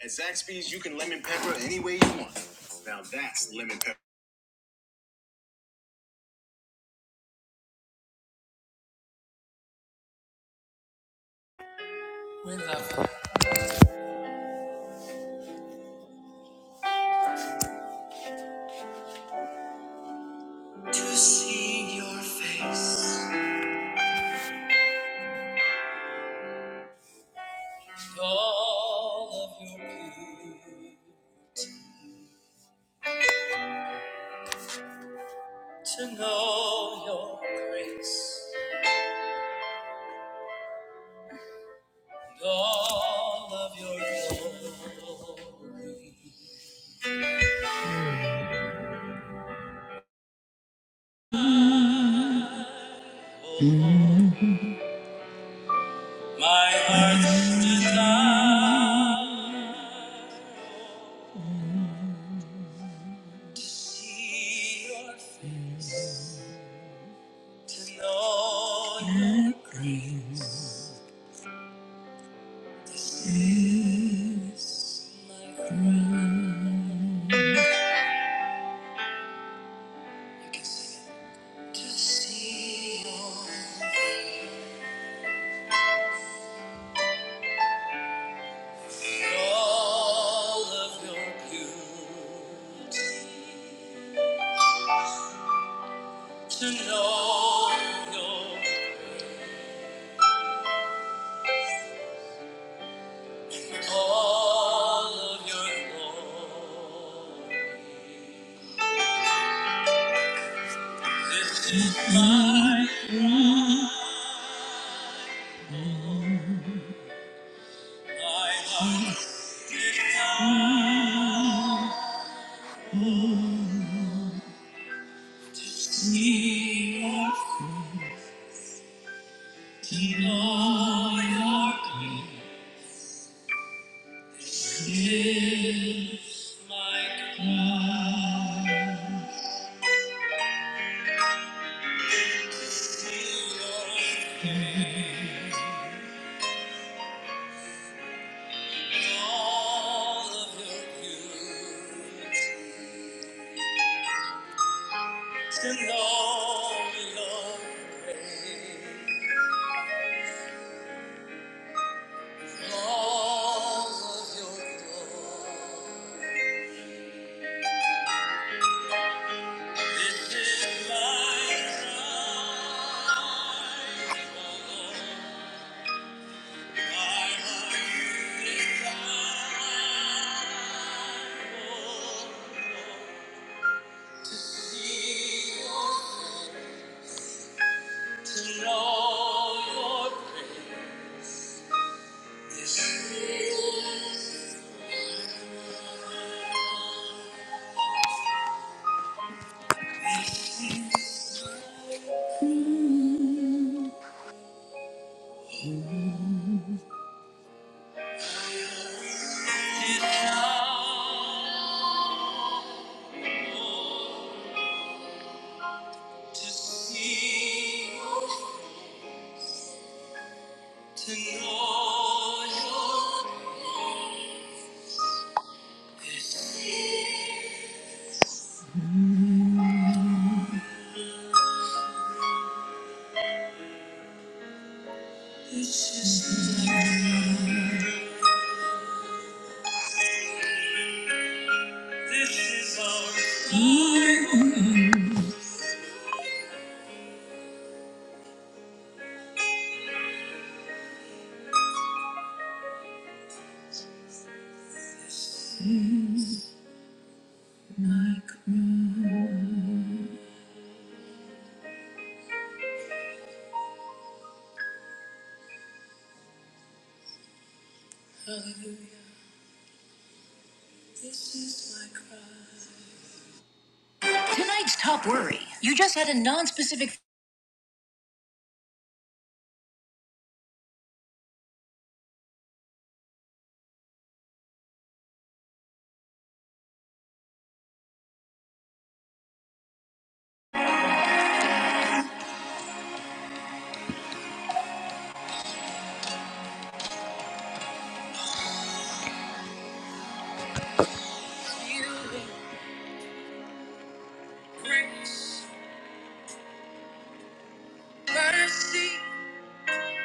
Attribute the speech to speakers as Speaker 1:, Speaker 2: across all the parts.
Speaker 1: At Zaxby's, you can lemon pepper any way you want. Now that's lemon pepper. To see your face, all of your beauty, to know your grace, all of your glory. My heart's desire, to see your face, to know your grace. To see all of your beauty, to know your, all of your glory. My pride, my heart lift up to see your, to know your grace. Lives like clouds in your face. All of your beauty and all your grace. All of your glory. This is my cry. O Lord. To know your Tonight's top worry. You just had a non-specific. Grace, mercy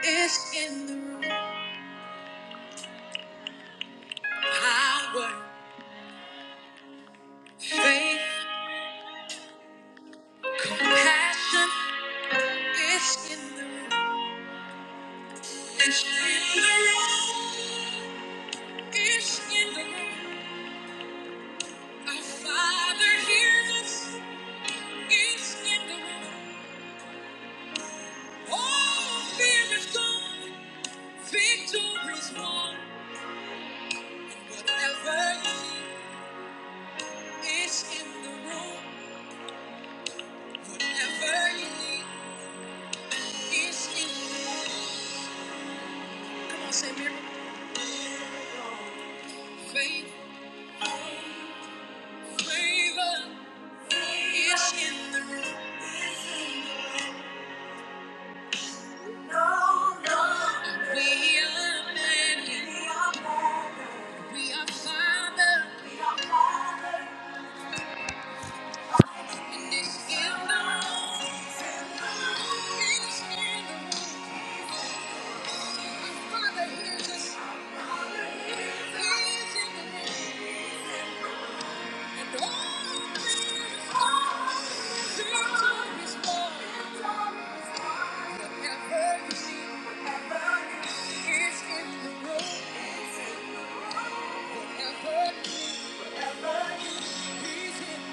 Speaker 1: is in the room. Power, faith, passion is in the room. It's in the room. It's in the room. Our Father hears us. It's in the room. All fear is gone. Victory's won. Whatever you need is in the room. Whatever you need is in the room. Come on, say miracle. Faith, favor is in the room. We are men. and We are father. And it's in the room. It's in the room. Father hears us. He's in the room. Thank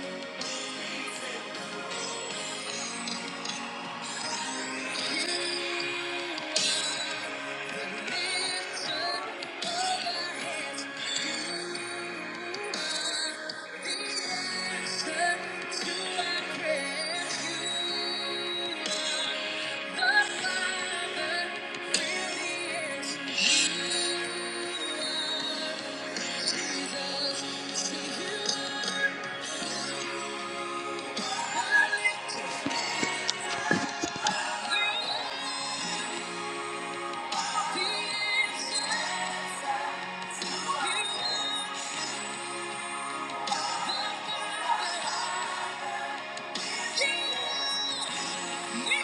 Speaker 1: you. Yeah. Thank you.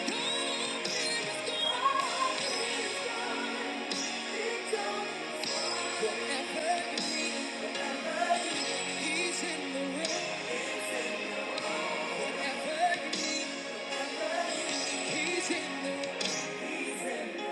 Speaker 1: He's in the room. He's in the room. Father, hear that. He's in the room. Oh,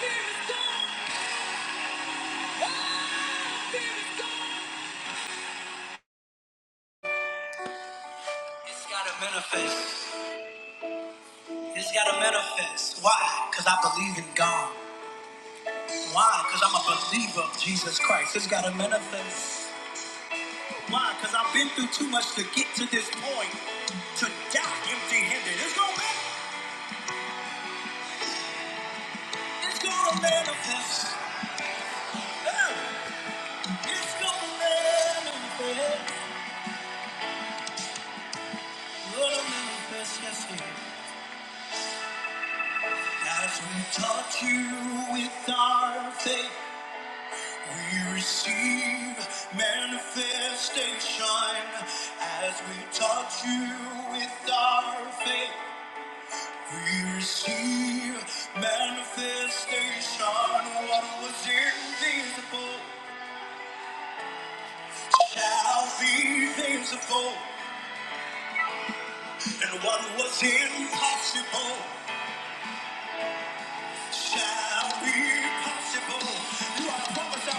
Speaker 1: fear is gone. Oh, fear is gone. It's gotta manifest. It's gotta manifest. Why? Because I believe in God. Why? Because I'm a believer of Jesus Christ. It's gotta manifest. Why? Because I've been through too much to get to this point. To die empty handed. It's gonna manifest. It's gonna manifest. Hey, It's gonna manifest. Gonna manifest. Yes, it is. As we touch you with our faith. We receive manifestation as we touch you with our faith. We receive manifestation. What was invisible shall be visible, and what was impossible shall be possible. You are a prophet,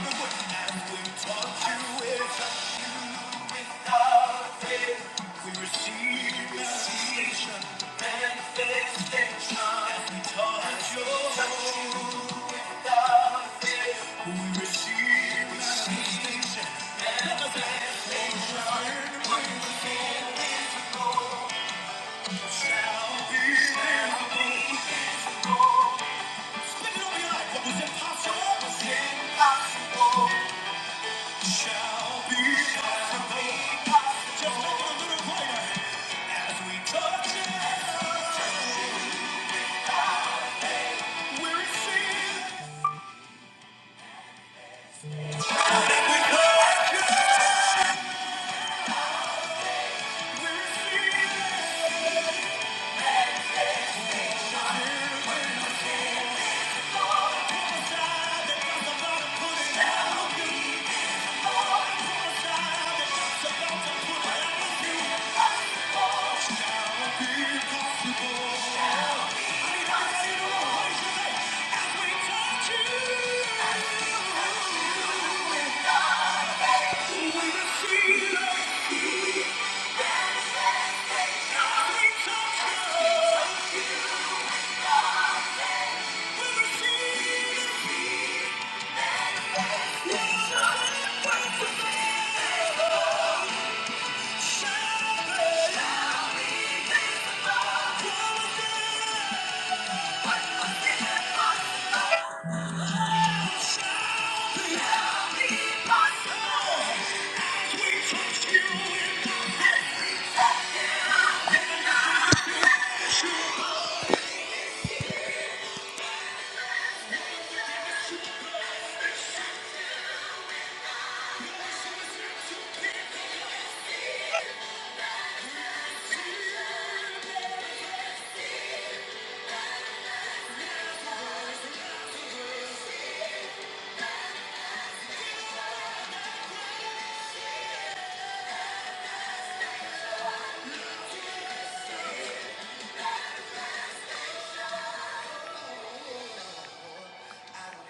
Speaker 1: spit it over your life. What was impossible was impossible. shall be possible. Just a little greater as we touch it. We receive it. We touch it. We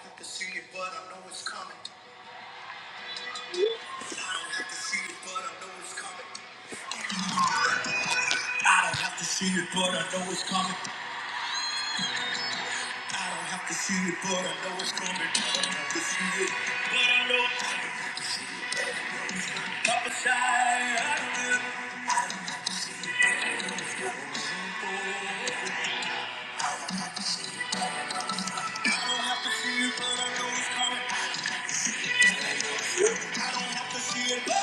Speaker 1: I don't have to see it, but I know it's coming. I don't have to see it, but I know it's coming. I don't have to see it, but I know it's coming. I don't have to see it, but I know I don't have I I don't see it, but I see it. But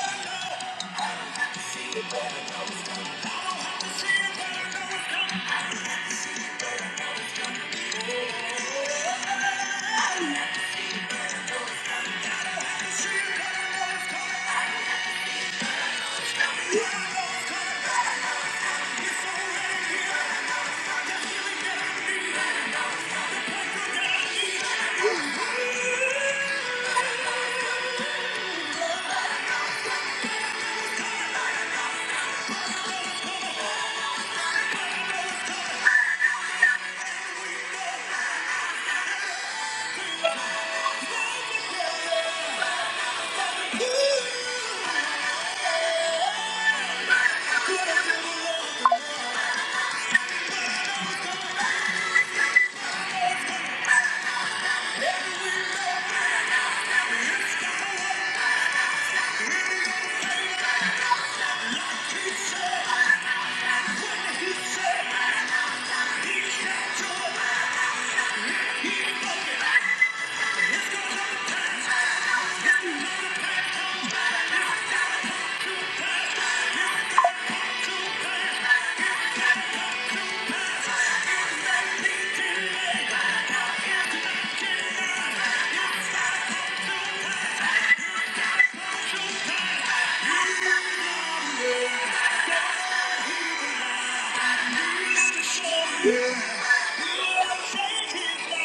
Speaker 1: I see it.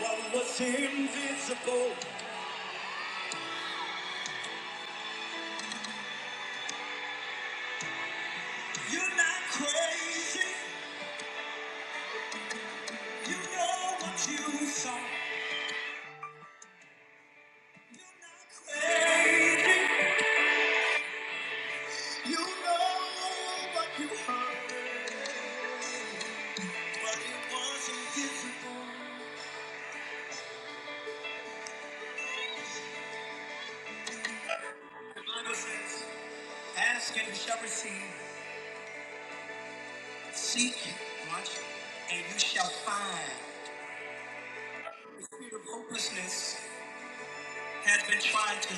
Speaker 1: What was invisible? You're not crazy. Ask and you shall receive. Seek, watch, and you shall find. The spirit of hopelessness has been trying to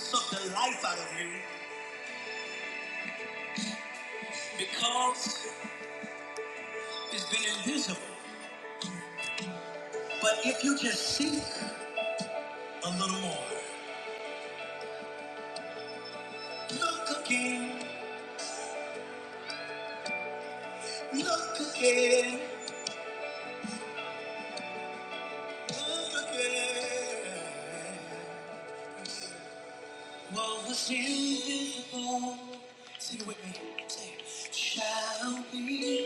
Speaker 1: suck the life out of you because it's been invisible. But if you just seek a little more, look again, look again. What was invisible, sing it with me, say it, shall be.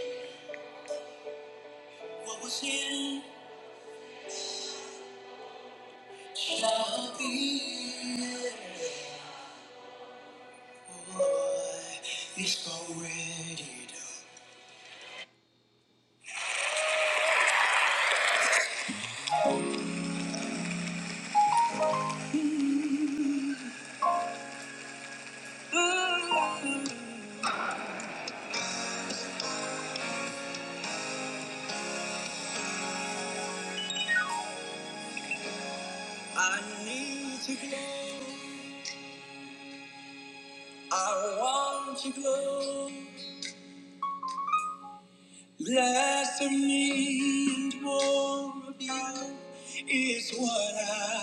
Speaker 1: What was in shall be. It's already done. I need to glow. I want to glow. Less of me and more of you is what I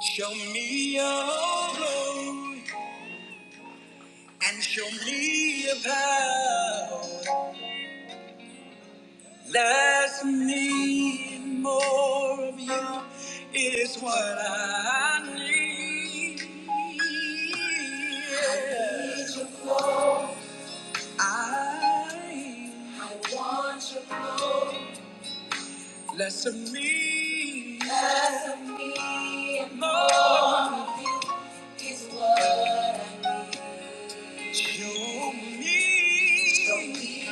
Speaker 1: Show me your glow. and show me a path. Less of me and more of you is what I need. I, I want you more. Less of me. Less of me and more is what I need. Show me. Show me.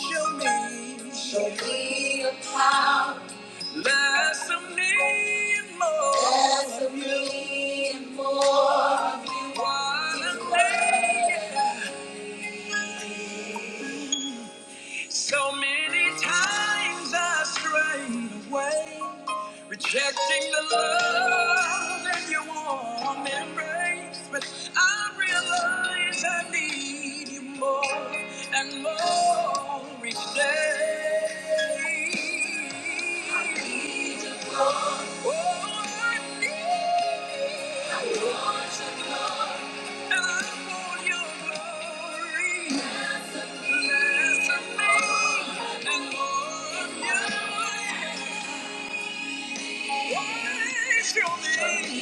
Speaker 1: Show me. Show me a power. Less of me and more. Less of me and more. Wanna make it. So many times I strayed away, rejecting the love that you warm embrace. But I realize I need you more and more each day. I need you more. Oh, I need you. I want your glory. And I want your glory. Show me Thank you.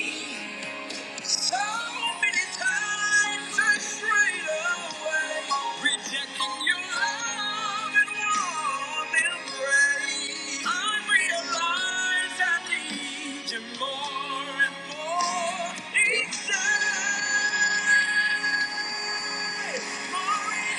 Speaker 1: need. So many times I strayed away, rejecting your love and warm embrace. I realize I need you more and more each day. More and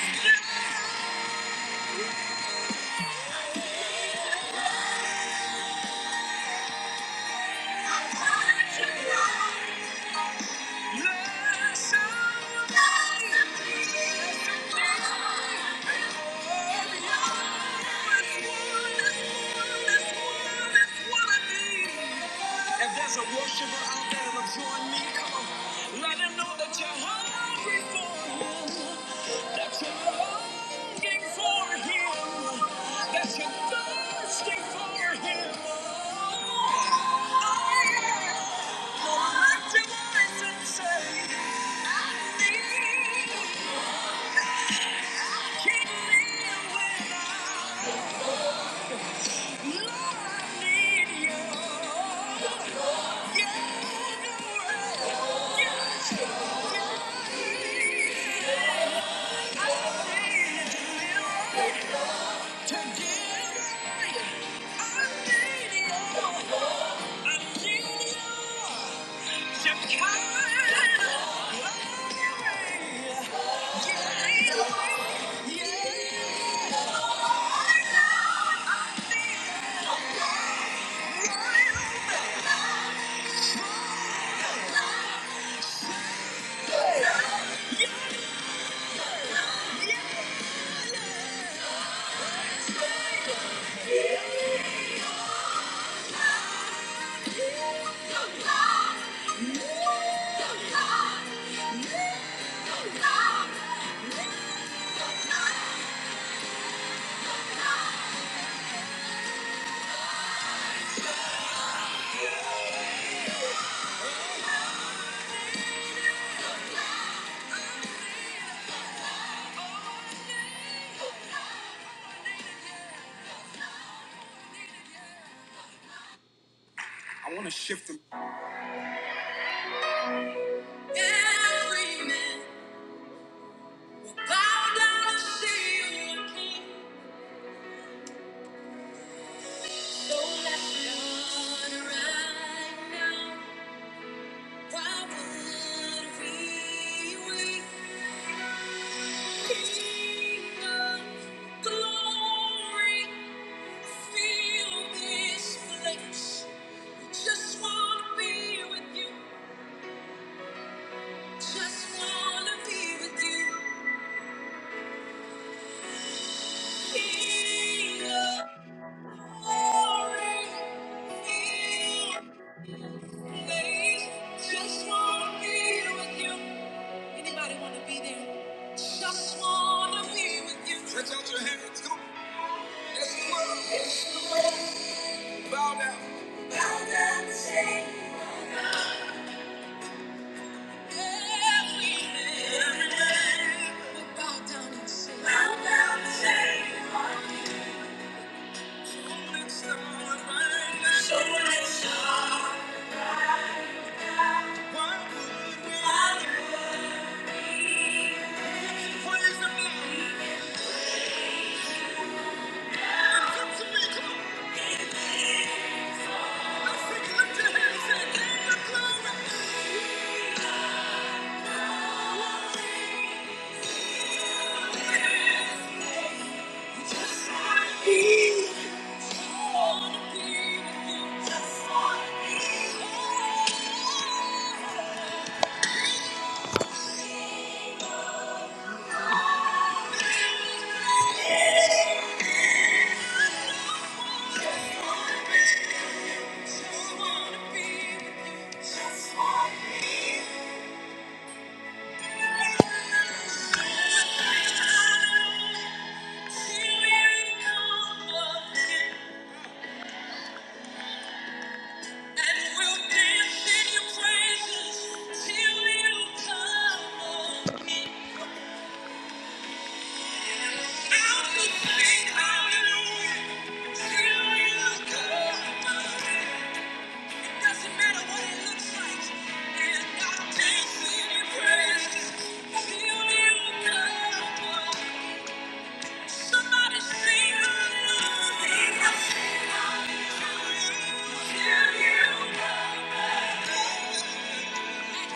Speaker 1: more. Yes, yes. I need you to give me. I need you. I want to shift them. Every man bow down and see your king. So let's run right now. Why would we wait? King of glory. Just wanna be with you. Bow down. Bow down and say. Thank you. Just wanna be. with you. And we'll dance in your praises till you come again. Now will sing hallelujah till you come again. It doesn't matter what it looks like. And I'll dance in your praises till you come again. Somebody sing hallelujah. Sing hallelujah till you come. Glory.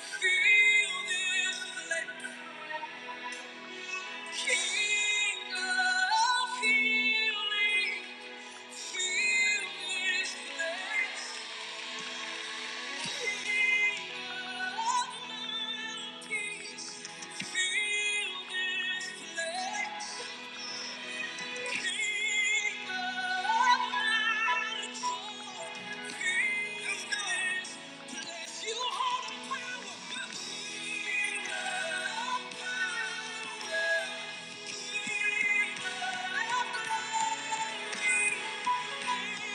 Speaker 1: Feel this place. Thank you.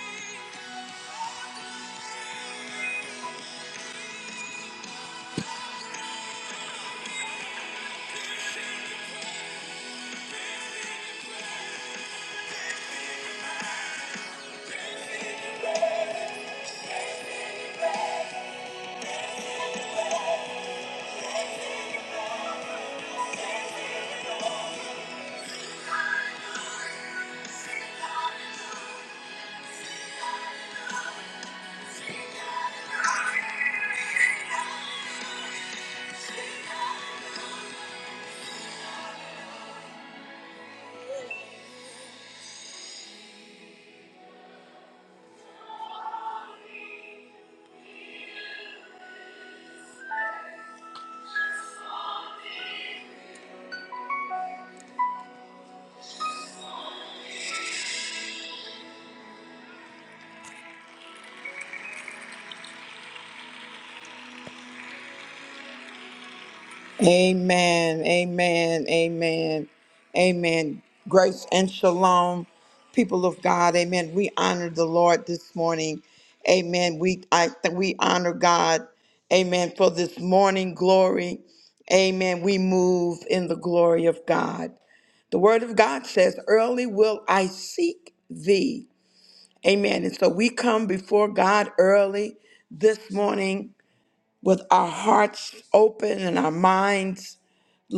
Speaker 1: Amen. Amen. Amen. Amen. Grace and shalom, people of God. Amen. We honor the Lord this morning. Amen. We I we honor God. Amen. For this morning glory. Amen. We move in the glory of God. The word of God says, Early will I seek thee. Amen. And so we come before God early this morning with our hearts open and our minds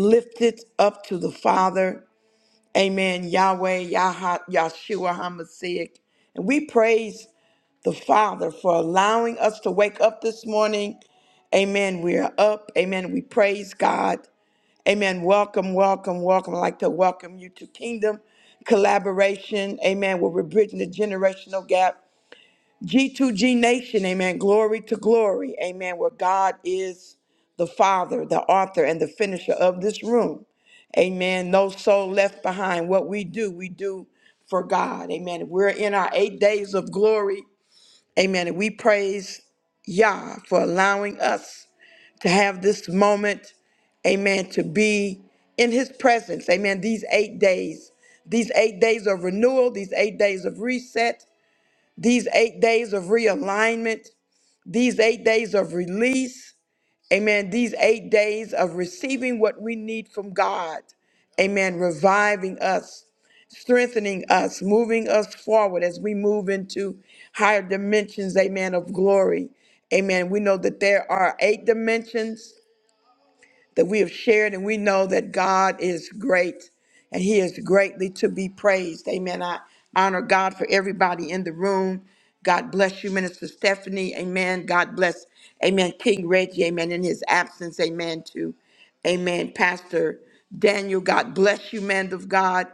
Speaker 1: lifted up to the Father. Amen. Yahweh, Yah, Yahshua HaMashiach. And we praise the Father for allowing us to wake up this morning. Amen. We are up. Amen. We praise God. Amen. Welcome, welcome, welcome. I'd like to welcome you to Kingdom Collaboration. Amen. Where we're bridging the generational gap G2G Nation, amen. Glory to glory, amen. Where God is the Father, the author, and the finisher of this room, amen. No soul left behind. What we do, we do for God, amen. We're in our eight days of glory, amen. And we praise Yah for allowing us to have this moment, amen, to be in his presence, amen. These eight days, these eight days of renewal, these eight days of reset, these eight days of realignment, these eight days of release, amen, these eight days of receiving what we need from God, amen, reviving us, strengthening us, moving us forward as we move into higher dimensions, amen, of glory. Amen. We know that there are eight dimensions that we have shared, and we know that God is great and He is greatly to be praised. Amen. I honor God for everybody in the room. God bless you, Minister Stephanie. Amen. God bless, Amen, King Reggie. Amen. In his absence, Amen. To, Amen, Pastor Daniel. God bless you, man of God.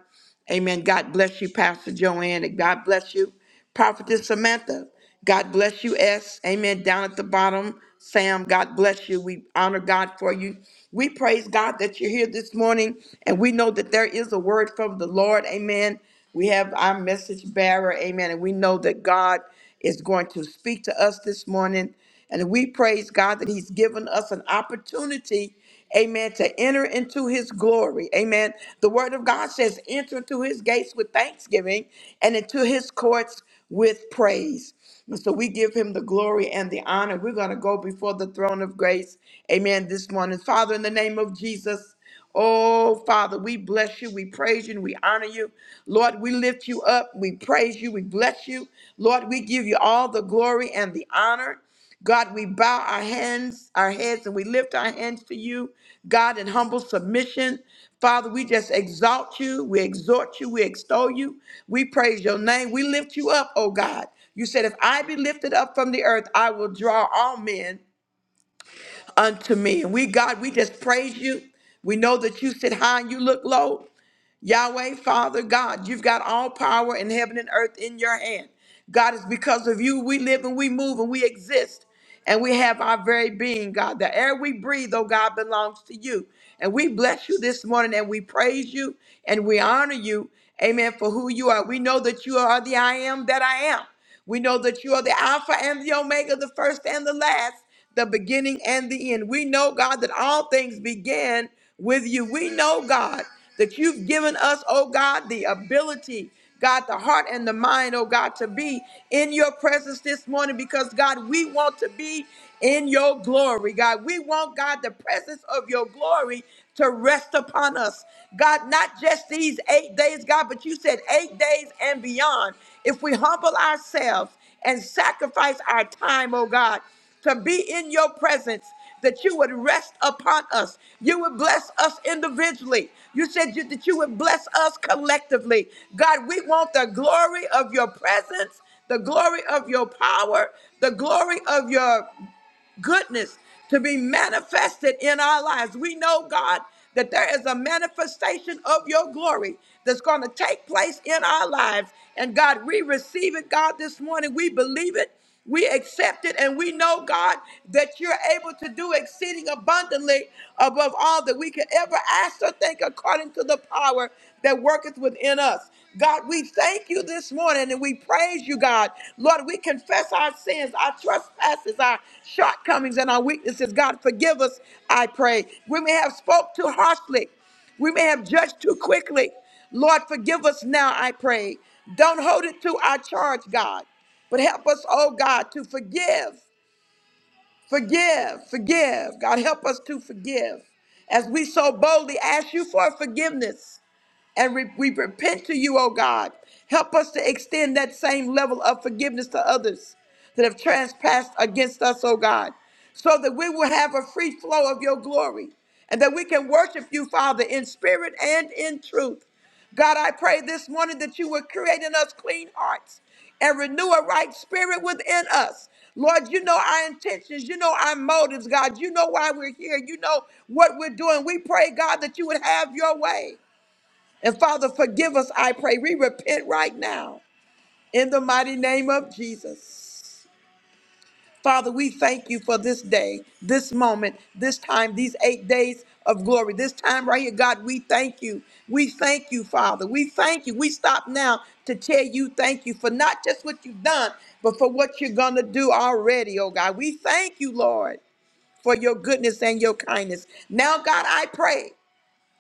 Speaker 1: Amen. God bless you, Pastor Joanne, and God bless you, Prophetess Samantha. God bless you, S. Amen. Down at the bottom, Sam, God bless you. We honor God for you. We praise God that you're here this morning, and we know that there is a word from the Lord. Amen. We have our message bearer. Amen. And we know that God is going to speak to us this morning. And we praise God that He's given us an opportunity Amen. To enter into his glory. Amen. The word of God says, enter into his gates with thanksgiving and into his courts with praise. And so we give him the glory and the honor. We're going to go before the throne of grace. Amen. This morning, Father, in the name of Jesus. Oh, Father, we bless you. We praise you and we honor you. Lord, we lift you up. We praise you. We bless you. Lord, we give you all the glory and the honor. God, we bow our hands, our heads, and we lift our hands to you, God, in humble submission. Father, we just exalt you, we exhort you, we extol you, we praise your name, we lift you up, oh God. You said, if I be lifted up from the earth, I will draw all men unto me. And we, God, we just praise you. We know that you sit high and you look low. Yahweh, Father God, you've got all power in heaven and earth in your hand. God, it's because of you we live and we move and we exist and we have our very being, God. The air we breathe, oh God, belongs to you. And we bless you this morning and we praise you and we honor you, amen, for who you are. We know that you are the I am that I am. We know that you are the Alpha and the Omega, the first and the last the beginning and the end. We know, God, that all things began with you. We know, God, that you've given us, oh God, the ability, God, the heart and the mind, oh God, to be in your presence this morning because, God, we want to be in your glory, God. We want, God, the presence of your glory to rest upon us. God, not just these eight days, God, but you said eight days and beyond. If we humble ourselves and sacrifice our time, oh God, to be in your presence, that you would rest upon us. You would bless us individually. You said you, that you would bless us collectively. God, we want the glory of your presence, the glory of your power, the glory of your goodness to be manifested in our lives. We know, God, that there is a manifestation of your glory that's going to take place in our lives. And God, we receive it, God, this morning. We believe it. We accept it and we know, God, that you're able to do exceeding abundantly above all that we could ever ask or think according to the power that worketh within us. God, we thank you this morning and we praise you, God. Lord, we confess our sins, our trespasses, our shortcomings, and our weaknesses. God, forgive us, I pray. We may have spoke too harshly. We may have judged too quickly. Lord, forgive us now, I pray. Don't hold it to our charge, God, but help us, oh God, to forgive, forgive, forgive. God, help us to forgive as we so boldly ask you for forgiveness and re- we repent to you, oh God. Help us to extend that same level of forgiveness to others that have trespassed against us, oh God, so that we will have a free flow of your glory and that we can worship you, Father, in spirit and in truth. God, I pray this morning that you would create in us clean hearts and renew a right spirit within us. Lord, you know our intentions. You know our motives, God. You know why we're here. You know what we're doing. We pray, God, that you would have your way. And Father, forgive us, I pray. We repent right now in the mighty name of Jesus. Father, we thank you for this day, this moment, this time, these eight days of glory. This time right here, God, we thank you. We thank you, Father. We thank you. We stop now to tell you thank you for not just what you've done, but for what you're going to do already, oh God. We thank you, Lord, for your goodness and your kindness. Now, God, I pray.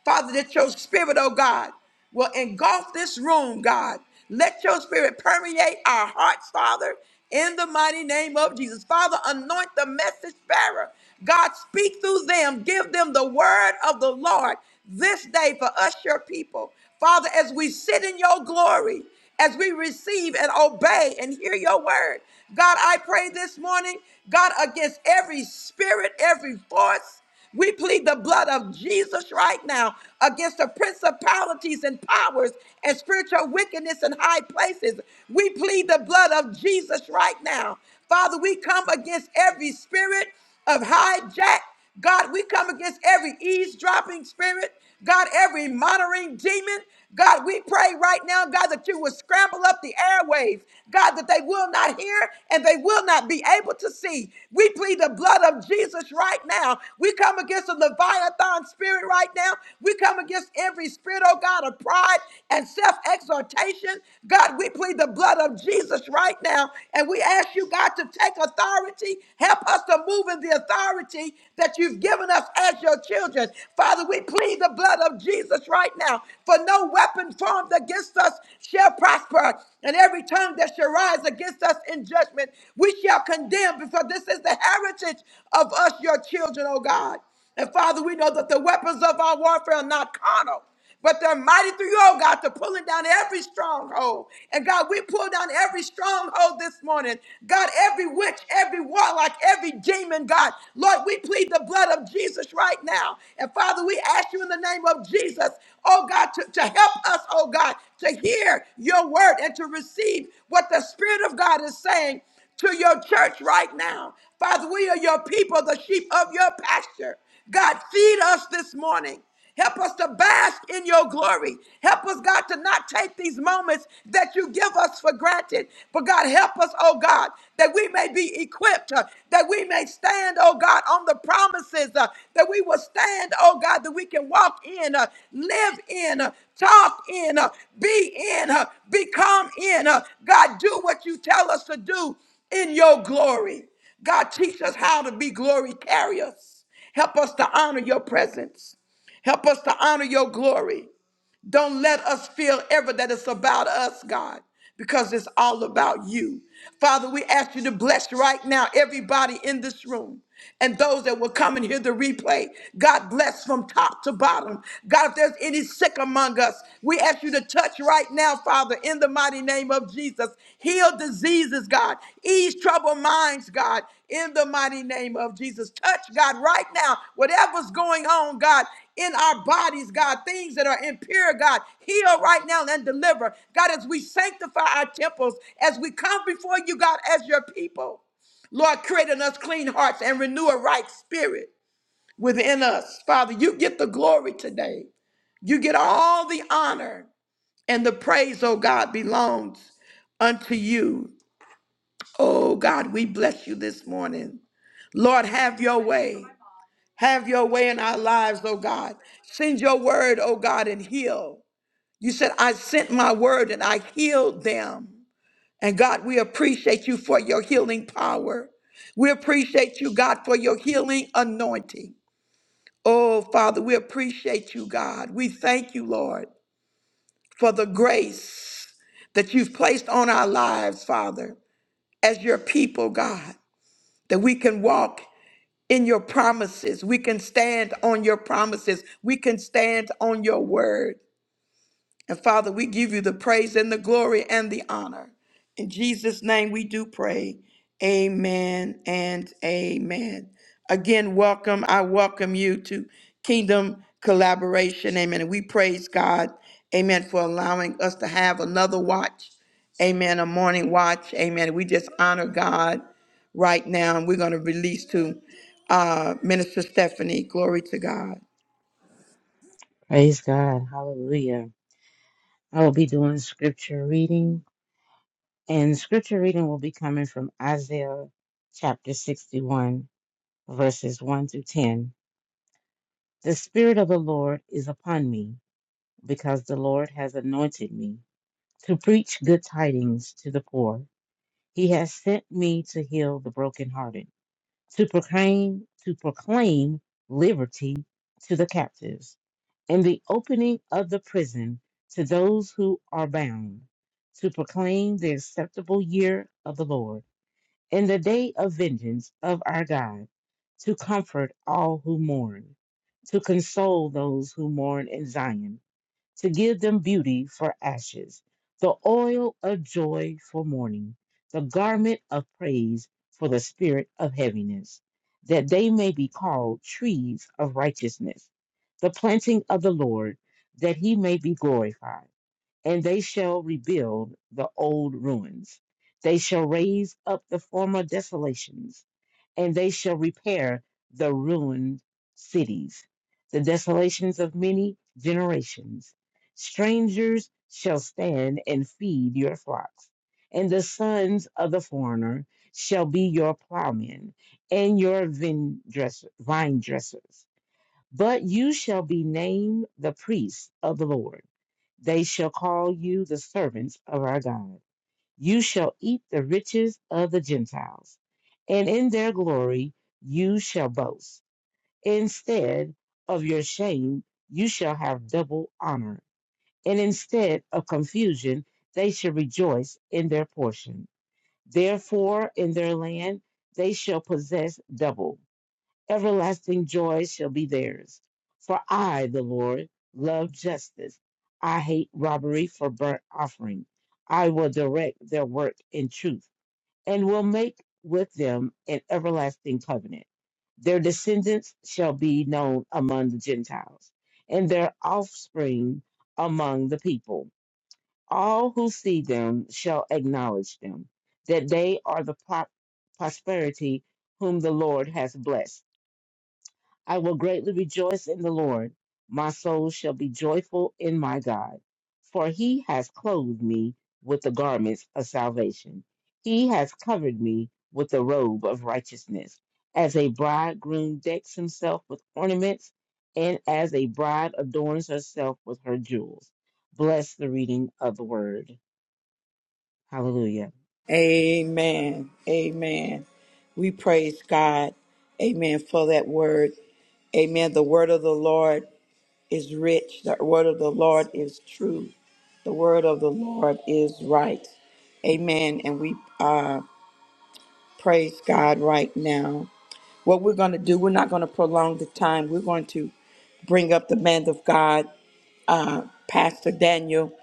Speaker 1: Father, that your spirit, oh God, will engulf this room, God. Let your spirit permeate our hearts, Father, in the mighty name of Jesus. Father, anoint the message bearer. God, speak through them. Give them the word of the Lord this day for us, your people. Father, as we sit in your glory, as we receive and obey and hear your word. God, I pray this morning, God, against every spirit, every force. We plead the blood of Jesus right now against the principalities and powers and spiritual wickedness in high places. We plead the blood of Jesus right now. Father, we come against every spirit of hijack. God, we come against every eavesdropping spirit. God, every monitoring demon, God, we pray right now, God, that you will scramble up the airwaves, God, that they will not hear and they will not be able to see. We plead the blood of Jesus right now. We come against the Leviathan spirit right now. We come against every spirit, oh God, of pride and self exhortation. God, we plead the blood of Jesus right now. And we ask you, God, to take authority. Help us to move in the authority authority that you've given us as your children. Father, we plead the blood of Jesus right now, for no weapon formed against us shall prosper, and every tongue that shall rise against us in judgment, we shall condemn, because this is the heritage of us, your children, O God. And Father, we know that the weapons of our warfare are not carnal but they're mighty through you, oh God, to pulling down every stronghold. And God, we pull down every stronghold this morning. God, every witch, every warlock, every demon, God. Lord, we plead the blood of Jesus right now. And Father, we ask you in the name of Jesus, oh God, to, to help us, oh God, to hear your word and to receive what the Spirit of God is saying to your church right now. Father, we are your people, the sheep of your pasture. God, feed us this morning. Help us to bask in your glory. Help us, God, to not take these moments that you give us for granted. But God, help us, oh God, that we may be equipped, uh, that we may stand, oh God, on the promises uh, that we will stand, oh God, that we can walk in, uh, live in, uh, talk in, uh, be in, uh, become in. uh, God, do what you tell us to do in your glory. God, teach us how to be glory carriers. Help us to honor your presence. Help us to honor your glory. Don't let us feel ever that it's about us, God, because it's all about you. Father, we ask you to bless right now everybody in this room and those that will come and hear the replay. God bless from top to bottom. God, if there's any sick among us, we ask you to touch right now, Father, in the mighty name of Jesus. Heal diseases, God. Ease troubled minds, God, in the mighty name of Jesus. Touch, God, right now. Whatever's going on, God, in our bodies, God, things that are impure, God. Heal right now and deliver. God, as we sanctify our temples, as we come before you, God, as your people. Lord, create in us clean hearts and renew a right spirit within us. Father, you get the glory today. You get all the honor and the praise, oh God, belongs unto you. Oh God, we bless you this morning. Lord, have your way. Have your way in our lives, oh God. Send your word, oh God, and heal. You said, I sent my word and I healed them. And God, we appreciate you for your healing power. We appreciate you, God, for your healing anointing. Oh, Father, we appreciate you, God. We thank you, Lord, for the grace that you've placed on our lives, Father, as your people, God, that we can walk. in your promises. We can stand on your promises. We can stand on your word. And Father, we give you the praise and the glory and the honor. In Jesus' name we do pray. Amen and amen. Again, welcome. I welcome you to Kingdom Collaboration. Amen. And we praise God. Amen. For allowing us to have another watch. Amen. A morning watch. Amen. We just honor God right now. And we're going to release to uh, Minister Stephanie. Glory to God.
Speaker 2: Praise God. Hallelujah. I will be doing scripture reading, and scripture reading will be coming from Isaiah chapter 61, verses 1 through 10. The Spirit of the Lord is upon me, because the Lord has anointed me to preach good tidings to the poor. He has sent me to heal the brokenhearted, to proclaim, to proclaim liberty to the captives and the opening of the prison to those who are bound, to proclaim the acceptable year of the Lord, and the day of vengeance of our God, to comfort all who mourn, to console those who mourn in Zion to give them beauty for ashes, the oil of joy for mourning, the garment of praise for the spirit of heaviness, that they may be called trees of righteousness, the planting of the Lord, that he may be glorified. And they shall rebuild the old ruins. They shall raise up the former desolations and they shall repair the ruined cities, the desolations of many generations. Strangers shall stand and feed your flocks, and the sons of the foreigner shall be your plowmen and your vine, dresser, vine dressers. But you shall be named the priests of the Lord. They shall call you the servants of our God. You shall eat the riches of the Gentiles, and in their glory you shall boast. Instead of your shame, you shall have double honor, and instead of confusion, they shall rejoice in their portion. Therefore, in their land they shall possess double. Everlasting joy shall be theirs. For I, the Lord, love justice. I hate robbery for burnt offering. I will direct their work in truth and will make with them an everlasting covenant. Their descendants shall be known among the Gentiles, and their offspring among the people. All who see them shall acknowledge them, that they are the pro- prosperity whom the Lord has blessed. I will greatly rejoice in the Lord. My soul shall be joyful in my God, for he has clothed me with the garments of salvation. He has covered me with the robe of righteousness. As a bridegroom decks himself with ornaments, and as a bride adorns herself with her jewels. Bless the reading of the word. Hallelujah.
Speaker 1: Amen. Amen. We praise God. Amen for that word. Amen. The word of the Lord is rich. The word of the Lord is true. The word of the Lord is right. Amen. And we uh, praise God right now. What we're going to do, we're not going to prolong the time. We're going to bring up the man of God uh, Pastor Daniel.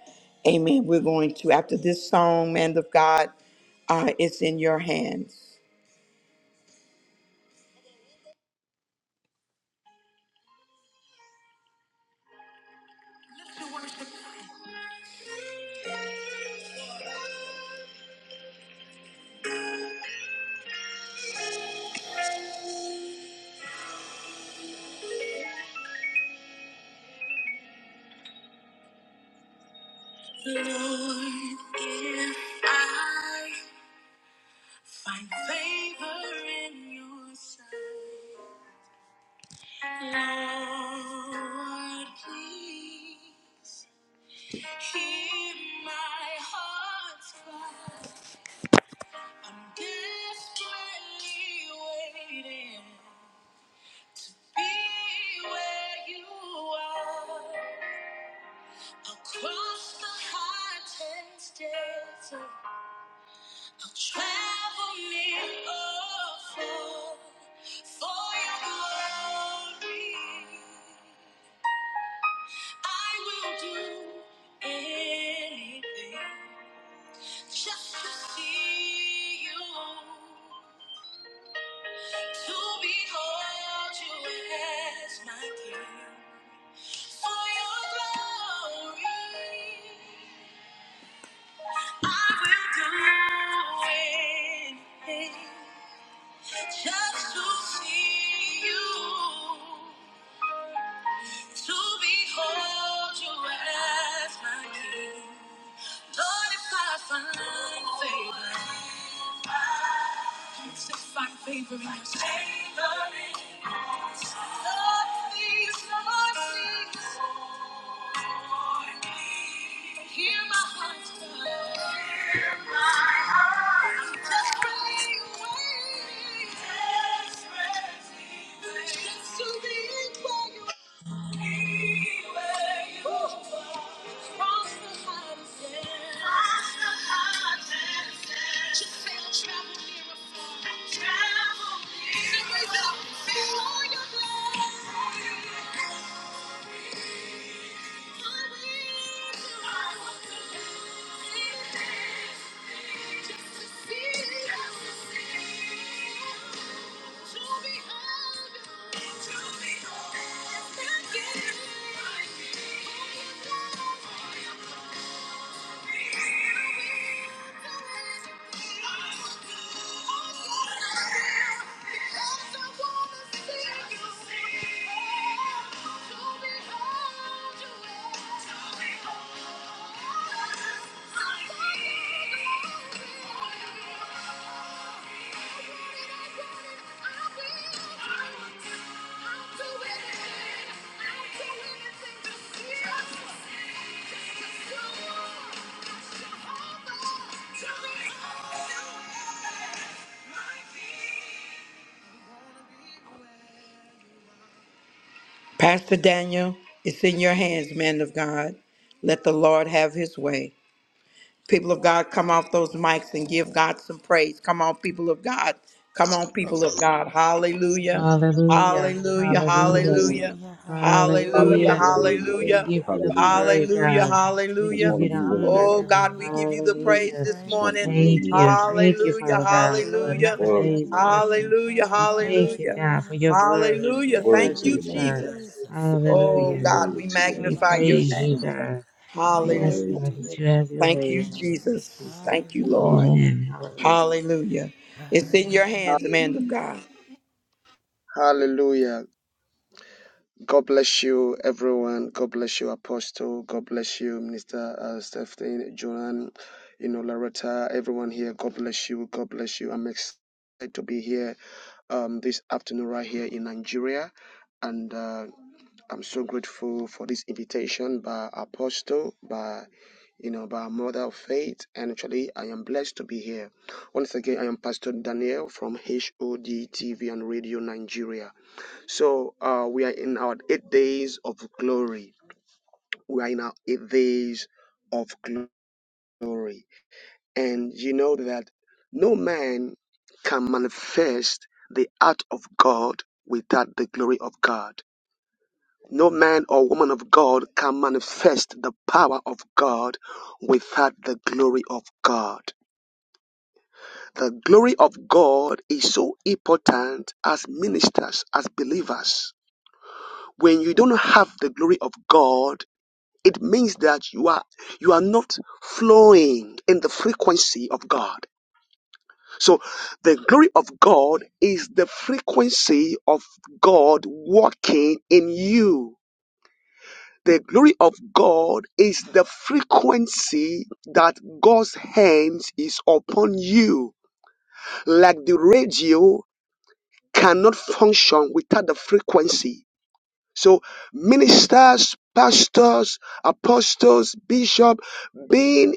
Speaker 1: Amen. We're going to, after this song, Man of God, uh, it's in your hands. Lord, if I find favor in your sight, Lord, please hear my heart's cry. I'm desperately waiting. Be where you are. I'll cross the hottest desert, I'll travel near or far for your glory. I will do anything just to see you, to behold you as my king. For your glory, I will do anything. Just to see you, to behold you as my king. Lord, if I find favor, if I find favor in your sight. Lord, please, Lord, please, hear my heart's cry. I'm desperately waiting, just to be by your Thank you. Tell me how. Pastor Daniel, it's in your hands, man of God. Let the Lord have his way. People of God, come off those mics and give God some praise. Come on, people of God. Come on,
Speaker 3: Hallelujah.
Speaker 1: people of God. Hallelujah.
Speaker 2: Hallelujah.
Speaker 1: Hallelujah.
Speaker 2: Hallelujah.
Speaker 1: Hallelujah.
Speaker 4: Hallelujah,
Speaker 5: Hallelujah.
Speaker 1: Hallelujah.
Speaker 4: hallelujah,
Speaker 2: Hallelujah. We
Speaker 1: Hallelujah.
Speaker 2: give you the
Speaker 3: Hallelujah.
Speaker 2: glory,
Speaker 4: hallelujah.
Speaker 1: Hallelujah.
Speaker 2: God.
Speaker 4: Thank you,
Speaker 2: We
Speaker 3: Just
Speaker 1: Hallelujah.
Speaker 2: give
Speaker 3: want
Speaker 2: you
Speaker 3: to
Speaker 2: the
Speaker 4: Jesus.
Speaker 3: be where
Speaker 2: honor,
Speaker 3: you
Speaker 1: Oh
Speaker 3: are.
Speaker 2: God.
Speaker 1: God, we
Speaker 4: Hallelujah.
Speaker 1: give you the
Speaker 4: We
Speaker 1: praise
Speaker 2: Hallelujah.
Speaker 1: this
Speaker 3: Just want to
Speaker 4: praise
Speaker 1: morning.
Speaker 3: be
Speaker 4: you.
Speaker 3: where
Speaker 2: Thank
Speaker 3: you are.
Speaker 2: you.
Speaker 4: We
Speaker 2: Thank you,
Speaker 1: Hallelujah.
Speaker 2: Father
Speaker 4: we
Speaker 2: God, for
Speaker 1: Hallelujah.
Speaker 2: another
Speaker 4: glorify
Speaker 3: Word
Speaker 4: your
Speaker 3: to
Speaker 2: day's
Speaker 3: your name.
Speaker 2: blessing.
Speaker 4: name.
Speaker 1: Hallelujah.
Speaker 2: We thank you,
Speaker 1: Hallelujah.
Speaker 2: God, for
Speaker 4: Hallelujah.
Speaker 2: your glory and
Speaker 1: Hallelujah.
Speaker 2: your
Speaker 4: Thank
Speaker 3: Word
Speaker 1: Thank
Speaker 3: to
Speaker 4: you,
Speaker 1: you,
Speaker 2: presence,
Speaker 3: your name,
Speaker 2: God.
Speaker 1: Jesus.
Speaker 3: God.
Speaker 4: Jesus.
Speaker 1: Oh
Speaker 2: Hallelujah.
Speaker 3: Word
Speaker 1: God, we
Speaker 3: to
Speaker 4: Hallelujah.
Speaker 3: your name,
Speaker 2: We
Speaker 1: magnify
Speaker 4: Baba
Speaker 1: your
Speaker 2: praise you,
Speaker 4: Yasha.
Speaker 3: Jesus.
Speaker 1: name.
Speaker 2: God. We
Speaker 3: Your
Speaker 1: Hallelujah.
Speaker 2: ask,
Speaker 3: word
Speaker 4: Glory
Speaker 2: God,
Speaker 4: to
Speaker 2: that
Speaker 4: your
Speaker 2: you
Speaker 3: is
Speaker 2: have
Speaker 4: name,
Speaker 2: your
Speaker 1: Thank
Speaker 4: Lord
Speaker 1: you,
Speaker 2: way in the name of
Speaker 4: Jesus.
Speaker 1: Jesus.
Speaker 2: Jesus.
Speaker 1: Thank you,
Speaker 4: Hallelujah.
Speaker 1: Lord.
Speaker 2: Amen. Hallelujah.
Speaker 1: Hallelujah. It's in your
Speaker 4: Hallelujah.
Speaker 1: hands, man of
Speaker 5: Hallelujah.
Speaker 1: God.
Speaker 5: Hallelujah. God bless you, everyone. God bless you, Apostle. God bless you, Minister uh, Stephen, Joanne, you know, Loretta, everyone here. God bless you. God bless you. I'm excited to be here um, this afternoon right here in Nigeria. And uh, I'm so grateful for this invitation by Apostle, by you know, by a mother of faith. And actually, I am blessed to be here. Once again, I am Pastor Daniel from H O D T V and Radio Nigeria. So uh, we are in our eight days of glory. We are in our eight days of glory. And you know that no man can manifest the art of God without the glory of God. No man or woman of God can manifest the power of God without the glory of God. The glory of God is so important as ministers, as believers. When you don't have the glory of God, it means that you are you are not flowing in the frequency of God. So the glory of God is the frequency of God working in you. The glory of God is the frequency that God's hands is upon you. Like the radio cannot function without the frequency. So ministers, pastors, apostles, bishop, being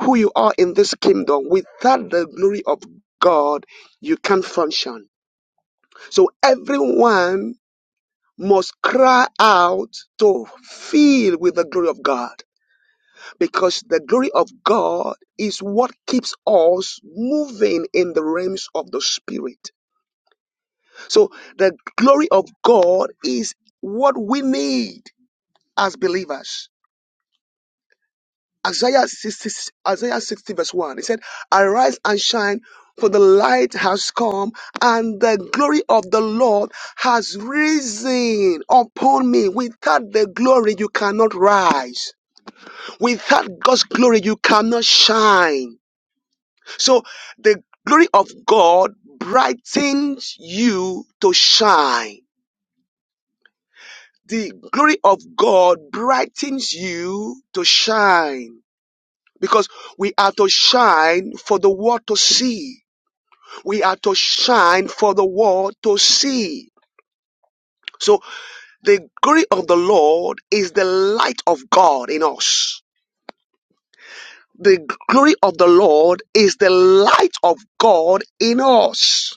Speaker 5: who you are in this kingdom, without the glory of God, you can't function. So everyone must cry out to fill with the glory of God because the glory of God is what keeps us moving in the realms of the spirit. So the glory of God is what we need as believers. Isaiah 60, Isaiah 60 verse 1. It said, Arise and shine, for the light has come, and the glory of the Lord has risen upon me. Without the glory, you cannot rise. Without God's glory, you cannot shine. So the glory of God brightens you to shine the glory of God brightens you to shine because we are to shine for the world to see. We are to shine for the world to see. So the glory of the Lord is the light of God in us. The glory of the Lord is the light of God in us.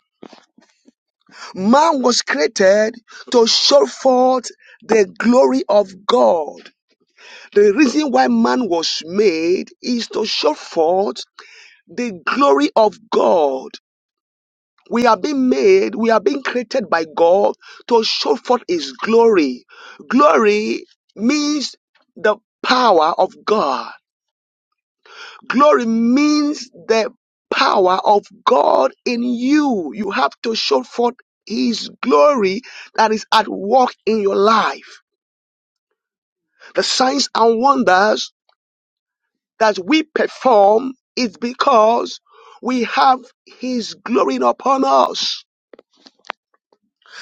Speaker 5: Man was created to show forth the glory of God. The reason why man was made is to show forth the glory of God. We are being made, we are being created by God to show forth His glory. Glory means the power of God. Glory means the power of God in you. You have to show forth His glory that is at work in your life. The signs and wonders that we perform is because we have his glory upon us.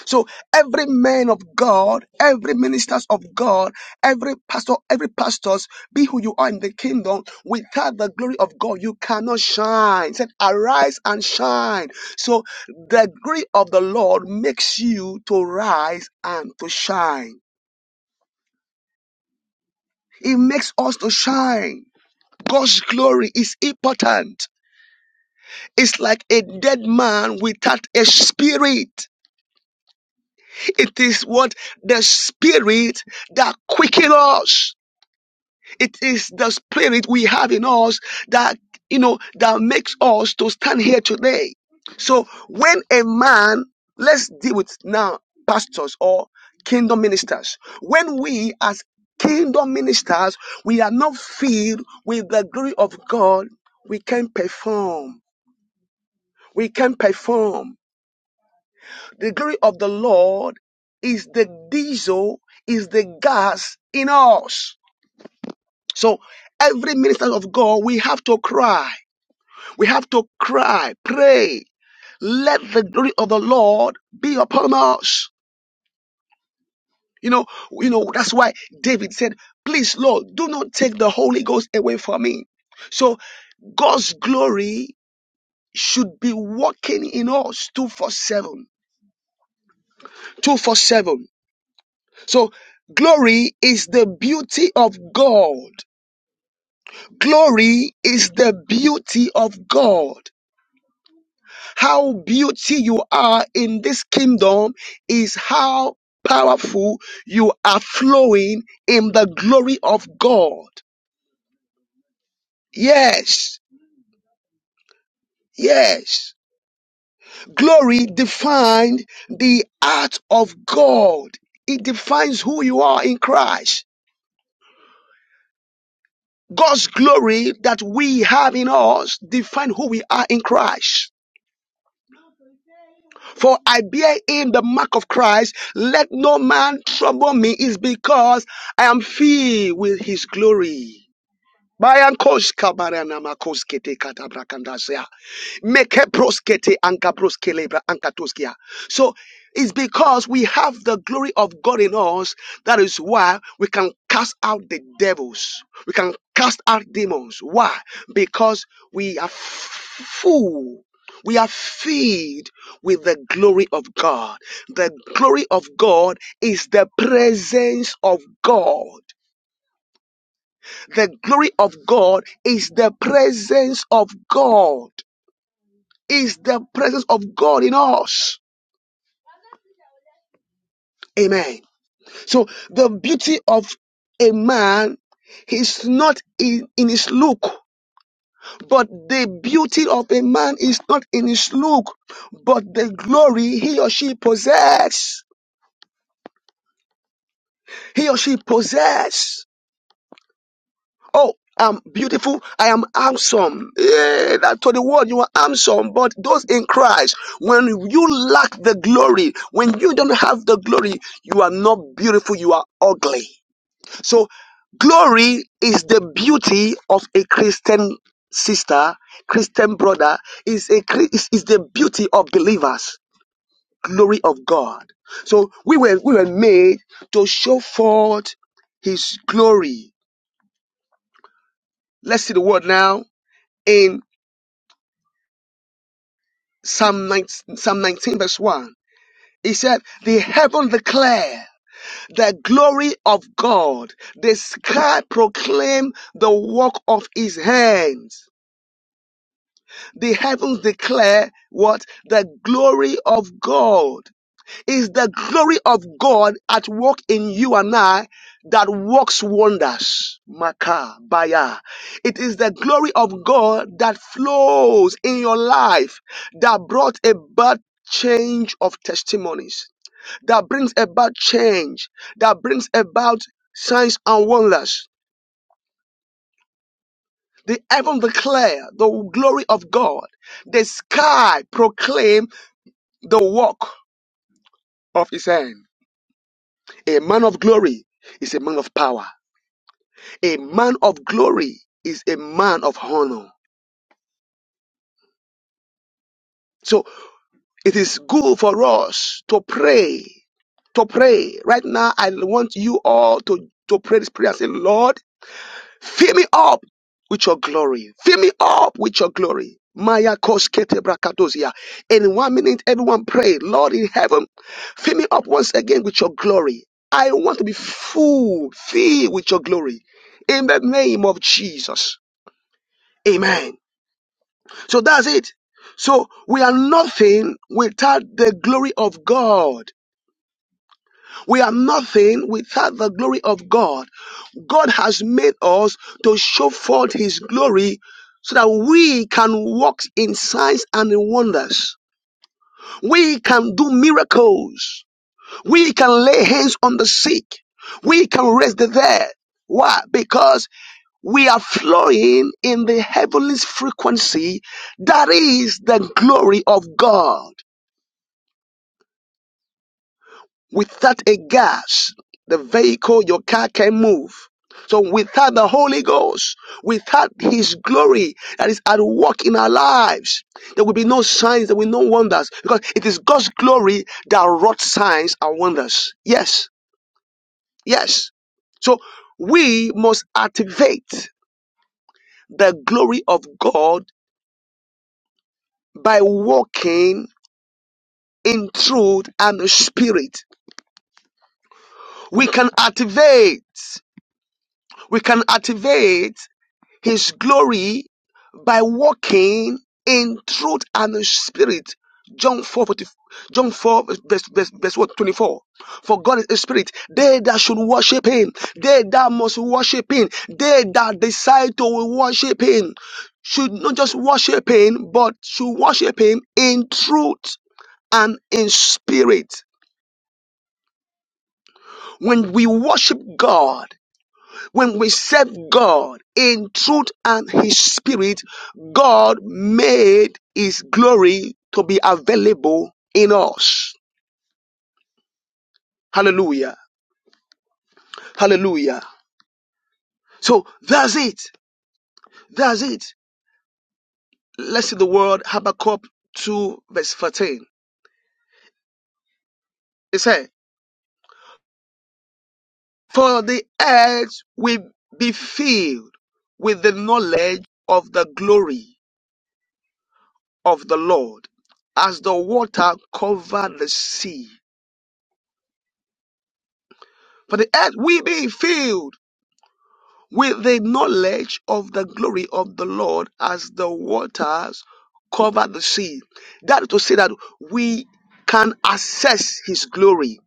Speaker 5: So every man of God, every ministers of God, every pastor, every pastors, be who you are in the kingdom, without the glory of God, you cannot shine. He said, arise and shine. So the glory of the Lord makes you to rise and to shine. It makes us to shine. God's glory is important. It's like a dead man without a spirit. It is what the spirit that quickens us. It is the spirit we have in us that, you know, that makes us to stand here today. So when a man, let's deal with now pastors or kingdom ministers. When we as kingdom ministers, we are not filled with the glory of God, we can perform. We can perform. The glory of the Lord is the diesel, is the gas in us. So every minister of God, we have to cry. We have to cry, pray. Let the glory of the Lord be upon us. You know, you know, that's why David said, please, Lord, do not take the Holy Ghost away from me. So God's glory should be working in us 247. 247. So glory is the beauty of God. Glory is the beauty of God. How beauty you are in this kingdom is how powerful you are flowing in the glory of God. Yes, yes. Glory defined the art of God. It defines who you are in Christ. God's glory that we have in us defines who we are in Christ. For I bear in the mark of Christ. Let no man trouble me. Is because I am filled with his glory. Bayan kosh kabarana katabrakandasea. Meke proskete anka proskelebra anka toskia. So it's because we have the glory of God in us that is why we can cast out the devils. We can cast out demons. Why? Because we are full. We are filled with the glory of God. The glory of God is the presence of God. The glory of God is the presence of God is the presence of God in us. Amen. So the beauty of a man is not in, in his look, but the beauty of a man is not in his look, but the glory he or she possess. He or she possess. Oh, I'm beautiful. I am handsome. Yeah, that to the world you are handsome, but those in Christ, when you lack the glory, when you don't have the glory, you are not beautiful. You are ugly. So glory is the beauty of a Christian sister, Christian brother, is a is, is the beauty of believers, glory of God. So we were we were made to show forth his glory. Let's see the word now in Psalm 19, Psalm 19 verse 1. He said, The heaven declare the glory of God, the sky proclaim the work of his hands. the heavens declare what the glory of God is the glory of God at work in you and I that works wonders. Maka baya. It is the glory of God that flows in your life that brought about change of testimonies, that brings about change, that brings about signs and wonders. The heaven declare the glory of God. The sky proclaim the work of his hand. A man of glory is a man of power. A man of glory is a man of honor. So it is good for us to pray. To pray. Right now, I want you all to, to pray this prayer. Say, Lord, Fill me up with your glory. Fill me up with your glory. Maya Koskete Brakadosia. In one minute, everyone pray, Lord in heaven, fill me up once again with your glory. I want to be full, filled with your glory. In the name of Jesus. Amen. So that's it. So we are nothing without the glory of God. We are nothing without the glory of God. God has made us to show forth His glory so that we can walk in signs and in wonders. We can do miracles. We can lay hands on the sick. We can raise the dead. Why? Because we are flowing in the heavenly frequency that is the glory of God. Without a gas, the vehicle, your car can move. So without the Holy Ghost, without His glory that is at work in our lives, there will be no signs, there will be no wonders because it is God's glory that wrought signs and wonders. Yes, yes. So we must activate the glory of God by walking in truth and spirit. We can activate, we can activate his glory by walking in truth and in spirit. John 4, John 4, verse, verse, verse what, 24. For God is a spirit. They that should worship him, they that must worship him, they that decide to worship him, should not just worship him, but should worship him in truth and in spirit. When we worship God, When we serve God in truth and His Spirit, God made His glory to be available in us. Hallelujah. Hallelujah. So that's it. That's it. Let's see the word Habakkuk 2 verse 14. It said, For the earth will be filled with the knowledge of the glory of the Lord as the water covered the sea. For the earth will be filled with the knowledge of the glory of the Lord as the waters cover the sea. That is to say that we can assess his glory.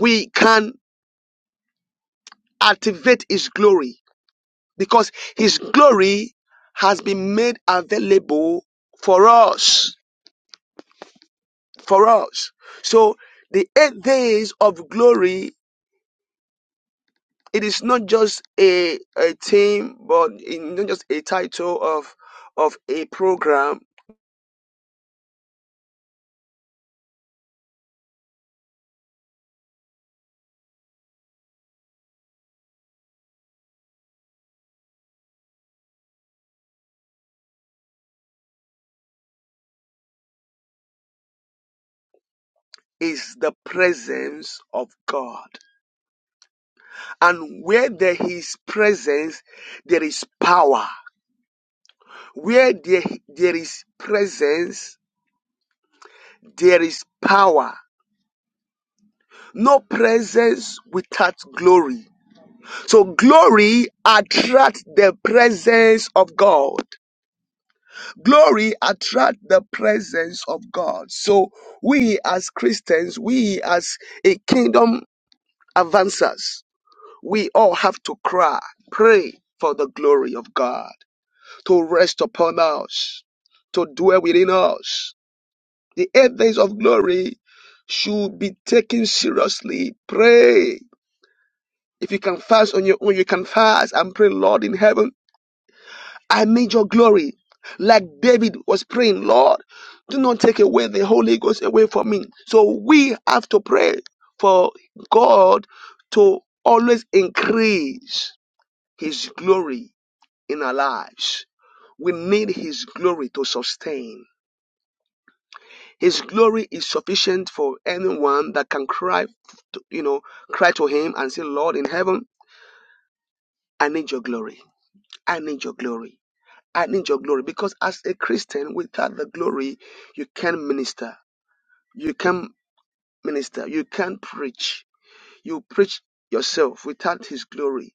Speaker 5: We can activate his glory because his glory has been made available for us. For us. So the eight days of glory, it is not just a, a theme, but it- not just a title of of a program, is the presence of God. And where there is presence, there is power. Where there, there is presence, there is power. No presence without glory. So glory attracts the presence of God. Glory attracts the presence of God. So we as Christians, we as a kingdom advancers, we all have to cry, pray for the glory of God to rest upon us, to dwell within us. The eight days of glory should be taken seriously. Pray. If you can fast on your own, you can fast and pray, Lord in heaven, I need your glory. Like David was praying, Lord, do not take away the Holy Ghost away from me. So we have to pray for God to always increase his glory in our lives. We need His glory to sustain. His glory is sufficient for anyone that can cry, to, you know, cry to Him and say, Lord in heaven, I need your glory. I need your glory. I need your glory. Because as a Christian, without the glory, you can't minister. You can't minister. You can't preach you preach yourself without his glory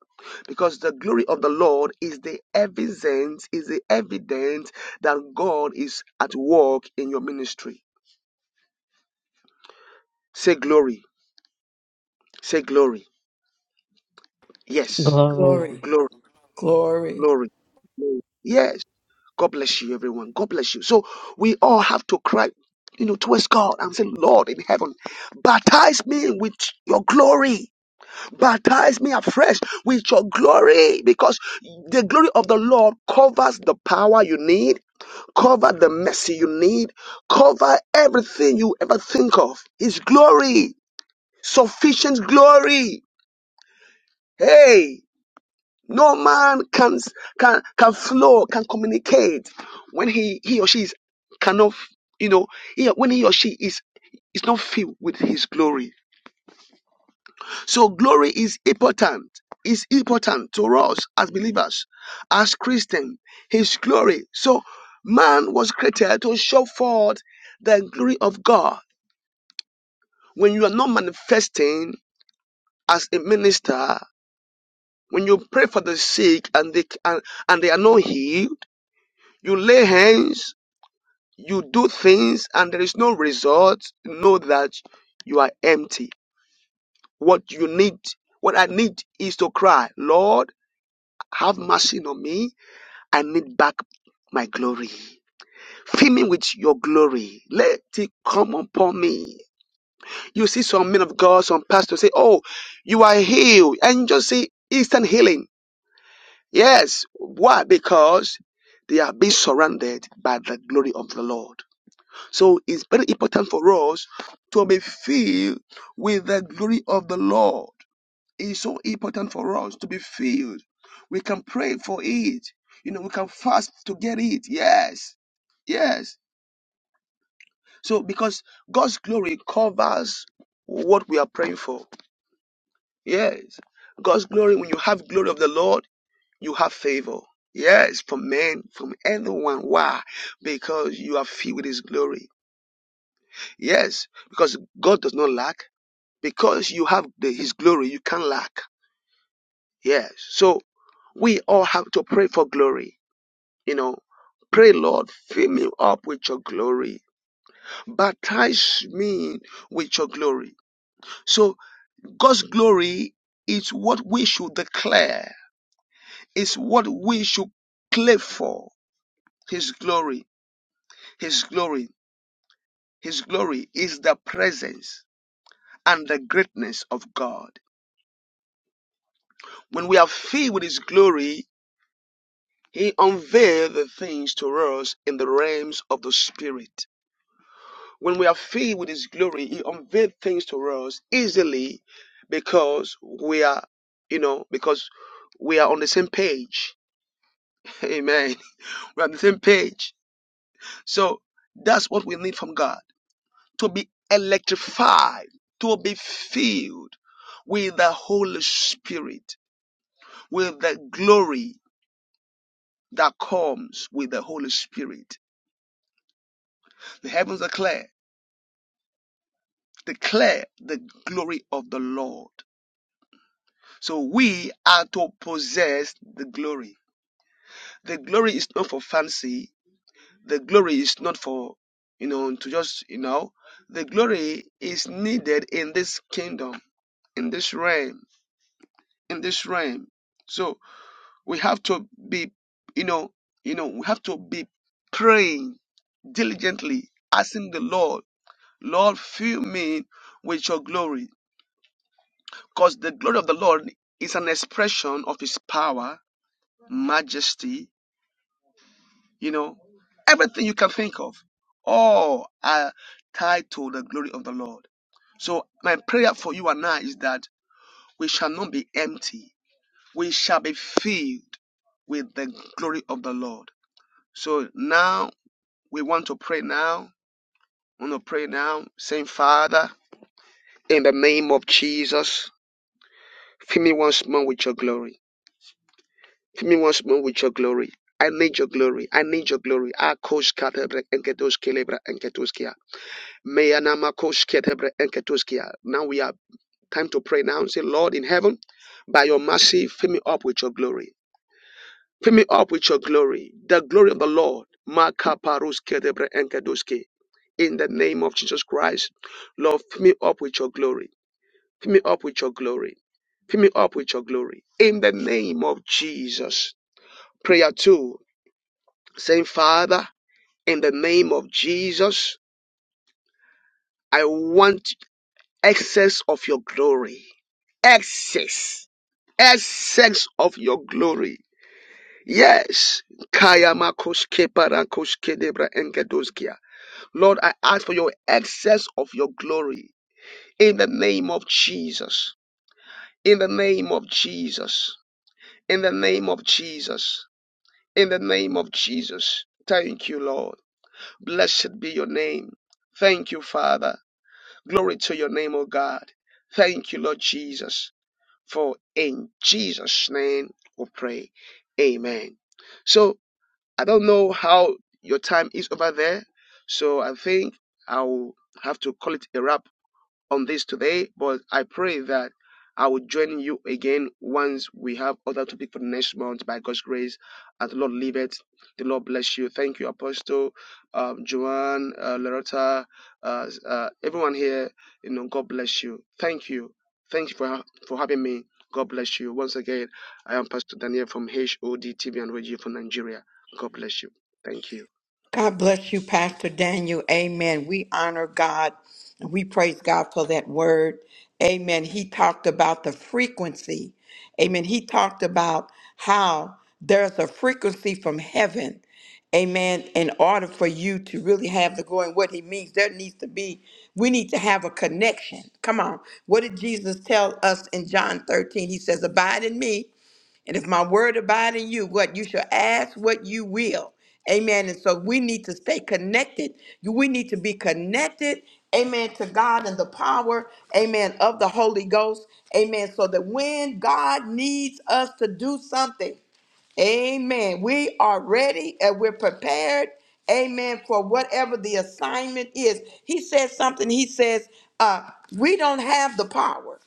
Speaker 5: because the glory of the lord is the evidence is the evidence that god is at work in your ministry say glory say glory yes
Speaker 2: Glory.
Speaker 1: Glory,
Speaker 5: glory
Speaker 4: Glory.
Speaker 1: glory.
Speaker 5: glory glory. yes god bless you everyone god bless you so we all have to cry you know towards god and say lord in heaven baptize me with your glory Baptize me afresh with your glory because the glory of the Lord covers the power you need, cover the mercy you need, cover everything you ever think of. His glory, sufficient glory. Hey, no man can can can flow, can communicate when he he or she is cannot, you know, he, when he or she is is not filled with his glory. So glory is important. Is important to us as believers, as Christians. His glory. So man was created to show forth the glory of God. When you are not manifesting as a minister, when you pray for the sick and they and, and they are not healed, you lay hands, you do things, and there is no result. Know that you are empty. What you need, what I need, is to cry, Lord, have mercy on me I need back my glory. Fill me with your glory. Let it come upon me. You see some men of God, some pastors say, Oh, you are healed. And just say instant healing. Yes. Why? Because they are being surrounded by the glory of the Lord. So it's very important for us to be filled with the glory of the Lord. It's so important for us to be filled. We can pray for it. You know, we can fast to get it. Yes. Yes. So because God's glory covers what we are praying for. Yes. God's glory, when you have glory of the Lord, you have favor. Yes, from men, from anyone. Why? Because you are filled with his glory. Yes, because God does not lack. Because you have the, his glory, you can't lack. Yes. So we all have to pray for glory You know, pray, Lord, fill me up with your glory. Baptize me with your glory. So God's glory is what we should declare. It's what we should claim for. His glory, His glory, His glory is the presence and the greatness of God. When we are filled with His glory, He unveils the things to us in the realms of the Spirit. When we are filled with His glory, He unveils things to us easily because we are, you know, because we are on the same page. Amen. We're on the same page. So that's what we need from God to be electrified, to be filled with the Holy Spirit, with the glory that comes with the Holy Spirit. The heavens declare, declare the glory of the Lord. So we are to possess the glory. The glory is not for fancy. The glory is not for, you know, to just, you know, the glory is needed in this kingdom, in this realm, in this realm. So we have to be, you know, you know, we have to be praying diligently, asking the Lord, Lord, fill me with your glory. Because the glory of the Lord is an expression of his power, majesty, you know, everything you can think of, all are tied to the glory of the Lord. So my prayer for you and I is that we shall not be empty. We shall be filled with the glory of the Lord. So now we want to pray now. We want to pray now, saying, Father, in the name of Jesus, fill me once more with your glory. Fill me once more with your glory. I need your glory. I need your glory. Akos katabra enketos kelebra enketos kia. Meyanamakoshketebre enketuskia. Now we have time to pray now and say, Lord in heaven, by your mercy, fill me up with your glory. Fill me up with your glory, the glory of the Lord. Makaparusketebre enketuski. In the name of Jesus Christ, Lord, fill me up with your glory. Fill me up with your glory. Fill me up with your glory. In the name of Jesus. Prayer two, saying, Father, in the name of Jesus, I want. excess of your glory. Excess. Excess of your glory. Yes. Kayamakoshke parakoshke debra engedoskia. Lord, I ask for your excess of your glory in the name of Jesus. In the name of Jesus. In the name of Jesus. In the name of Jesus. Thank you, Lord. Blessed be your name. Thank you, Father. Glory to your name, O God. Thank you, Lord Jesus. For in Jesus' name we pray. Amen. So I don't know how your time is over there. So I think I'll have to call it a wrap on this today, but I pray that I will join you again once we have other topic for the next month by God's grace. And the Lord leave it. The Lord bless you. Thank you, Apostle, um, Joanne, uh, Loretta, uh, uh, everyone here. You know, God bless you. Thank you. Thank you for, ha- for having me. God bless you. Once again, I am Pastor Daniel from H O D T V and Radio for Nigeria. God bless you. Thank you.
Speaker 1: God bless you, Pastor Daniel. Amen. We honor God and we praise God for that word. Amen. He talked about the frequency. Amen. He talked about how there's a frequency from heaven. Amen. In order for you to really have the glory and what he means, there needs to be, we need to have a connection. Come on. What did Jesus tell us in John 13? He says, Abide in me and if my word abide in you, what you shall ask, what you will. Amen. And so we need to stay connected. We need to be connected. Amen. To God and the power, amen, of the Holy Ghost. Amen. So that when God needs us to do something, amen, we are ready and we're prepared, amen, for whatever the assignment is. He says something, he says, uh, we don't have the power.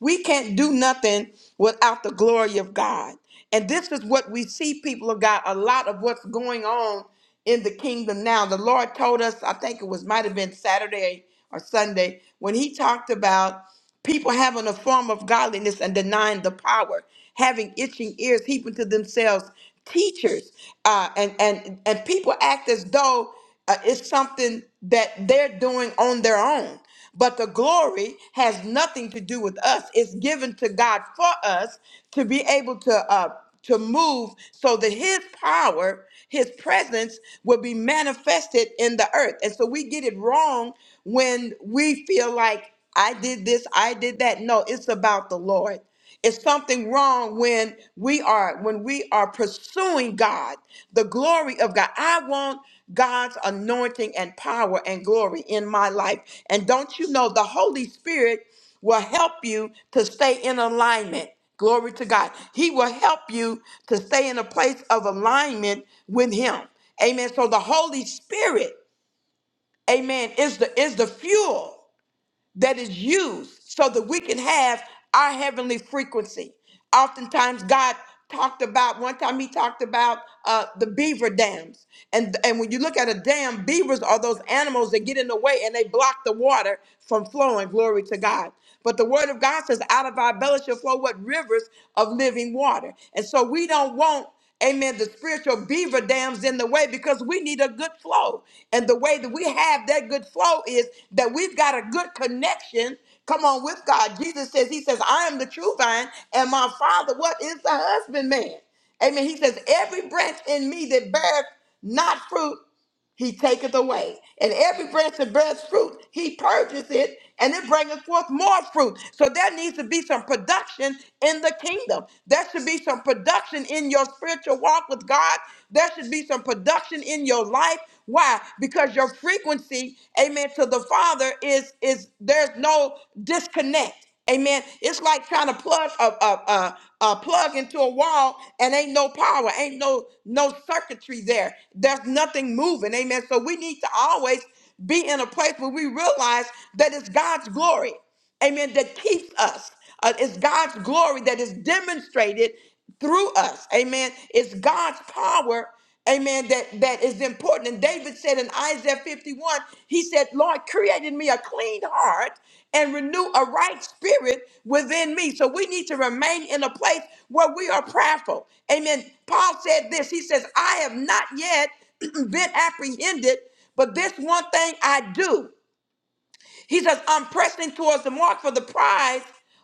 Speaker 1: We can't do nothing without the glory of God. And this is what we see, people of God, a lot of what's going on in the kingdom now. The Lord told us, I think it was might have been Saturday or Sunday, when he talked about people having a form of godliness and denying the power, having itching ears, heaping to themselves teachers, uh, and and and people act as though uh, it's something that they're doing on their own. But the glory has nothing to do with us. It's given to God for us to be able to uh, to move so that his power, his presence will be manifested in the earth. And so we get it wrong when we feel like I did this, I did that. No, it's about the Lord. It's something wrong when we are when we are pursuing God, the glory of God. I want God's anointing and power and glory in my life. And don't you know the Holy Spirit will help you to stay in alignment. Glory to God. He will help you to stay in a place of alignment with him. Amen. So the Holy Spirit, amen, is the is the fuel that is used so that we can have our heavenly frequency. Oftentimes, God talked about one time He talked about uh, the beaver dams, and and when you look at a dam, beavers are those animals that get in the way and they block the water from flowing. Glory to God. But the Word of God says, "Out of our belly shall flow what rivers of living water." And so we don't want Amen. The spiritual beaver dams in the way because we need a good flow. And the way that we have that good flow is that we've got a good connection. Come on with God. Jesus says, He says, I am the true vine, and my father, what is the husbandman? Amen. He says, Every branch in me that beareth not fruit, he taketh away. And every branch that bears fruit, he purges it, and it bringeth forth more fruit. So there needs to be some production in the kingdom. There should be some production in your spiritual walk with God. There should be some production in your life. Why? Because your frequency, amen, to the Father is is there's no disconnect. Amen. It's like trying to plug a, a, a, a plug into a wall and ain't no power, ain't no no circuitry there. There's nothing moving. Amen. So we need to always be in a place where we realize that it's God's glory. Amen. That keeps us. Uh, it's God's glory that is demonstrated through us. Amen. It's God's power Amen. That that is important. And David said in Isaiah 51, he said, Lord, create in me a clean heart and renew a right spirit within me. So we need to remain in a place where we are prayerful. Amen. Paul said this. He says, I have not yet been apprehended, but this one thing I do. He says, I'm pressing towards the mark for the prize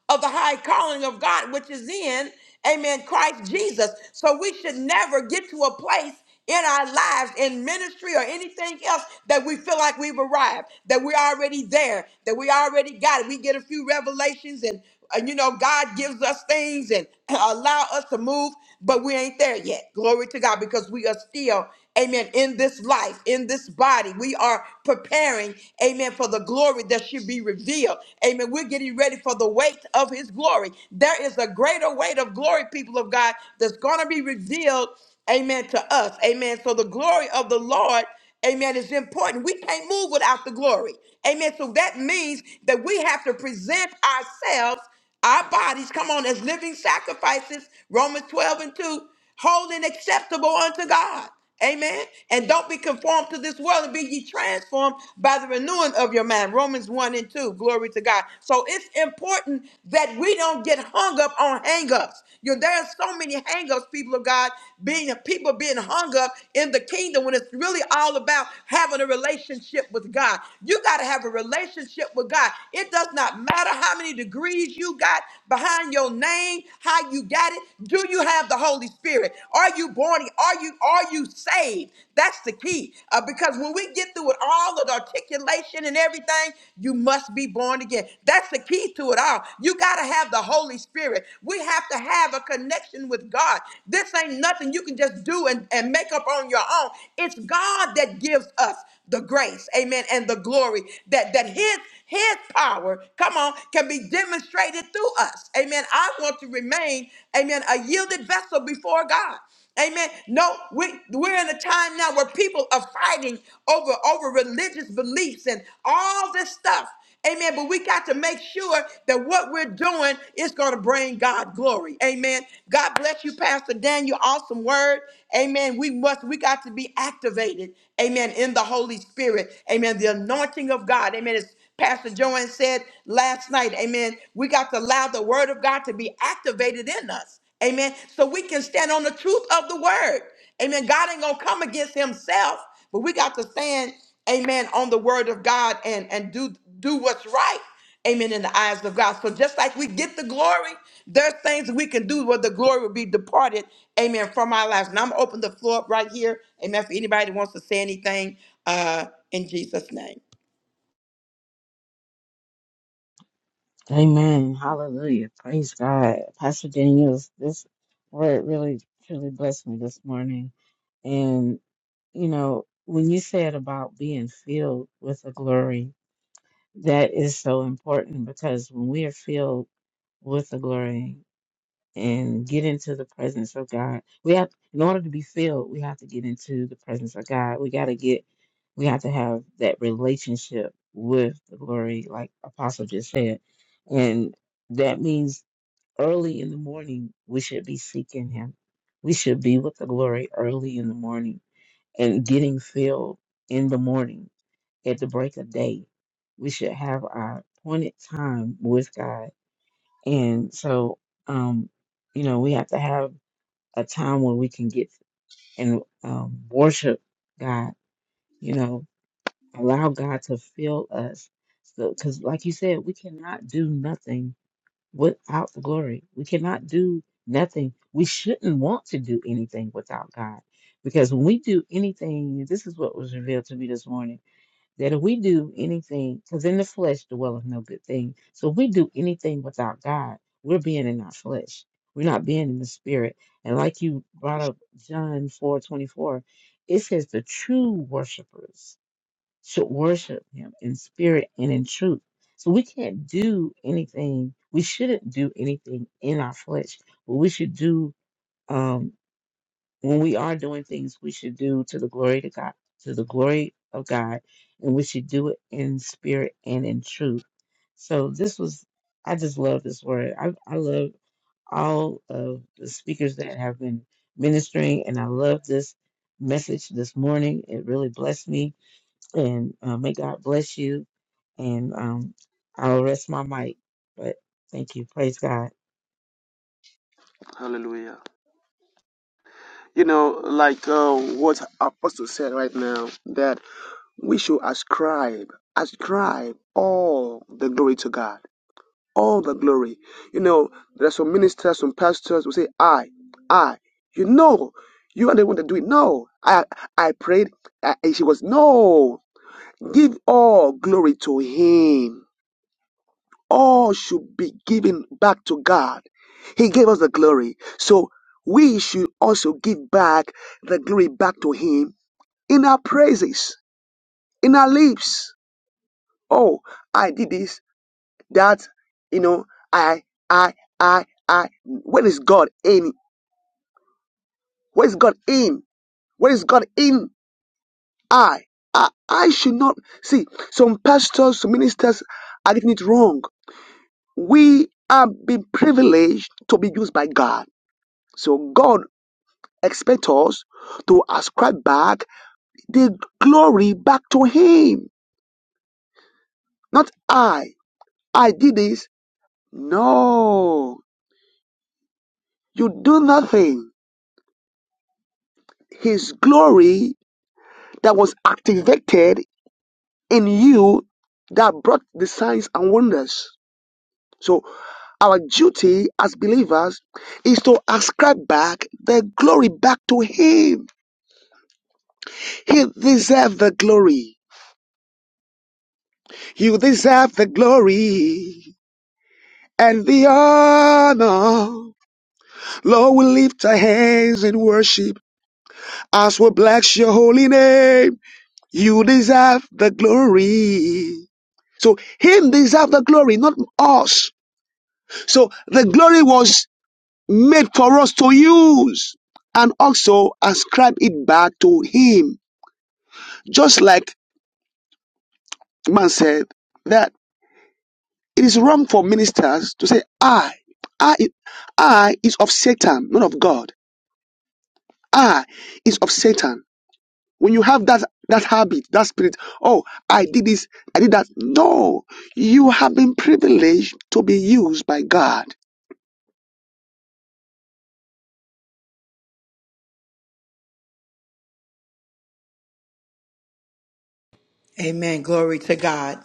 Speaker 1: of the high calling of God, which is in, amen, Christ Jesus. So we should never get to a place in our lives, in ministry or anything else, that we feel like we've arrived, that we're already there, that we already got it. We get a few revelations and uh, you know, God gives us things and allow us to move, but we ain't there yet. Glory to God because we are still, amen, in this life, in this body. We are preparing, amen, for the glory that should be revealed. Amen. We're getting ready for the weight of his glory. There is a greater weight of glory, people of God, that's going to be revealed, amen, to us. Amen. So the glory of the Lord. Amen. It's important. We can't move without the glory. Amen. So that means that we have to present ourselves, our bodies, come on, as living sacrifices, Romans 12 and 2, holy and acceptable unto God. Amen. And don't be conformed to this world and be ye transformed by the renewing of your mind. Romans 1 and 2. Glory to God. So it's important that we don't get hung up on hang ups there are so many hangups, people of God, being people being hung up in the kingdom when it's really all about having a relationship with God. You got to have a relationship with God. It does not matter how many degrees you got behind your name, how you got it. Do you have the Holy Spirit? Are you born? Are you are you saved? That's the key. Uh, because when we get through with all of the articulation and everything, you must be born again. That's the key to it all. You got to have the Holy Spirit. We have to have a connection with God. This ain't nothing you can just do and, and make up on your own. It's God that gives us the grace, amen, and the glory that, that His his power, come on, can be demonstrated through us. Amen. I want to remain, amen, a yielded vessel before God. Amen. No, we, we're in a time now where people are fighting over, over religious beliefs and all this stuff. Amen. But we got to make sure that what we're doing is going to bring God glory. Amen. God bless you, Pastor Daniel. Awesome word. Amen. We must, we got to be activated. Amen. In the Holy Spirit. Amen. The anointing of God. Amen. It's, Pastor Joanne said last night, amen. We got to allow the word of God to be activated in us. Amen. So we can stand on the truth of the word. Amen. God ain't gonna come against himself, but we got to stand, amen, on the word of God and, and do do what's right. Amen. In the eyes of God. So just like we get the glory, there's things that we can do where the glory will be departed. Amen. From our lives. And I'm gonna open the floor up right here. Amen. For anybody that wants to say anything uh in Jesus' name.
Speaker 2: Amen. Hallelujah. Praise God. Pastor Daniels, this word really truly blessed me this morning. And, you know, when you said about being filled with the glory, that is so important because when we are filled with the glory and get into the presence of God. We have, in order to be filled, we have to get into the presence of God. We got to get, we have to have that relationship with the glory, like Apostle just said. And that means early in the morning, we should be seeking Him. We should be with the glory early in the morning and getting filled in the morning at the break of day. We should have our appointed time with God. And so, um, you know, we have to have a time when we can get and um, worship God, you know, allow God to fill us. So, because like you said, we cannot do nothing without the glory. We cannot do nothing. We shouldn't want to do anything without God. Because when we do anything, this is what was revealed to me this morning that if we do anything, because in the flesh dwelleth no good thing. So if we do anything without God, we're being in our flesh. We're not being in the spirit. And like you brought up John four twenty four, it says the true worshipers should worship him in spirit and in truth. So we can't do anything. We shouldn't do anything in our flesh, but we should do. Um, when we are doing things we should do to the glory to God to the glory of God and we should do it in spirit and in truth. So this was I just love this word. I I love all of the speakers that have been ministering and I love this message this morning. It really blessed me and uh, may God bless you and um I'll rest my mic. But thank you. Praise God.
Speaker 5: Hallelujah. You know, like uh, what Apostle said right now, that we should ascribe, ascribe all the glory to God. All the glory. You know, there are some ministers, some pastors who say, I, I. You know, you are the one that do it. No, I I prayed. I, and she was, no. Give all glory to Him. All should be given back to God. He gave us the glory. So we should also give back the glory back to Him in our praise, in our lips. Oh, I did this. that you know I I I I where is God in? Where is God in? Where is God in? I I I should not see some pastors, some ministers are getting it wrong. We have been privileged to be used by God. So God expects us to ascribe back the glory back to Him. Not I. I did this. No, you do nothing. His glory that was activated in you that brought the signs and wonders. So our duty as believers is to ascribe back the glory back to him. He deserves the glory. You deserve the glory and the honor. Lord, we lift our hands in worship as we bless your holy name. You deserve the glory. So him deserve the glory, not us. So the glory was made for us to use and also ascribe it back to him. Just like man said that it is wrong for ministers to say I, I, I is of Satan, not of God. I is of Satan. When you have that that habit, that spirit, oh, I did this, I did that. No, you have been privileged to be used by God
Speaker 1: Amen. Glory to God.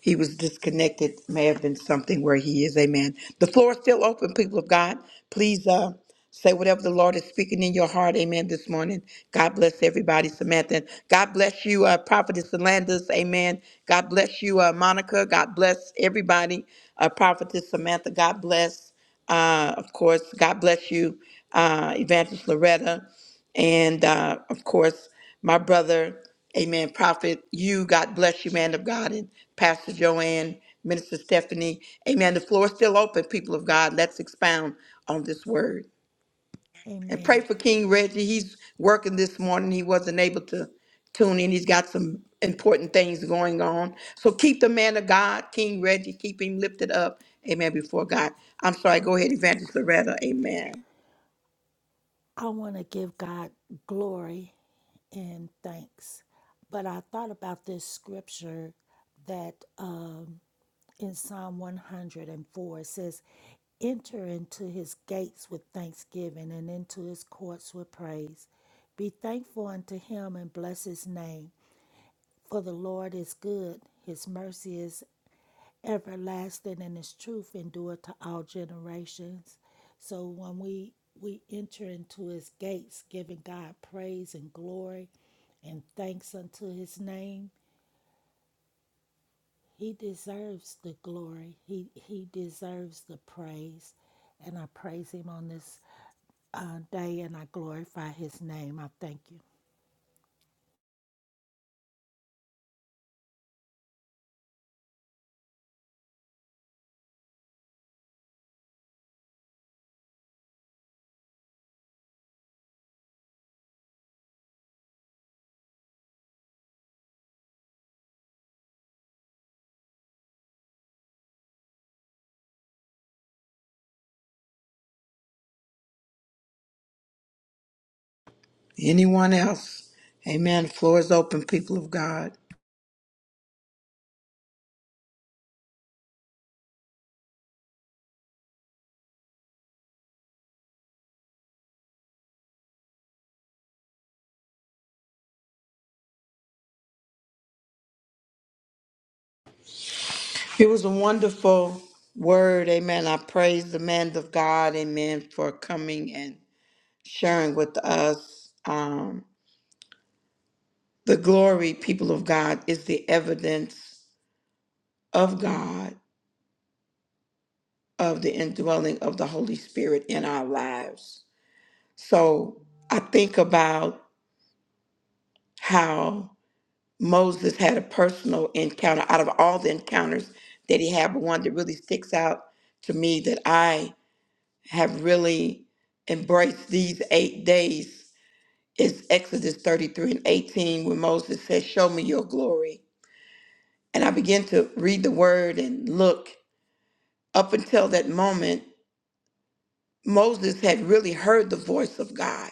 Speaker 1: he was disconnected may have been something where he is amen the floor is still open people of god please uh say whatever the lord is speaking in your heart amen this morning god bless everybody samantha god bless you uh prophetess Landis. amen god bless you uh monica god bless everybody uh prophetess samantha god bless uh of course god bless you uh evangelist loretta and uh, of course, my brother, Amen, Prophet, you, God bless you, man of God, and Pastor Joanne, Minister Stephanie, Amen. The floor is still open, people of God. Let's expound on this word and pray
Speaker 4: Amen.
Speaker 1: for King Reggie. He's working this morning. He wasn't able to tune in. He's got some important things going on. So keep the man of God, King Reggie, keep him lifted up, Amen. Before God, I'm sorry. Go ahead, Evangelist Loretta, Amen.
Speaker 4: I want to give God glory and thanks. But I thought about this scripture that um, in Psalm 104 it says, Enter into his gates with thanksgiving and into his courts with praise. Be thankful unto him and bless his name. For the Lord is good, his mercy is everlasting and his truth endure to all generations so when we we enter into his gates giving god praise and glory and thanks unto his name he deserves the glory he he deserves the praise and i praise him on this uh, day and i glorify his name i thank you
Speaker 1: Anyone else? Amen. Floor is open, people of God. It was a wonderful word. Amen. I praise the man of God. Amen. For coming and sharing with us. Um, the glory, people of God, is the evidence of God, of the indwelling of the Holy Spirit in our lives. So I think about how. Moses had a personal encounter out of all the encounters that he had, but one that really sticks out to me that I have really embraced these eight days is Exodus 33 and 18, when Moses says, Show me your glory. And I began to read the word and look. Up until that moment, Moses had really heard the voice of God,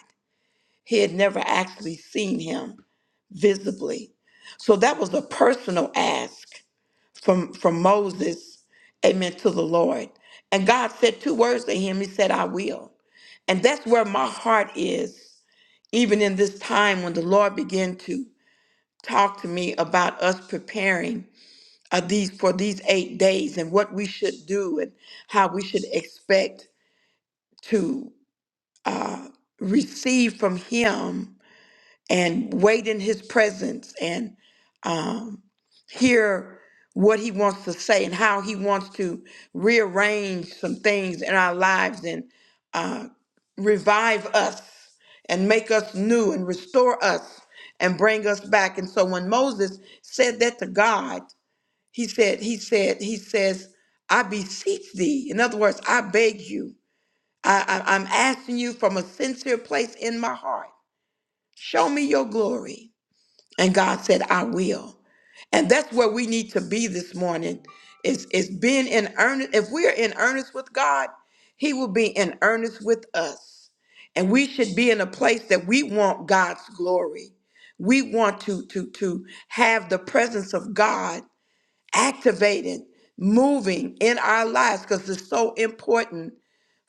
Speaker 1: he had never actually seen him visibly. So that was a personal ask from from Moses, amen, to the Lord. And God said two words to him. He said, I will. And that's where my heart is, even in this time when the Lord began to talk to me about us preparing uh, these for these eight days and what we should do and how we should expect to receive from him and wait in his presence and um, hear what he wants to say and how he wants to rearrange some things in our lives and revive us and make us new and restore us and bring us back. And so when Moses said that to God, he said, he said, he says, I beseech thee. In other words, I beg you. I, I, I'm asking you from a sincere place in my heart. Show me your glory. And God said, I will. And that's where we need to be this morning. Is is being in earnest. If we are in earnest with God, He will be in earnest with us. And we should be in a place that we want God's glory. We want to to to have the presence of God activated, moving in our lives because it's so important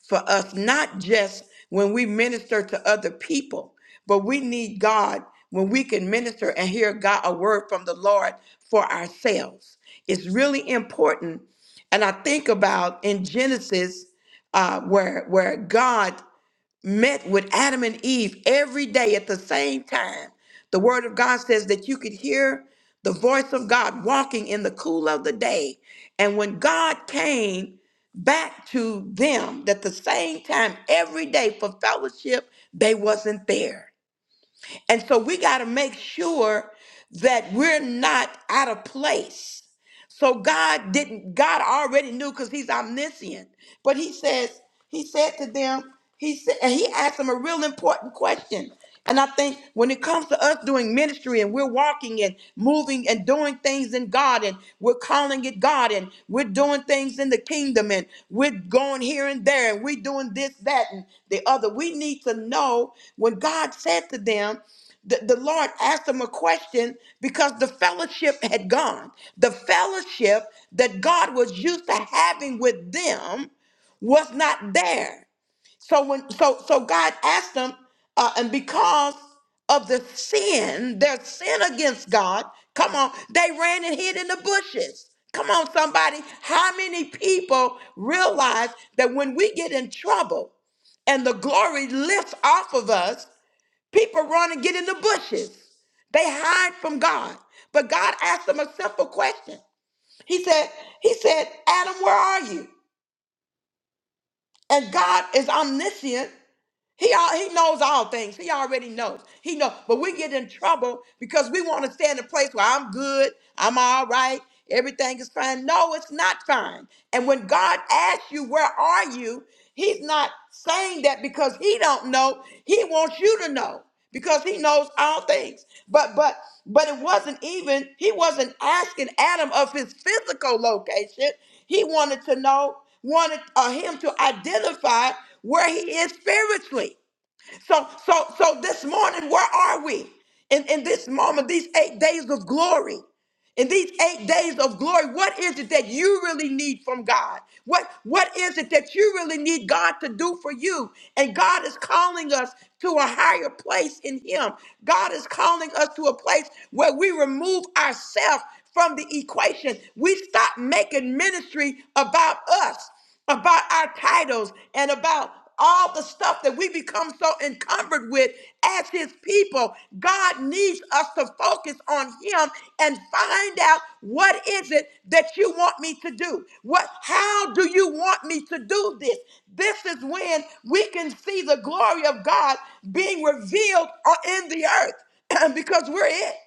Speaker 1: for us, not just when we minister to other people, but we need God when we can minister and hear God a word from the Lord for ourselves. It's really important. And I think about in Genesis uh, where where God met with Adam and Eve every day at the same time. The word of God says that you could hear the voice of God walking in the cool of the day. And when God came back to them at the same time every day for fellowship, they wasn't there. And so we got to make sure that we're not out of place so God didn't, God already knew because he's omniscient. But he says, he said to them, he said, and he asked them a real important question. And I think when it comes to us doing ministry and we're walking and moving and doing things in God and we're calling it God and we're doing things in the kingdom and we're going here and there and we're doing this, that, and the other, we need to know when God said to them, the, the Lord asked him a question because the fellowship had gone. The fellowship that God was used to having with them was not there. So when so so God asked them, uh, and because of the sin, their sin against God, come on, they ran and hid in the bushes. Come on, somebody. How many people realize that when we get in trouble, and the glory lifts off of us. People run and get in the bushes. They hide from God. But God asked them a simple question. He said, He said, Adam, where are you? And God is omniscient. He, all, he knows all things. He already knows. He knows. But we get in trouble because we want to stay in a place where I'm good, I'm all right, everything is fine. No, it's not fine. And when God asks you, where are you? He's not saying that because he don't know. He wants you to know because he knows all things. But but but it wasn't even he wasn't asking Adam of his physical location. He wanted to know wanted uh, him to identify where he is spiritually. So, so, so this morning, where are we? In, in this moment, these eight days of glory. In these eight days of glory, what is it that you really need from God? What, what is it that you really need God to do for you? And God is calling us to a higher place in Him. God is calling us to a place where we remove ourselves from the equation. We stop making ministry about us about our titles and about all the stuff that we become so encumbered with as his people. God needs us to focus on him and find out what is it that you want me to do? What how do you want me to do this? This is when we can see the glory of God being revealed on- in the earth because we're it.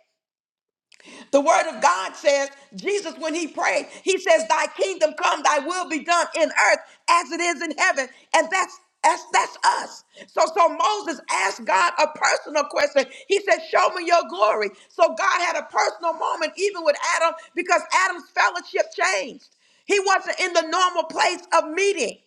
Speaker 1: The word of God says, Jesus, when he prayed, he says, Thy kingdom come, thy will be done in earth as it is in heaven. And that's that's that's us. So so Moses asked God a personal question. He said, Show me your glory. So God had a personal moment even with Adam because Adam's fellowship changed. He wasn't in the normal place of meeting.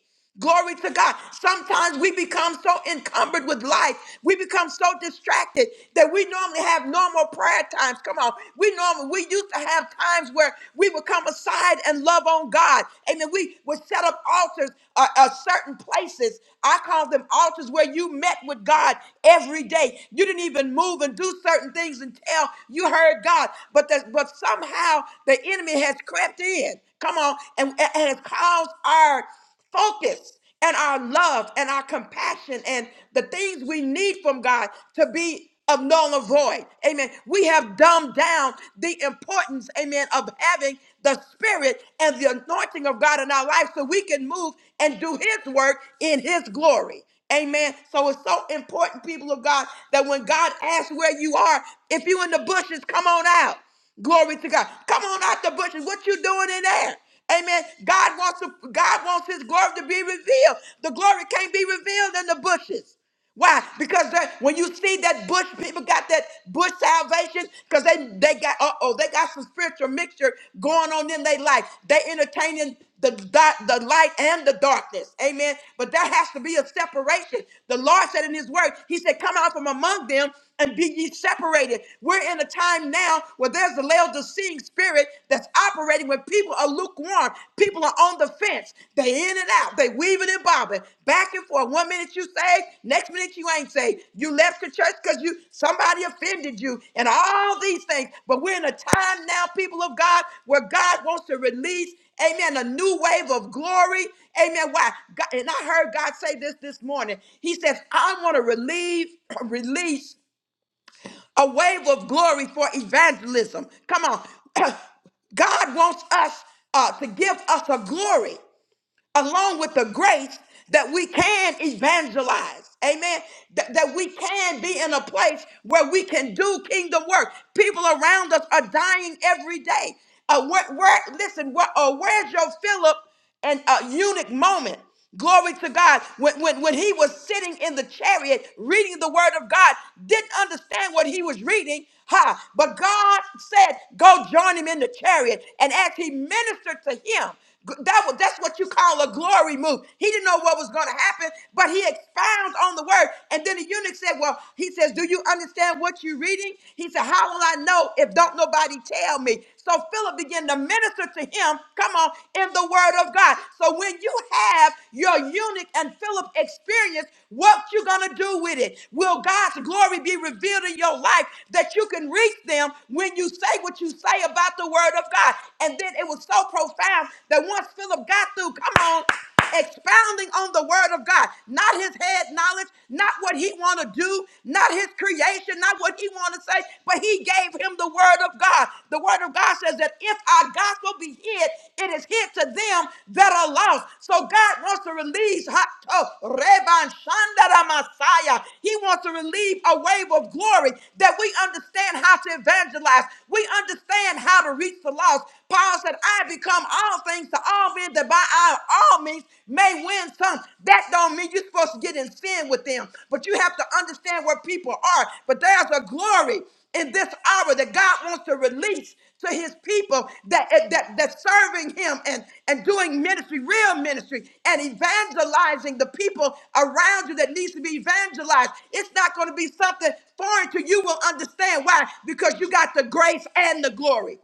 Speaker 1: Glory to God. Sometimes we become so encumbered with life. We become so distracted that we normally have normal prayer times. Come on. We normally, we used to have times where we would come aside and love on God. Amen. We would set up altars, uh, uh, certain places. I call them altars where you met with God every day. You didn't even move and do certain things until you heard God. But, that, but somehow the enemy has crept in. Come on. And, and it calls our focus and our love and our compassion and the things we need from God to be of null and void. Amen. We have dumbed down the importance, amen, of having the spirit and the anointing of God in our life so we can move and do his work in his glory. Amen. So it's so important, people of God, that when God asks where you are, if you're in the bushes, come on out. Glory to God. Come on out the bushes. What you doing in there? Amen. God wants to, God wants his glory to be revealed. The glory can't be revealed in the bushes. Why? Because that, when you see that bush, people got that bush salvation because they they got uh oh they got some spiritual mixture going on in their life. They entertaining the di- the light and the darkness. Amen. But there has to be a separation. The Lord said in His Word, He said, "Come out from among them." and be ye separated. We're in a time now where there's a Laodicean spirit that's operating when people are lukewarm. People are on the fence. They in and out. They weaving and bobbing back and forth. One minute you say, next minute you ain't say. You left the church because you somebody offended you and all these things. But we're in a time now, people of God, where God wants to release Amen. A new wave of glory. Amen. Why? God, and I heard God say this this morning. He says, I want to relieve, release a wave of glory for evangelism. Come on. God wants us uh, to give us a glory along with the grace that we can evangelize. Amen. That, that we can be in a place where we can do kingdom work. People around us are dying every day. Uh, where, where, listen, where, uh, where's your Philip and uh, eunuch moment? Glory to God. When, when, when he was sitting in the chariot reading the word of God, didn't understand what he was reading. Ha! But God said, Go join him in the chariot. And as he ministered to him, g- that was, that's what you call a glory move. He didn't know what was going to happen, but he expounds on the word. And then the eunuch said, Well, he says, Do you understand what you're reading? He said, How will I know if don't nobody tell me? So so Philip began to minister to him, come on, in the word of God. So when you have your eunuch and Philip experience, what you gonna do with it? Will God's glory be revealed in your life that you can reach them when you say what you say about the word of God? And then it was so profound that once Philip got through, come on expounding on the word of God, not his head knowledge, not what he want to do, not his creation, not what he want to say, but he gave him the word of God. The word of God says that if our gospel be hid, it is hid to them that are lost. So God wants to release ha- oh, Reban Shandara Messiah. He wants to relieve a wave of glory that we understand how to evangelize. We understand how to reach the lost. Paul said, I become all things to all men that by I, all means may win some. That don't mean you're supposed to get in sin with them. But you have to understand where people are. But there's a glory in this hour that God wants to release to his people that that that serving him and and doing ministry real ministry and evangelizing the people around you that needs to be evangelized it's not going to be something foreign to you will understand why because you got the grace and the glory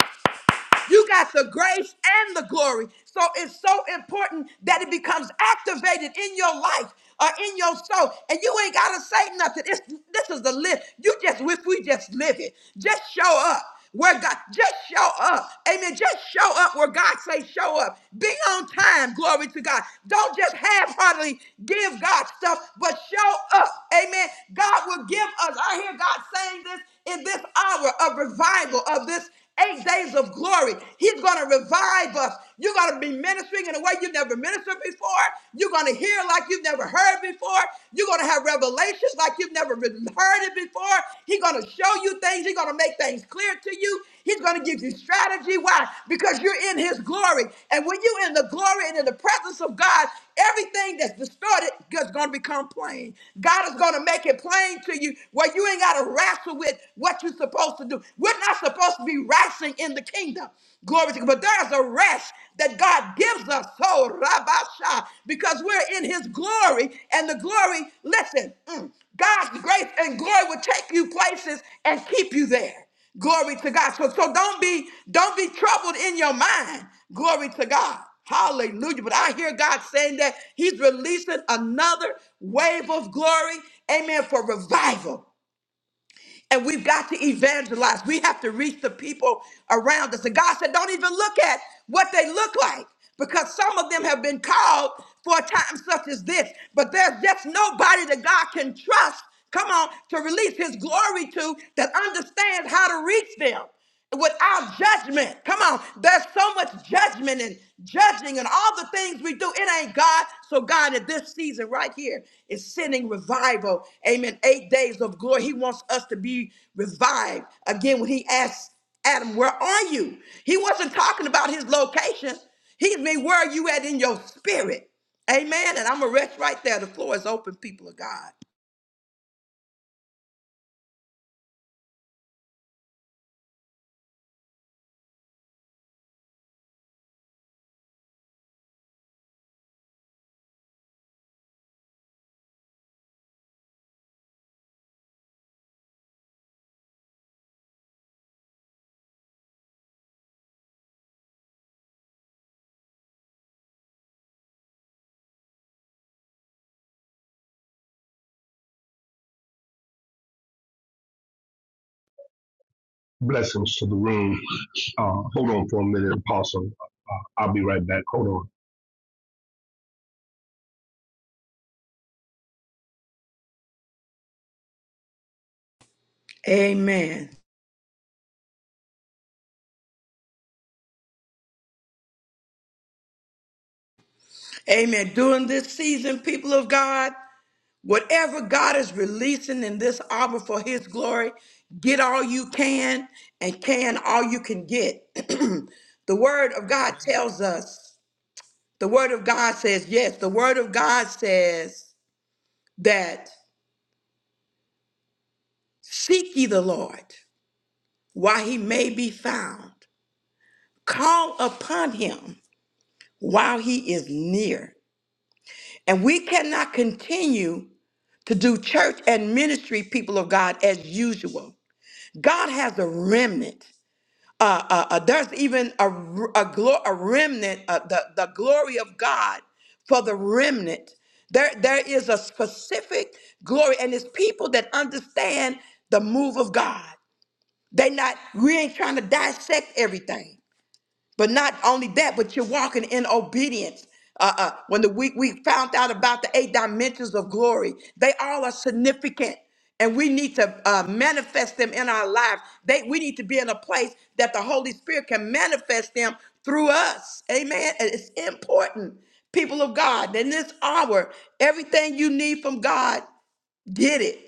Speaker 1: you got the grace and the glory. So it's so important that it becomes activated in your life or in your soul. And you ain't gotta say nothing. It's, this is the live. You just if we just live it. Just show up. Where God just show up. Amen. Just show up where God say show up. Be on time. Glory to God. Don't just half-heartedly give God stuff, but show up. Amen. God will give us. I hear God saying this in this hour of revival of this eight days of glory. He's going to revive us. You're going to be ministering in a way you've never ministered before. You're going to hear like you've never heard before. You're going to have revelations like you've never re- heard it before. He's going to show you things. He's going to make things clear to you. He's going to give you strategy. Why? Because you're in his glory. And when you're in the glory and in the presence of God, Everything that's distorted is going to become plain. God is going to make it plain to you where you ain't got to wrestle with what you're supposed to do. We're not supposed to be wrestling in the kingdom. Glory to God. But there's a rest that God gives us. So, Rabasha, because we're in his glory. And the glory, listen, mm, God's grace and glory will take you places and keep you there. Glory to God. So, so don't be don't be troubled in your mind. Glory to God. Hallelujah. But I hear God saying that He's releasing another wave of glory, amen, for revival. And we've got to evangelize. We have to reach the people around us. And God said, don't even look at what they look like because some of them have been called for a time such as this. But there's just nobody that God can trust, come on, to release His glory to that understands how to reach them without judgment. Come on, there's so much judgment and judging and all the things we do. It ain't God. So God at this season right here is sending revival. Amen. Eight days of glory. He wants us to be revived. Again, when he asked Adam, where are you? He wasn't talking about his location. He mean, where are you at in your spirit? Amen. And I'm going to rest right there. The floor is open, people of God.
Speaker 6: Blessings to the room. Uh, hold on for a minute, Apostle. Uh, I'll be right back. Hold on.
Speaker 1: Amen. Amen. During this season, people of God. Whatever God is releasing in this hour for his glory, get all you can and can all you can get. the word of God tells us, the word of God says, yes, the word of God says that seek ye the Lord while he may be found, call upon him while he is near. And we cannot continue to do church and ministry, people of God, as usual. God has a remnant uh, uh, uh, there's even a, r- a, glo- a remnant, uh, the, the glory of God for the remnant. There, there is a specific glory, and it's people that understand the move of God. They not, we ain't trying to dissect everything. But not only that, but you're walking in obedience. Uh, uh, when the we, we found out about the eight dimensions of glory, they all are significant, and we need to uh, manifest them in our lives. They we need to be in a place that the Holy Spirit can manifest them through us. Amen. And It's important, people of God. In this hour, everything you need from God, get it.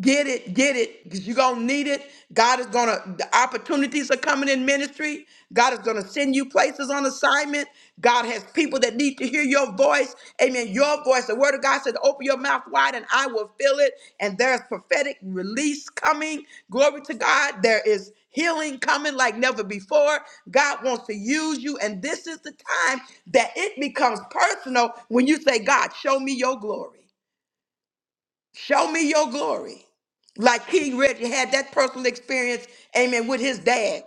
Speaker 1: Get it, get it, because you're going to need it. God is going to, the opportunities are coming in ministry. God is going to send you places on assignment. God has people that need to hear your voice. Amen. Your voice. The word of God says, open your mouth wide and I will fill it. And there's prophetic release coming. Glory to God. There is healing coming like never before. God wants to use you. And this is the time that it becomes personal when you say, God, show me your glory. Show me your glory. Like King Reggie had that personal experience, amen, with his dad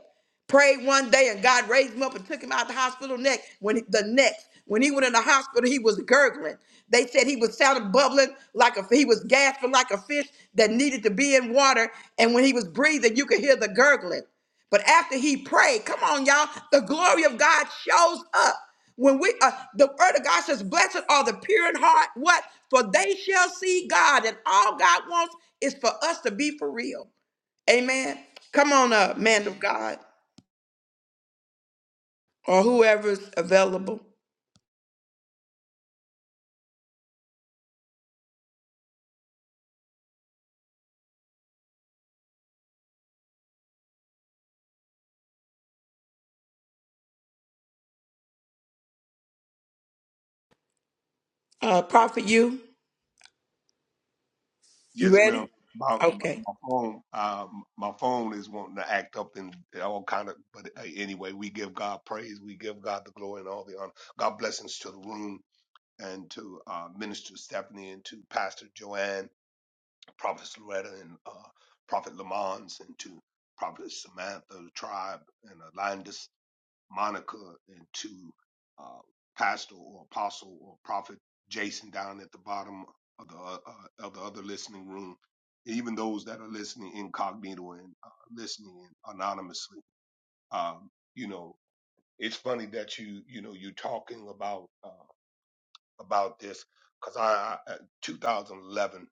Speaker 1: prayed one day and God raised him up and took him out the hospital next. When he- the next, when he went in the hospital, he was gurgling. They said he was sounding bubbling like a he was gasping like a fish that needed to be in water. And when he was breathing, you could hear the gurgling. But after he prayed, come on, y'all, the glory of God shows up. When we uh, the word of God says, Blessed are the pure in heart. What? For they shall see God, and all God wants is for us to be for real. Amen. Come on up, man of God or whoever's available. Uh, Prophet, you you
Speaker 6: Yes, ma'am.
Speaker 1: ready?
Speaker 6: My my
Speaker 1: Okay.
Speaker 6: my phone, uh, my phone is wanting to act up and all kind of. But uh, anyway, we give God praise, we give God the glory and all the honor. God blessings to the room and to uh, Minister Stephanie and to Pastor Joanne, Prophet Loretta and uh, Prophet Lamons and to Prophet Samantha, the tribe and Alandis. Monica and to uh, Pastor or Apostle or Prophet Jason down at the bottom of the uh, uh, of the other listening room, even those that are listening incognito and uh, listening anonymously. Um, you know, it's funny that you you know you're talking about uh, about this because I, I uh, 2011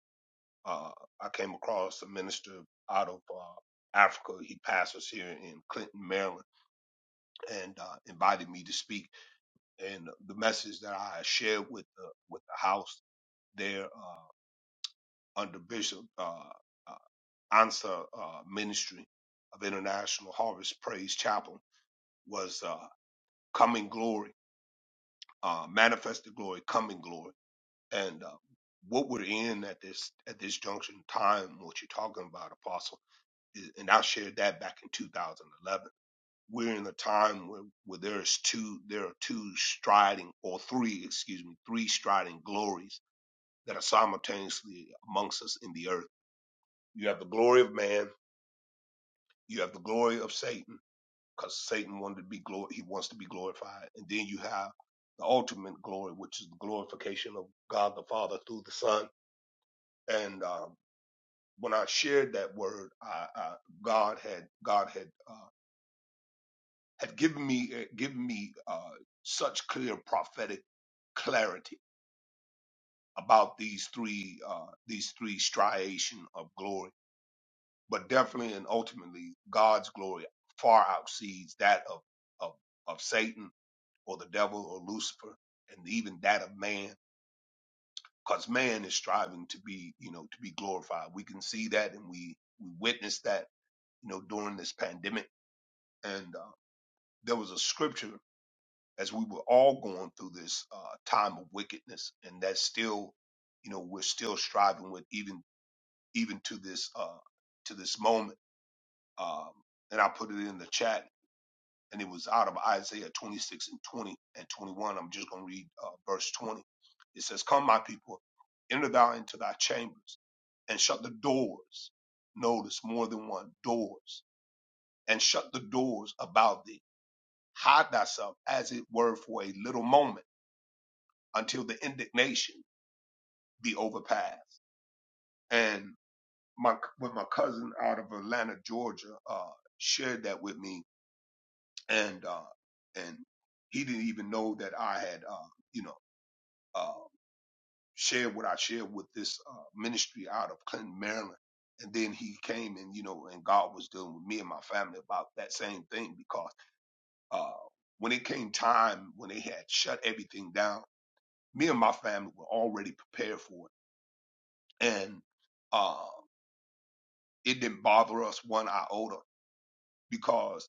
Speaker 6: uh, I came across a minister out of uh, Africa. He pastors here in Clinton, Maryland, and uh, invited me to speak and the message that I shared with the with the house there uh, under Bishop uh, uh, Ansa uh, Ministry of International Harvest Praise Chapel was uh, coming glory, uh, manifested glory, coming glory, and uh, what we're in at this at this junction in time, what you're talking about, Apostle, is, and I shared that back in 2011. We're in a time where, where there's two, there are two striding, or three, excuse me, three striding glories that are simultaneously amongst us in the earth. You have the glory of man, you have the glory of Satan, because Satan wanted to be glor- he wants to be glorified, and then you have the ultimate glory, which is the glorification of God the Father through the Son. And uh, when I shared that word, I, I, God had God had uh, had given me uh, given me uh, such clear prophetic clarity about these three uh, these three striation of glory but definitely and ultimately God's glory far outsees that of of, of Satan or the devil or Lucifer and even that of man because man is striving to be you know to be glorified we can see that and we we witnessed that you know during this pandemic and uh, there was a scripture as we were all going through this uh, time of wickedness and that's still you know we're still striving with even even to this uh to this moment um and I put it in the chat and it was out of Isaiah 26 and 20 and 21. I'm just going to read uh, verse 20. It says, Come, my people, enter thou into thy chambers and shut the doors. Notice more than one doors and shut the doors about thee. Hide thyself as it were for a little moment until the indignation be overpassed. And my, when my cousin out of Atlanta, Georgia, uh, shared that with me and, uh, and he didn't even know that I had, uh, you know uh, shared what I shared with this uh, ministry out of Clinton, Maryland. And then he came and, you know, and God was dealing with me and my family about that same thing because uh, when it came time, when they had shut everything down, me and my family were already prepared for it. And uh, it didn't bother us one iota because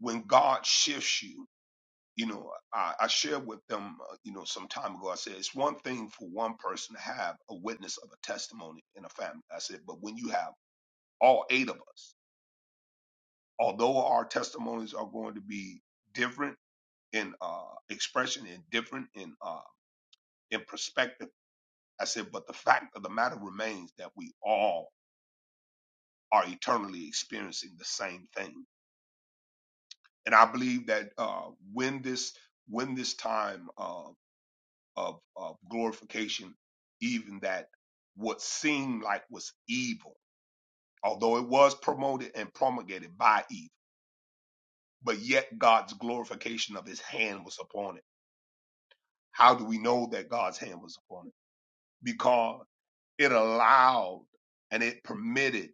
Speaker 6: when God shifts you, you know, I, I shared with them, uh, you know, some time ago. I said it's one thing for one person to have a witness of a testimony in a family. I said, but when you have all eight of us, although our testimonies are going to be different in uh, expression and different in uh, in perspective, I said, but the fact of the matter remains that we all are eternally experiencing the same thing. And I believe that uh, when this when this time uh, of, of glorification, even that what seemed like was evil, although it was promoted and promulgated by evil, but yet God's glorification of his hand was upon it. How do we know that God's hand was upon it? Because it allowed and it permitted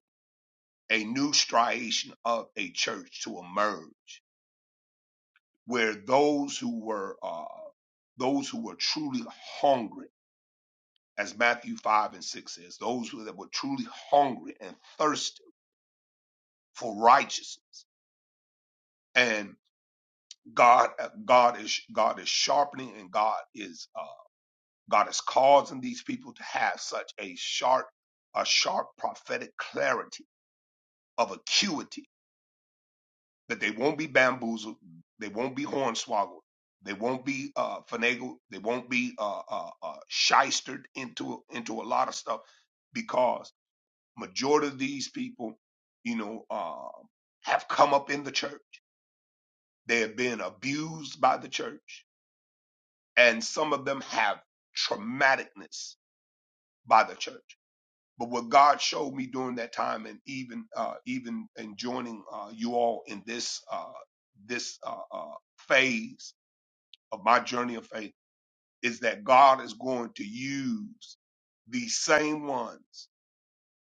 Speaker 6: a new striation of a church to emerge where those who were uh, those who were truly hungry as Matthew 5 and 6 says, those who that were truly hungry and thirsty for righteousness. And God, uh, God is God is sharpening, and God is uh, God is causing these people to have such a sharp, a sharp prophetic clarity of acuity that they won't be bamboozled, they won't be hornswoggled, they won't be uh, finagled, they won't be uh, uh, uh, shystered into into a lot of stuff because Majority of these people, you know, uh, have come up in the church. They have been abused by the church, and some of them have traumaticness by the church. But what God showed me during that time, and even uh, even in joining uh, you all in this uh, this uh, uh, phase of my journey of faith, is that God is going to use these same ones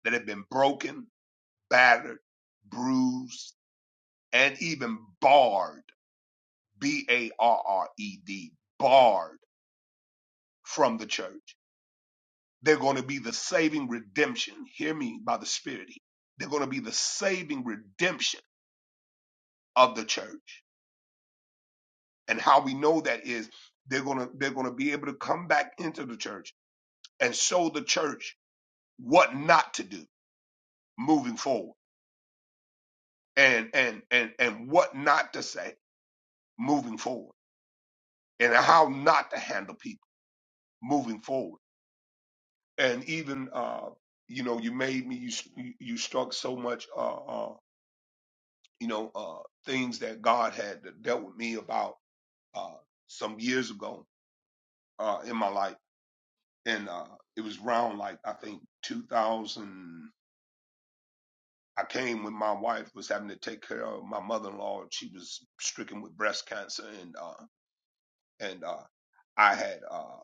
Speaker 6: that have been broken, battered, bruised and even barred, B A R R E D, barred from the church. They're going to be the saving redemption. Hear me by the Spirit. They're going to be the saving redemption of the church. And how we know that is they're going to they're going to be able to come back into the church and show the church what not to do moving forward and and and and what not to say moving forward and how not to handle people moving forward and even uh you know you made me you you you struck so much uh uh you know uh things that god had dealt with me about uh some years ago uh in my life and uh it was around like i think 2000 i came when my wife was having to take care of my mother-in-law she was stricken with breast cancer and uh and uh i had uh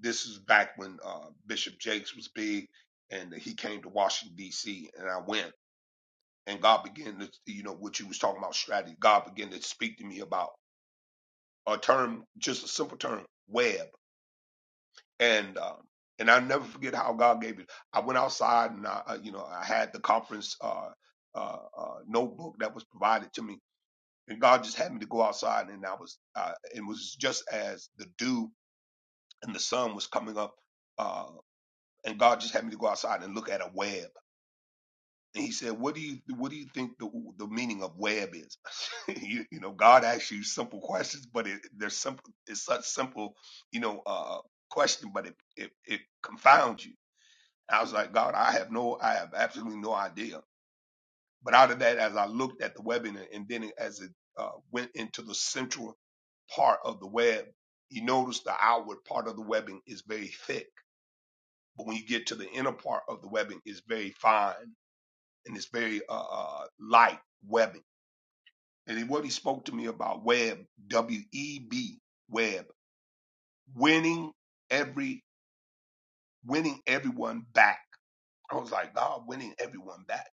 Speaker 6: this is back when uh bishop jakes was big and he came to washington dc and i went and God began to, you know, what you was talking about strategy. God began to speak to me about a term, just a simple term, web, and um, and I will never forget how God gave it. I went outside and I, uh, you know, I had the conference uh, uh, uh, notebook that was provided to me, and God just had me to go outside, and I was, uh, it was just as the dew and the sun was coming up, uh, and God just had me to go outside and look at a web And he said, "What do you what do you think the the meaning of web is?" you, you know, God asks you simple questions, but it there's simple it's such simple, you know, uh, question, but it, it it confounds you. I was like, God, I have no, I have absolutely no idea. But out of that, as I looked at the webinar, and then as it uh, went into the central part of the web, you notice the outward part of the webbing is very thick, but when you get to the inner part of the webbing, it's very fine and it's very uh, uh, light webbing. And what he spoke to me about web, W E B, web, winning every, winning everyone back. I was like, God, winning everyone back.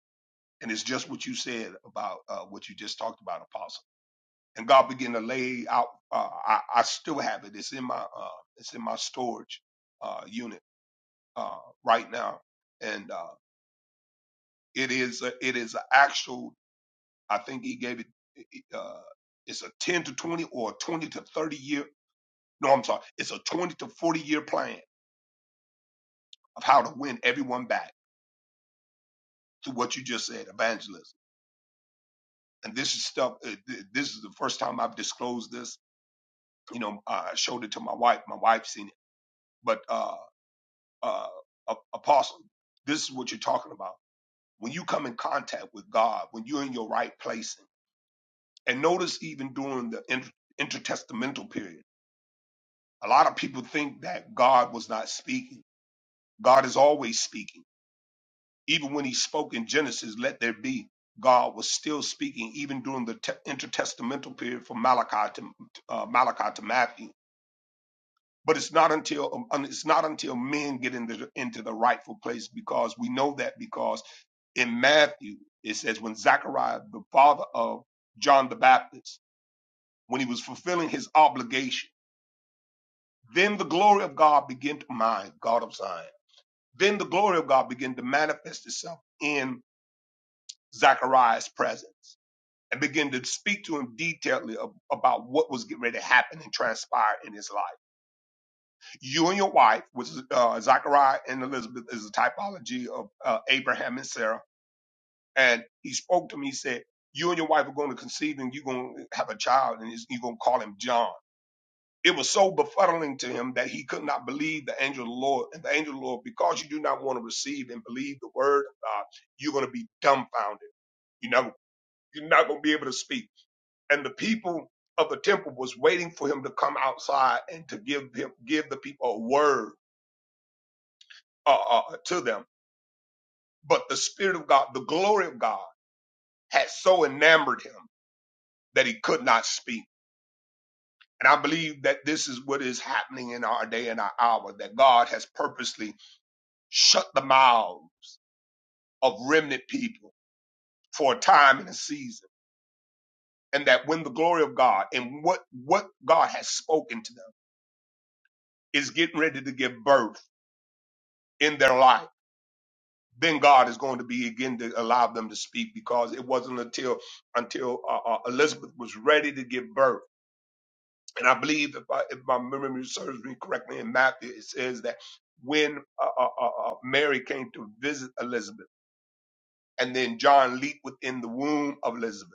Speaker 6: And it's just what you said about uh, what you just talked about, Apostle. And God began to lay out. Uh, I, I still have it. It's in my, uh, it's in my storage uh, unit uh, right now, and uh, it is, a, it is an actual I think he gave it. Uh, it's a ten to twenty or a twenty to thirty year. No, I'm sorry. It's a twenty to forty year plan of how to win everyone back to what you just said, evangelism. And this is stuff. uh, th- This is the first time I've disclosed this. You know, I showed it to my wife. My wife seen it. But uh, uh, a- apostle, this is what you're talking about. When you come in contact with God, when you're in your right placing, and notice even during the inter- intertestamental period A lot of people think that God was not speaking. God is always speaking. Even when he spoke in Genesis, let there be, God was still speaking, even during the te- intertestamental period from Malachi to uh, Malachi to Matthew. But it's not until um, it's not until men get into the, into the rightful place because we know that because in Matthew, it says when Zechariah, the father of John the Baptist, when he was fulfilling his obligation, then the glory of God began to my God of Zion. Then the glory of God began to manifest itself in Zechariah's presence and began to speak to him detailedly ab- about what was getting ready to happen and transpire in his life. You and your wife, which is uh, Zechariah and Elizabeth, is a typology of uh, Abraham and Sarah. And he spoke to me, he said, you and your wife are going to conceive and you're going to have a child and he's- you're going to call him John. It was so befuddling to him that he could not believe the angel of the Lord. And the angel of the Lord, because you do not want to receive and believe the word of God, you're going to be dumbfounded. You know, you're not going to be able to speak. And the people of the temple was waiting for him to come outside and to give him, give the people a word uh, uh, to them. But the spirit of God, the glory of God had so enamored him that he could not speak. And I believe that this is what is happening in our day and our hour, that God has purposely shut the mouth of remnant people for a time and a season. And that when the glory of God and what, what God has spoken to them is getting ready to give birth in their life, then God is going to be again to allow them to speak because it wasn't until, until uh, uh, Elizabeth was ready to give birth. And I believe if I, if my memory serves me correctly in Matthew, it says that when uh, uh, uh, uh, Mary came to visit Elizabeth and then John leaped within the womb of Elizabeth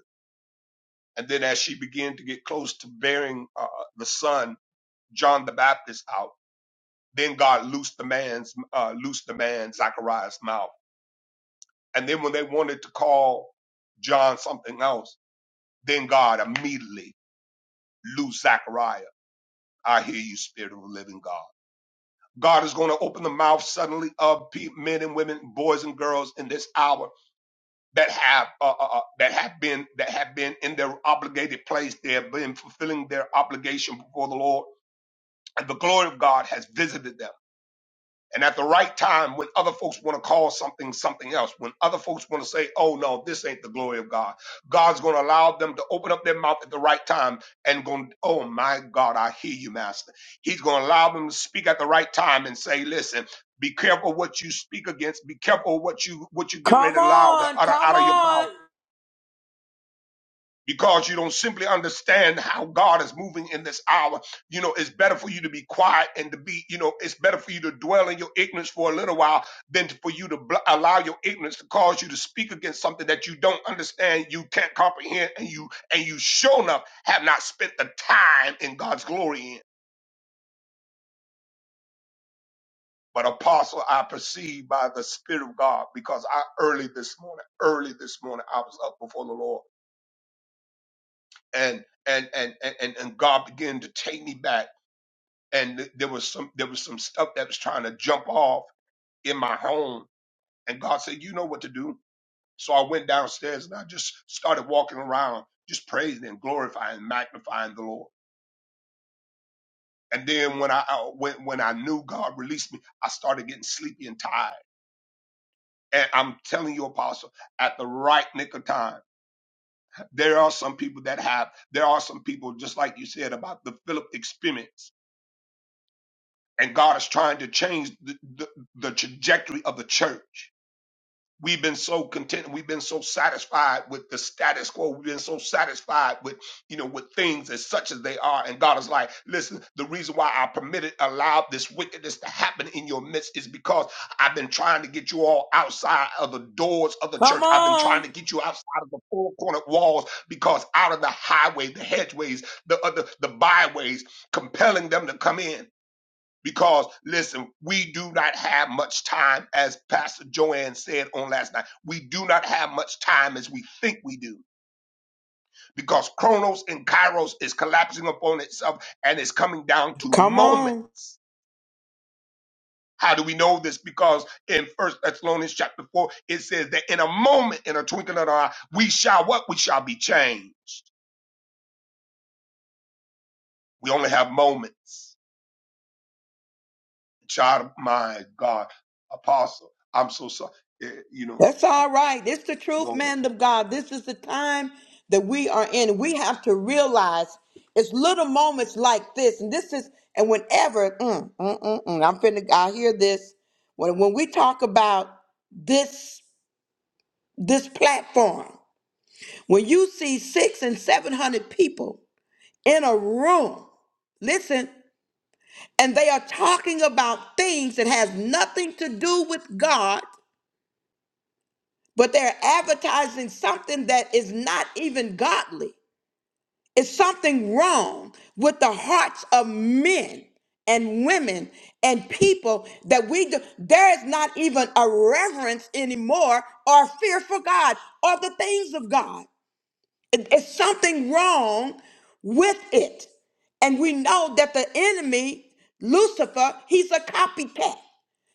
Speaker 6: And then as she began to get close to bearing uh, the son, John the Baptist out, then God loosed the man's, uh, loosed the man Zachariah's mouth. And then when they wanted to call John something else, then God immediately loosed Zachariah. I hear you, Spirit of the living God. God is going to open the mouth suddenly of pe- men and women, boys and girls in this hour that have uh, uh, uh, that have been that have been in their obligated place. They have been fulfilling their obligation before the Lord and the glory of God has visited them. And at the right time, when other folks want to call something something else, when other folks want to say, oh no, this ain't the glory of God, God's going to allow them to open up their mouth at the right time and going, oh my God, I hear you, Master. He's going to allow them to speak at the right time and say, listen, be careful what you speak against. Be careful what you what you get
Speaker 1: Come
Speaker 6: ready to allow to
Speaker 1: on,
Speaker 6: utter
Speaker 1: come
Speaker 6: out of your mouth
Speaker 1: on,
Speaker 6: because you don't simply understand how God is moving in this hour. You know, it's better for you to be quiet and to be, you know, it's better for you to dwell in your ignorance for a little while than to- for you to bl- allow your ignorance to cause you to speak against something that you don't understand, you can't comprehend, and you and you sure enough have not spent the time in God's glory in. But apostle, I perceive by the Spirit of God because I early this morning, early this morning, I was up before the Lord and and and and and and God began to take me back and th- there was some there was some stuff that was trying to jump off in my home and god said you know what to do so i went downstairs and i just started walking around just praising and glorifying magnifying the lord and then when i I- when, when i knew god released me i started getting sleepy and tired and i'm telling you apostle at the right nick of time there are some people that have there are some people just like you said about the philip experience and god is trying to change the, the, the trajectory of the church We've been so content. We've been so satisfied with the status quo. We've been so satisfied with, you know, with things as such as they are. And God is like, listen, the reason why I permitted, allowed this wickedness to happen in your midst is because I've been trying to get you all outside of the doors of the
Speaker 1: come
Speaker 6: church. I've been trying
Speaker 1: on,
Speaker 6: to get you outside of the four cornered walls because out of the highway, the hedgeways, the, uh, the, the byways, compelling them to come in. Because listen, we do not have much time, as Pastor Joanne said on last night. We do not have much time as we think we do, because Chronos and Kairos is collapsing upon itself and is coming down to
Speaker 1: come on.
Speaker 6: moments. How do we know this? Because in First Thessalonians chapter four, it says that in a moment, in a twinkling of an eye, we shall what? We shall be changed. We only have moments. Child, of my God, Apostle, I'm so sorry. Eh, You know,
Speaker 1: That's all right. This is the truth,
Speaker 6: Lord.
Speaker 1: man of God. This is the time that we are in. We have to realize it's little moments like this, and this is and whenever mm, mm, mm, mm, I'm finna, I hear this when when we talk about this this platform. When you see six and seven hundred people in a room. Listen, and they are talking about things that has nothing to do with God, but they're advertising something that is not even godly. It's something wrong with the hearts of men and women and people that we do. There is not even a reverence anymore or fear for God or the things of God. It's something wrong with it. And we know that the enemy, Lucifer, he's a copycat.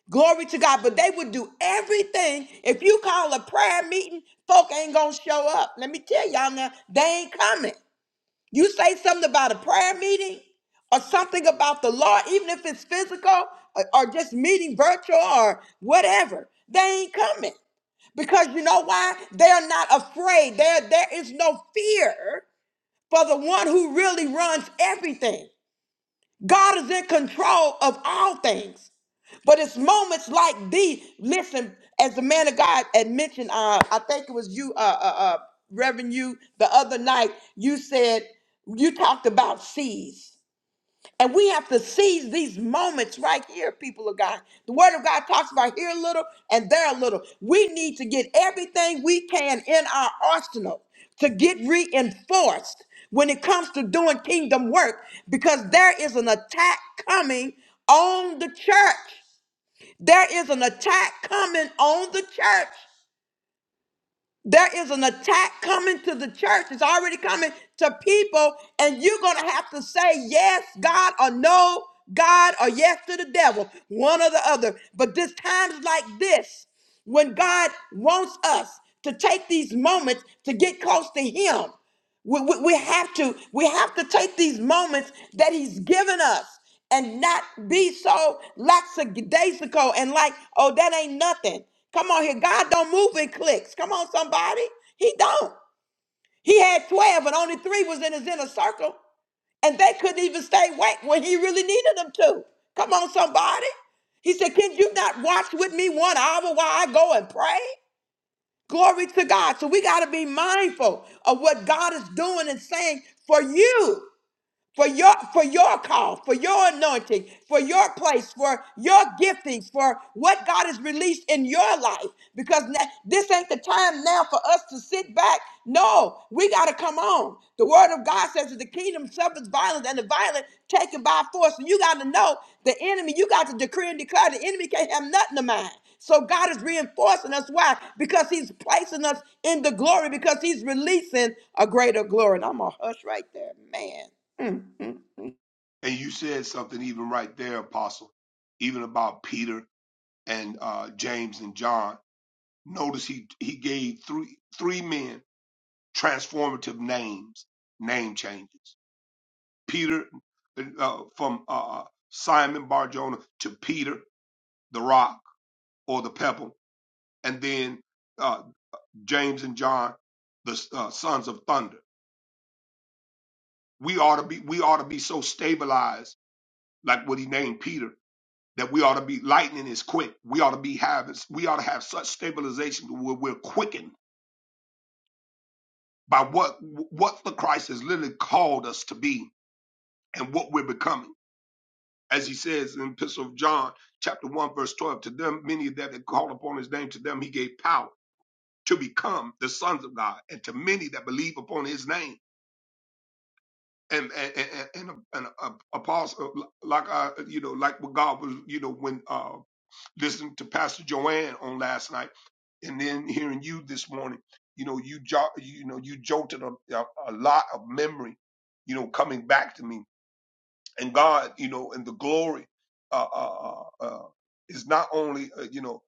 Speaker 1: Glory to God. But they would do everything. If you call a prayer meeting, folk ain't going to show up. Let me tell y'all now, they ain't coming. You say something about a prayer meeting or something about the Lord, even if it's physical or, or just meeting virtual or whatever, they ain't coming. Because you know why? They're not afraid. There, there is no fear for the one who really runs everything. God is in control of all things. But it's moments like these. Listen, as the man of God had mentioned, uh, I think it was you, uh, uh, uh, Reverend, you the other night. You said you talked about seeds. And we have to seize these moments right here, people of God. The Word of God talks about here a little and there a little. We need to get everything we can in our arsenal to get reinforced when it comes to doing kingdom work because there is an attack coming on the church. There is an attack coming on the church. There is an attack coming to the church. It's already coming to people, and you're going to have to say yes, God, or no, God, or yes to the devil, one or the other. But this times like this, when God wants us to take these moments to get close to Him, we, we, we have to we have to take these moments that he's given us and not be so lackadaisical and like, oh, that ain't nothing. Come on here. God don't move in clicks. Come on, somebody. He don't. He had 12 and only three was in his inner circle. And they couldn't even stay awake when he really needed them to. Come on, somebody. He said, Can you not watch with me one hour while I go and pray? Glory to God. So we got to be mindful of what God is doing and saying for you for your for your call, for your anointing, for your place, for your giftings, for what God has released in your life. Because na- this ain't the time now for us to sit back. No, we got to come on. The word of God says that the kingdom suffers violence and the violent taken by force. And you got to know the enemy, you got to decree and declare the enemy can't have nothing of mine. So God is reinforcing us. Why? Because he's placing us in the glory, because he's releasing a greater glory. And I'm going to hush right there, man.
Speaker 6: And you said something even right there, Apostle, even about Peter and uh, James and John. Notice he he gave three three men transformative names, name changes. Peter uh, from uh, uh, Simon Barjona to Peter the Rock or the Pebble, and then uh, James and John, the uh, sons of thunder. We ought to be we ought to be so stabilized like what he named Peter that we ought to be lightning is quick. We ought to be having we ought to have such stabilization where we're quickened by what what the Christ has literally called us to be and what we're becoming. As he says in the Epistle of John, chapter one, verse twelve, to them many that had called upon his name, to them he gave power to become the sons of God, and to many that believe upon his name. And and and, and, and, uh, apostle like uh, you know like what God was you know when uh. listening to Pastor Joanne on last night, and then hearing you this morning, you know, you jo- you know, you jolted a, a, a lot of memory, you know, coming back to me. And God, you know, and the glory uh, uh, uh, uh, is not only, uh, you know,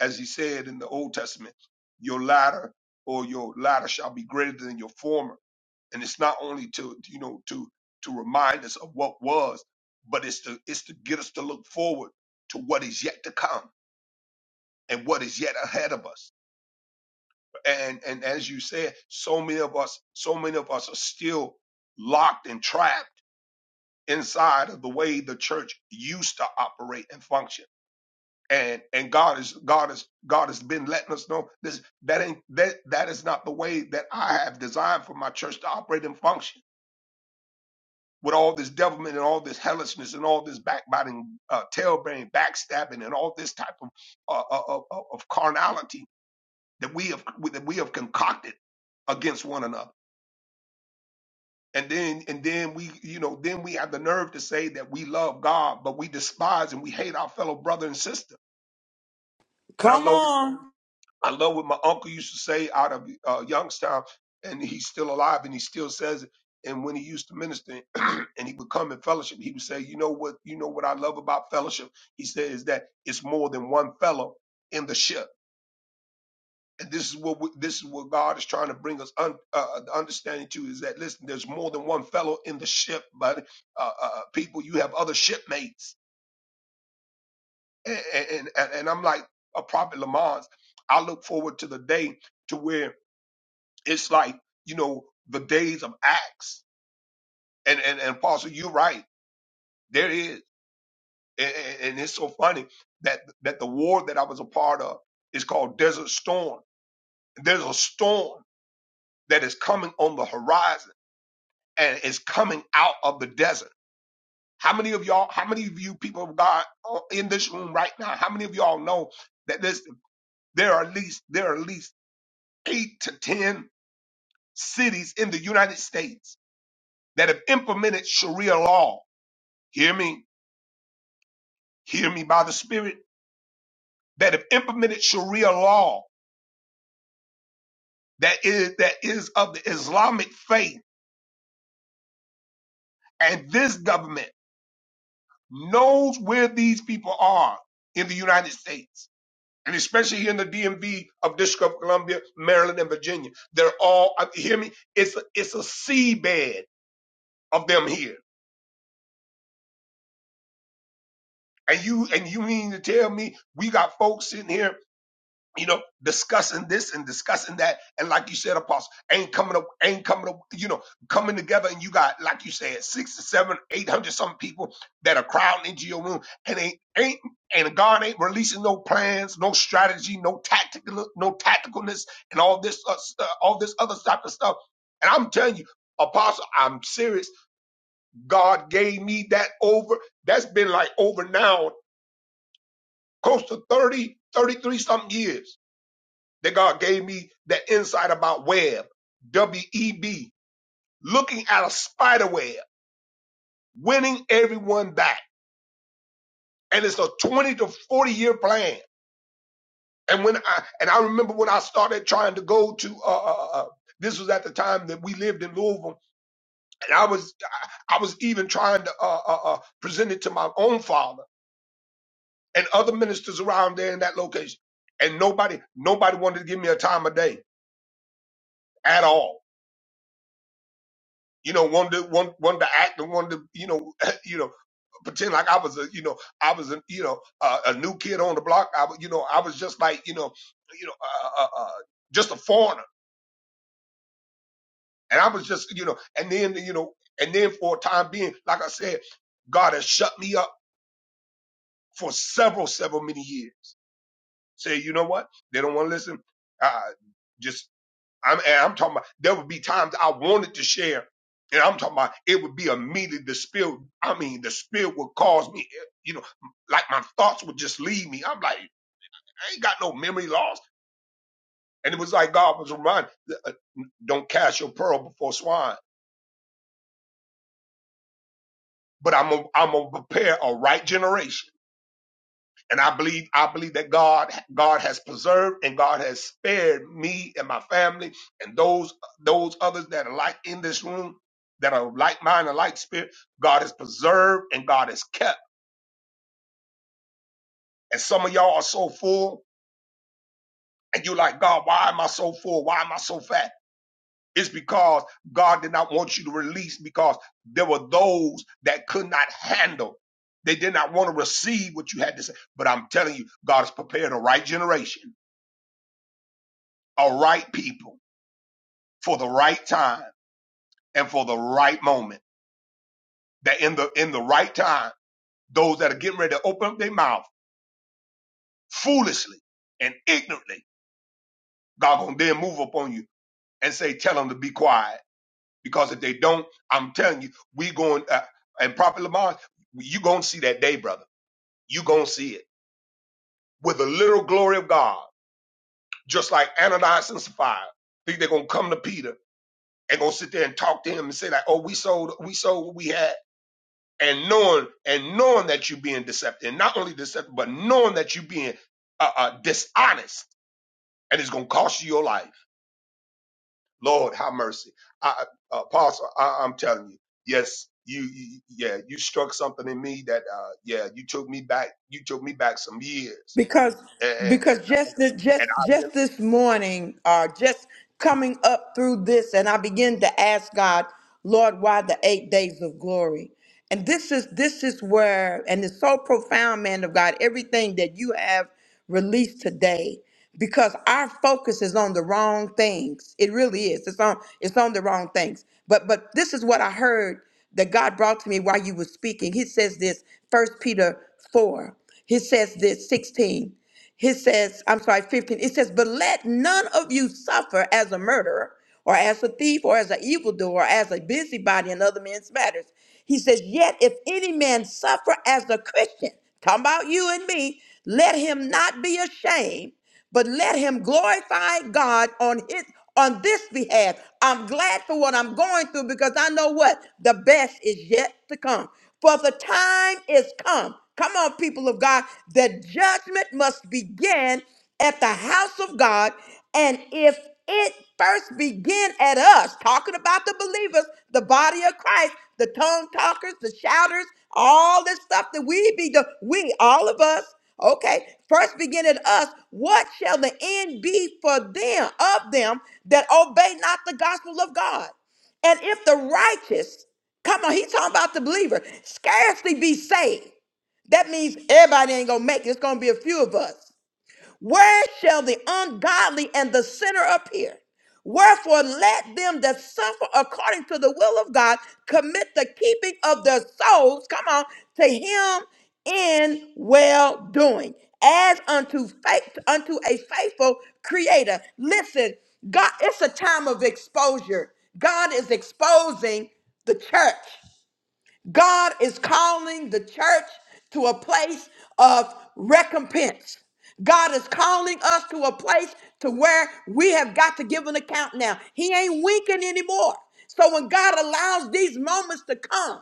Speaker 6: as He said in the Old Testament, your latter or your latter shall be greater than your former. And it's not only to, you know, to to remind us of what was, but it's to it's to get us to look forward to what is yet to come and what is yet ahead of us. And and as you said, so many of us, so many of us are still locked and trapped inside of the way the church used to operate and function. And and God is God is God has been letting us know this that ain't that that is not the way that I have designed for my church to operate and function. With all this devilment and all this hellishness and all this backbiting, uh, tail bearing, backstabbing, and all this type of uh, of, of of carnality, that we have that we have concocted against one another. And then and then we you know then we have the nerve to say that we love God, but we despise and we hate our fellow brother and sister. And I
Speaker 1: Come
Speaker 6: love
Speaker 1: on,
Speaker 6: I love what my uncle used to say out of uh, Youngstown, and he's still alive and he still says it. And when he used to minister and he would come in fellowship, he would say, "You know what? You know what I love about fellowship." He said is that it's more than one fellow in the ship and this is what we, this is what God is trying to bring us un, uh, uh, the understanding to is that listen, there's more than one fellow in the ship, but uh, uh, uh, people, you have other shipmates, and and, and, and I'm like a prophet Lamont. I look forward to the day to where it's like you know the days of Acts, and and and Apostle, you're right, there is, and, and and it's so funny that that the war that I was a part of is called Desert Storm. There's a storm that is coming on the horizon and is coming out of the desert. How many of y'all, how many of you people of God uh, in this room right now, how many of y'all know that there's, there are at least, there are at least eight to 10 cities in the United States that have implemented Sharia law. Hear me, hear me by the Spirit that have implemented Sharia law that is, that is of the Islamic faith. And this government knows where these people are in the United States and especially here in the DMV of District of Columbia, Maryland, and Virginia. They're all I- hear me. It's a, it's a seabed of them here, and you and you mean to tell me we got folks sitting here you know, discussing this and discussing that, and like you said, Apostle, ain't coming up, ain't coming up, you know, coming together, and you got, like you said, six to seven, eight hundred some people that are crowding into your room, and ain't, ain't, and God ain't releasing no plans, no strategy, no tactical, no tacticalness, and all this, uh, st- all this other type of stuff. And I'm telling you, Apostle, I'm serious. God gave me that over. That's been like over now, close to thirty, thirty-three 33 something years then God gave me that insight about web, W E B, looking at a spider web, winning everyone back. And it's a 20 to 40 year plan. And when I and I remember when I started trying to go to uh, uh, uh uh, this was at the time that we lived in Louisville, and I was I was even trying to uh, uh, uh, present it to my own father and other ministers around there in that location, and nobody nobody wanted to give me a time of day at all you know, wanted to, want, wanted to act and wanted to, you know, you know, pretend like I was a, you know, I was a, you know, uh, a new kid on the block. I, was- you know, I was just like, you know, you know, uh, uh, uh, just a foreigner. And I was just, you know, and then, you know, and then for a time being, like I said, God has shut me up for several, several many years. Say, you know what? They don't want to listen. Uh, just I'm, and I'm talking about there would be times I wanted to share, and I'm talking about it would be immediately the spirit. I mean, the spirit would cause me, you know, like my thoughts would just leave me. I'm like, I ain't got no memory loss, and it was like God was reminding, uh, don't cast your pearl before swine, but I'm i I'm gonna prepare a right generation And I believe, I believe that God, God has preserved and God has spared me and my family and those, those others that are like in this room, that are like mine and like spirit. God has preserved and God has kept. And some of y'all are so full and you like, God, why am I so full? Why am I so fat? It's because God did not want you to release because there were those that could not handle. They did not want to receive what you had to say. But I'm telling you, God has prepared a right generation, a right people for the right time and for the right moment. That in the in the right time, those that are getting ready to open up their mouth foolishly and ignorantly, God gonna then move upon you and say, tell them to be quiet. Because if they don't, I'm telling you, we going uh, and Prophet Lamar, you gonna see that day, brother. You gonna see it with the little glory of God, just like Ananias and Sapphira. Think they're gonna come to Peter and gonna sit there and talk to him and say like, oh, we sold, we sold what we had and knowing and knowing that you're being deceptive, and not only deceptive, but knowing that you're being uh, uh, dishonest, and it's going to cost you your life. Lord, have mercy. I, I- uh, Apostle, I, I'm telling you, yes, you, you, yeah, you struck something in me that, uh, yeah, you took me back. You took me back some years,
Speaker 1: because
Speaker 6: and and
Speaker 1: because
Speaker 6: and,
Speaker 1: just this
Speaker 6: and
Speaker 1: just
Speaker 6: I've
Speaker 1: just this morning, uh, just coming up through this, and I begin to ask God, Lord, why the eight days of glory? And this is this is where, and it's so profound, man of God, everything that you have released today, because our focus is on the wrong things. It really is. It's on it's on the wrong things. But but this is what I heard that God brought to me while you were speaking. He says this, First Peter 4. He says this, 16. He says, I'm sorry, 15. It says, But let none of you suffer as a murderer, or as a thief, or as an evildoer, or as a busybody in other men's matters. He says, Yet if any man suffer as a Christian, talking about you and me, let him not be ashamed but let him glorify God on his on this behalf. I'm glad for what I'm going through because I know what the best is yet to come. For the time is come. Come on, people of God. The judgment must begin at the house of God. And if it first begin at us, talking about the believers, the body of Christ, the tongue talkers, the shouters, all this stuff that we be doing, we, all of us, okay, first begin at us, what shall the end be for them, of them that obey not the gospel of God? And if the righteous, come on, he's talking about the believer, scarcely be saved. That means everybody ain't gonna make it. It's gonna be a few of us. Where shall the ungodly and the sinner appear? Wherefore, let them that suffer according to the will of God commit the keeping of their souls, come on, to Him in well doing, as unto faith, unto a faithful Creator. Listen, God, it's a time of exposure. God is exposing the church. God is calling the church to a place of recompense. God is calling us to a place to where we have got to give an account now. He ain't winking anymore. So when God allows these moments to come,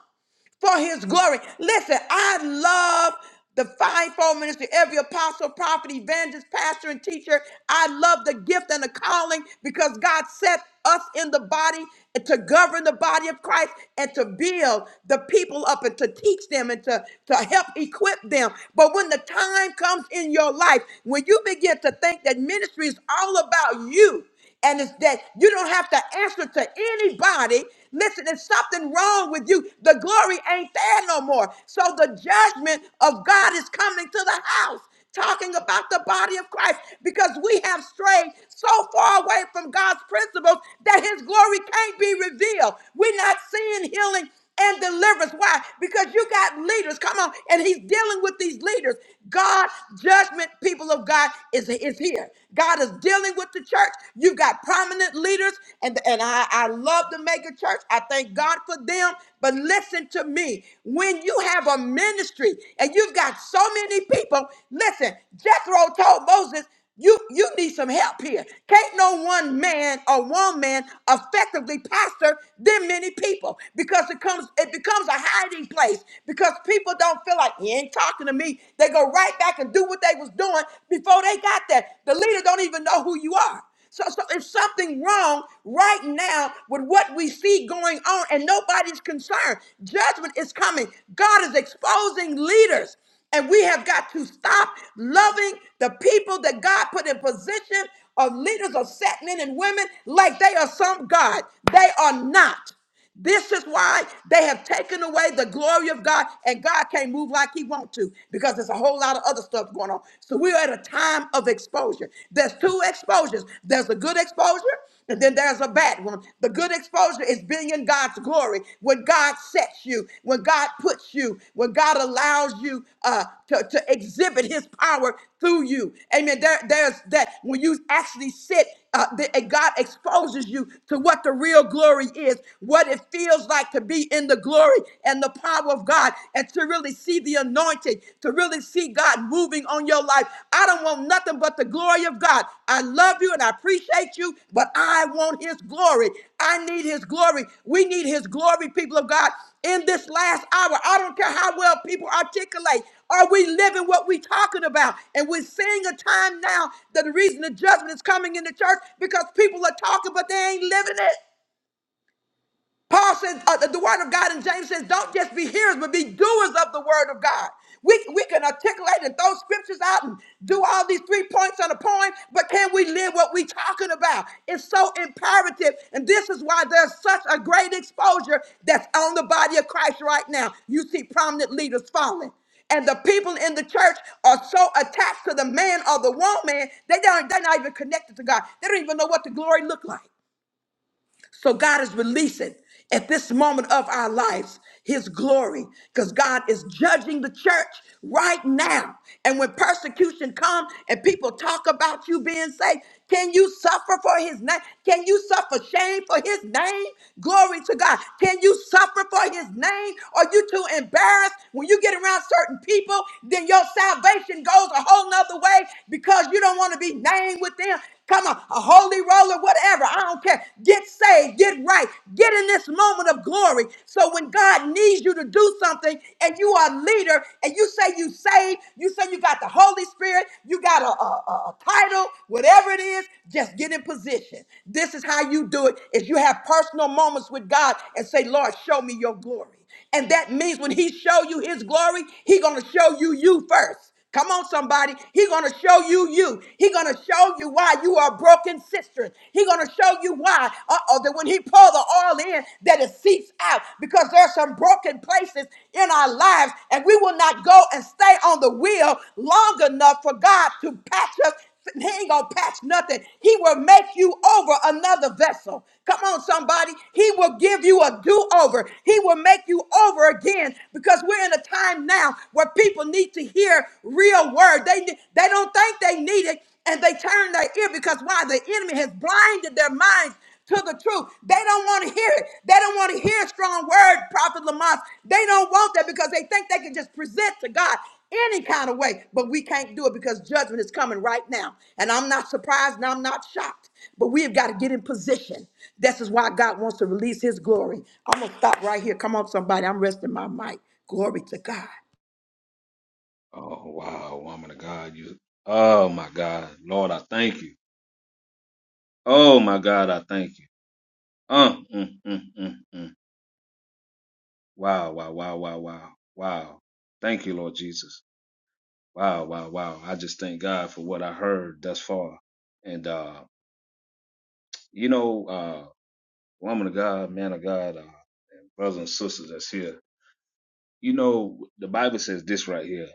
Speaker 1: for his glory. Listen, I love the fivefold ministry, every apostle, prophet, evangelist, pastor, and teacher. I love the gift and the calling because God set us in the body to govern the body of Christ and to build the people up and to teach them and to, to help equip them. But when the time comes in your life, when you begin to think that ministry is all about you, and it's that you don't have to answer to anybody. Listen, there's something wrong with you. The glory ain't there no more. So the judgment of God is coming to the house, talking about the body of Christ, because we have strayed so far away from God's principles that his glory can't be revealed. We're not seeing healing and deliverance. Why? Because you got leaders. Come on. And he's dealing with these leaders. God, judgment, people of God, is, is here. God is dealing with the church. You've got prominent leaders, and, and I, I love the mega church. I thank God for them. But listen to me. When you have a ministry and you've got so many people, listen, Jethro told Moses, you you need some help here. Can't no one man or woman effectively pastor them many people because it comes it becomes a hiding place because people don't feel like he ain't talking to me. They go right back and do what they was doing before they got there. The leader don't even know who you are. So, so there's something wrong right now with what we see going on, and nobody's concerned. Judgment is coming. God is exposing leaders. And we have got to stop loving the people that God put in position of leaders of set men and women like they are some God. They are not. This is why they have taken away the glory of God, and God can't move like He wants to because there's a whole lot of other stuff going on. So we're at a time of exposure. There's two exposures. There's a good exposure, and then there's a bad rat room. The good exposure is being in God's glory. When God sets you, when God puts you, when God allows you uh, to, to exhibit his power through you. Amen. There, there's that. When you actually sit, uh, the, and God exposes you to what the real glory is, what it feels like to be in the glory and the power of God, and to really see the anointing, to really really see God moving on your life. I don't want nothing but the glory of God. I love you and I appreciate you, but I want His glory. I need His glory. We need His glory, people of God, in this last hour. I don't care how well people articulate. Are we living what we're talking about? And we're seeing a time now that the reason the judgment is coming in the church because people are talking, but they ain't living it. Paul says uh, the word of God, and James says, don't just be hearers, but be doers of the word of God. We, we can articulate and throw scriptures out and do all these three points on a poem, but can we live what we're talking about? It's so imperative. And this is why there's such a great exposure that's on the body of Christ right now. You see prominent leaders falling. And the people in the church are so attached to the man or the woman, they don't, they're not even connected to God. They don't even know what the glory look like. So God is releasing at this moment of our lives his glory because God is judging the church right now. And when persecution comes and people talk about you being saved, can you suffer for his name? Can you suffer shame for his name? Glory to God. Can you suffer for his name? Are you too embarrassed? When you get around certain people, then your salvation goes a whole nother way because you don't want to be named with them. Come on, a holy roller, whatever. I don't care. Get saved, get right, get in this moment of glory. So when God needs you to do something and you are a leader and you say you saved, you say you got the Holy Spirit, you got a, a, a title, whatever it is, just get in position. This is how you do it is you have personal moments with God and say, Lord, show me your glory. And that means when he show you his glory, he going to show you you first. Come on, somebody. He gonna show you you. He gonna show you why you are broken sisters. He gonna show you why. Uh-oh, that when he pour the oil in, that it seeps out. Because there are some broken places in our lives, and we will not go and stay on the wheel long enough for God to patch us he ain't gonna patch nothing. He will make you over another vessel. Come on, somebody. He will give you a do over. He will make you over again because we're in a time now where people need to hear real word. They they don't think they need it, and they turn their ear because why? The enemy has blinded their minds to the truth. They don't want to hear it. They don't want to hear a strong word, Prophet Lamont. They don't want that because they think they can just present to God any kind of way, but we can't do it because judgment is coming right now. And I'm not surprised and I'm not shocked, but we have got to get in position. This is why God wants to release his glory. I'm going to stop right here. Come on, somebody. I'm resting my mic. Glory to God.
Speaker 3: God. Oh, wow, woman of God. You, oh, my God. Lord, I thank you. Oh, my God, I thank you. Uh, mm, mm, mm, mm. Wow, wow, wow, wow, wow, wow. Thank you, Lord Jesus. Wow, wow, wow. I just thank God for what I heard thus far. And uh, you know, uh, woman of God, man of God, uh, and brothers and sisters that's here, you know, the Bible says this right here: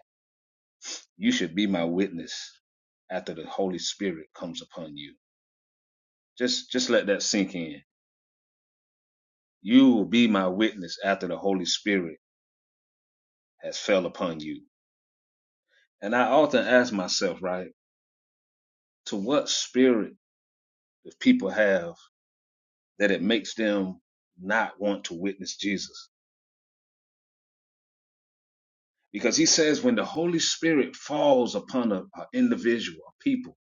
Speaker 3: you should be my witness after the Holy Spirit comes upon you. Just, just let that sink in. You will be my witness after the Holy Spirit has fell upon you. And I often ask myself, right, to what spirit do people have that it makes them not want to witness Jesus? because he says when the Holy Spirit falls upon an individual, a people,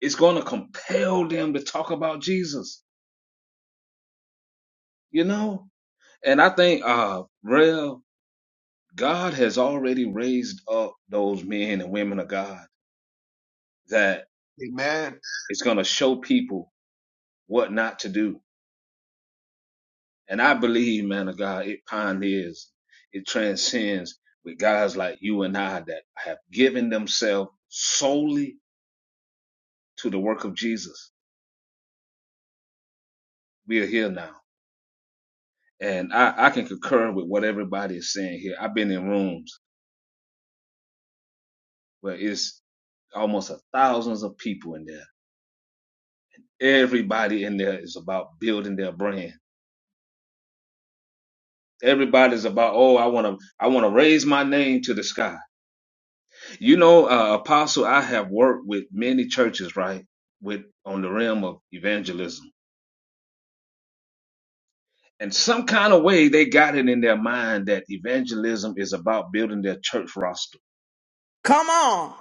Speaker 3: it's going to compel them to talk about Jesus, you know? And I think, uh, Rev, God has already raised up those men and women of God that
Speaker 6: been, Amen,
Speaker 3: it's going to show people what not to do. And I believe, man of God, it pioneers, it transcends with guys like you and I that have given themselves solely to the work of Jesus. We are here now And I, I can concur with what everybody is saying here. I've been in rooms where it's almost a thousands of people in there. Everybody in there is about building their brand. Everybody's about, oh, I want to, I want to raise my name to the sky. You know, uh, Apostle, I have worked with many churches, right? With on the realm of evangelism. And some kind of way they got it in their mind that evangelism is about building their church roster
Speaker 1: Come on.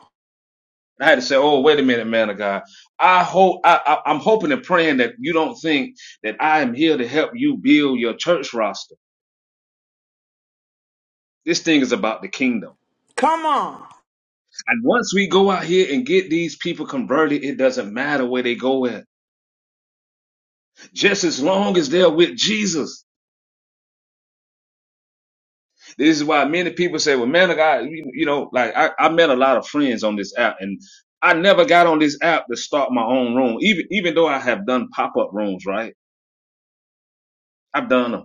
Speaker 3: And I had to say, "Oh, wait a minute, man of God. I hope I, I, I'm hoping and praying that you don't think that I am here to help you build your church roster. This thing is about the kingdom.
Speaker 1: Come on.
Speaker 3: And once we go out here and get these people converted, it doesn't matter where they go at. Just as long as they're with Jesus. This is why many people say, "Well, man of God, you, you know, like I, I met a lot of friends on this app, and I never got on this app to start my own room, even even though I have done pop up rooms, right? I've done done them."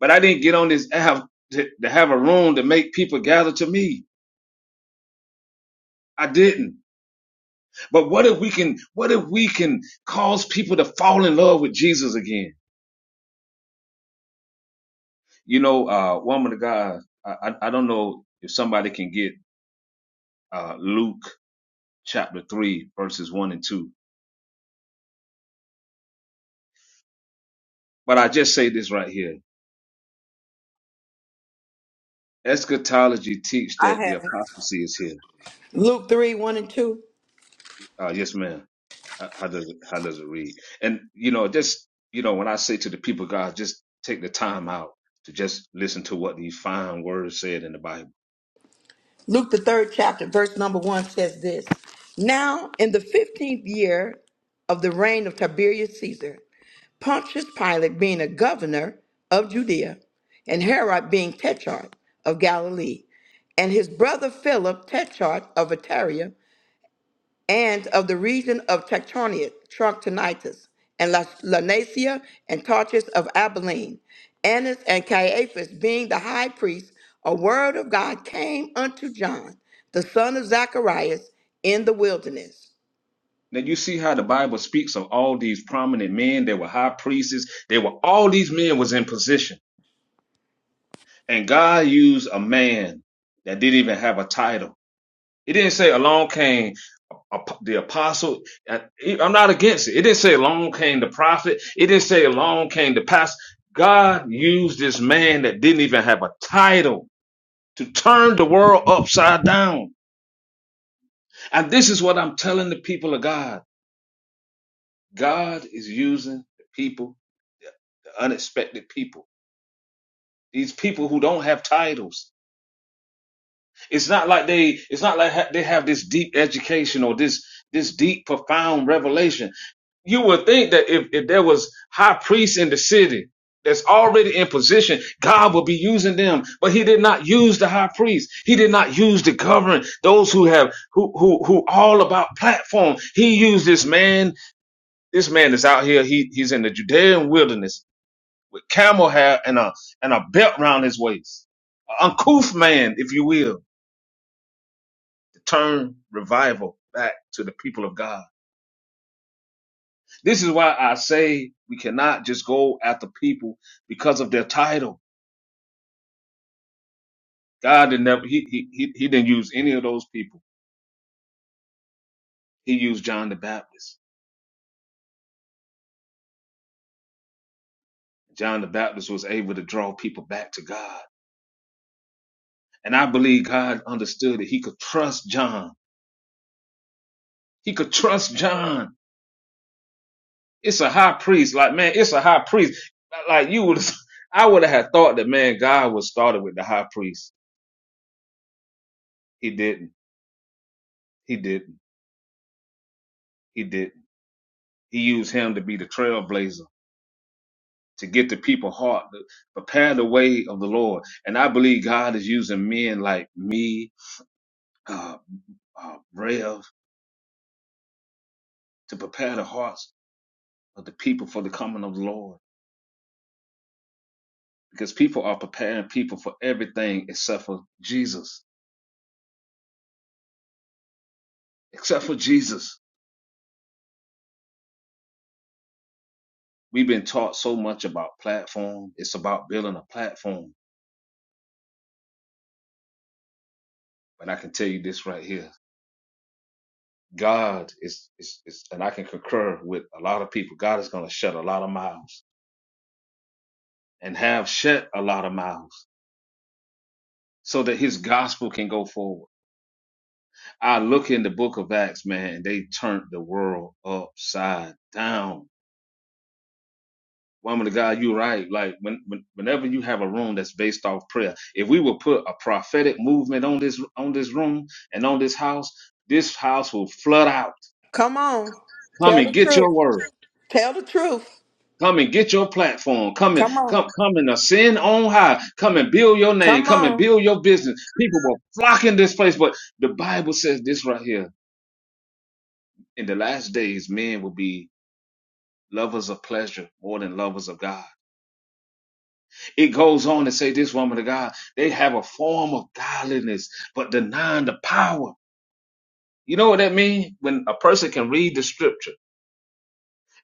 Speaker 3: but I didn't get on this app to, to have a room to make people gather to me. I didn't. But what if we can, what if we can cause people to fall in love with Jesus again? You know, uh, woman of God, I, I, I don't know if somebody can get, uh, Luke chapter three, verses one and two, but I just say this right here. Eschatology teach
Speaker 1: I
Speaker 3: that the
Speaker 1: have it.
Speaker 3: apostasy is here.
Speaker 1: Luke 3 1 and 2.
Speaker 3: Uh, yes, ma'am. How, how does it, how does it read? And you know, just you know, when I say to the people, God, just take the time out to just listen to what these fine words said in the Bible.
Speaker 1: Luke, the third chapter, verse number one says this Now, in the 15th year of the reign of Tiberius Caesar, Pontius Pilate being a governor of Judea, and Herod being tetrarch of Galilee, and his brother Philip, tetrarch of Ataria, and of the region of Tectonic, Trachonitis, and Las- Lanasia, and Tarchus of Abilene, Annas and Caiaphas being the high priest, a word of God came unto John, the son of Zacharias, in the wilderness.
Speaker 3: Now you see how the Bible speaks of all these prominent men. They were high priests. They were all these men was in position, and God used a man that didn't even have a title It didn't say along came a- the apostle. I- I'm not against it. It didn't say along came the prophet. It didn't say along came the pastor. God used this man that didn't even have a title to turn the world upside down. And this is what I'm telling the people of God. God is using the people, the unexpected people, these people who don't have titles. It's not like they it's not like ha- they have this deep education or this this deep profound revelation. You would think that if, if there was high priests in the city that's already in position, God would be using them. But he did not use the high priest. He did not use the governed, those who have who who who all about platform. He used this man, this man that's out here, he he's in the Judean wilderness with camel hair and a and a belt round his waist. An uncouth man, if you will turn revival back to the people of God. This is why I say we cannot just go after people because of their title. God didn't never, he, he, he he didn't use any of those people. He used John the Baptist. John the Baptist was able to draw people back to God. And I believe God understood that he could trust John. He could trust John. It's a high priest. Like, man, it's a high priest. Like you would, I would have thought that, man, God was started with the high priest. He didn't. He didn't. He didn't. He used him to be the trailblazer, to get the people heart, to prepare the way of the Lord. And I believe God is using men like me, uh, uh, Rev, to prepare the hearts of the people for the coming of the Lord. Because people are preparing people for everything except for Jesus. Except for Jesus. We've been taught so much about platform. It's about building a platform. But I can tell you this right here. God is, is, is and I can concur with a lot of people. God is going to shut a lot of mouths and have shut a lot of mouths so that his gospel can go forward. I look in the book of Acts, man, and they turned the world upside down. Woman of God, you're right. Like when, when, whenever you have a room that's based off prayer, if we would put a prophetic movement on this on this room and on this house, this house will flood out.
Speaker 1: Come on,
Speaker 3: Come
Speaker 1: tell the
Speaker 3: and get
Speaker 1: truth.
Speaker 3: your word.
Speaker 1: Tell the truth.
Speaker 3: Come and get your platform. Come and
Speaker 1: Come on,
Speaker 3: come come and ascend on high. Come and build your name.
Speaker 1: come
Speaker 3: Come and
Speaker 1: on,
Speaker 3: build your business. People will flock in this place. But the Bible says this right here. In the last days, men will be lovers of pleasure more than lovers of God. It goes on to say this woman of God, they have a form of godliness, but denying the power. You know what that means? When a person can read the scripture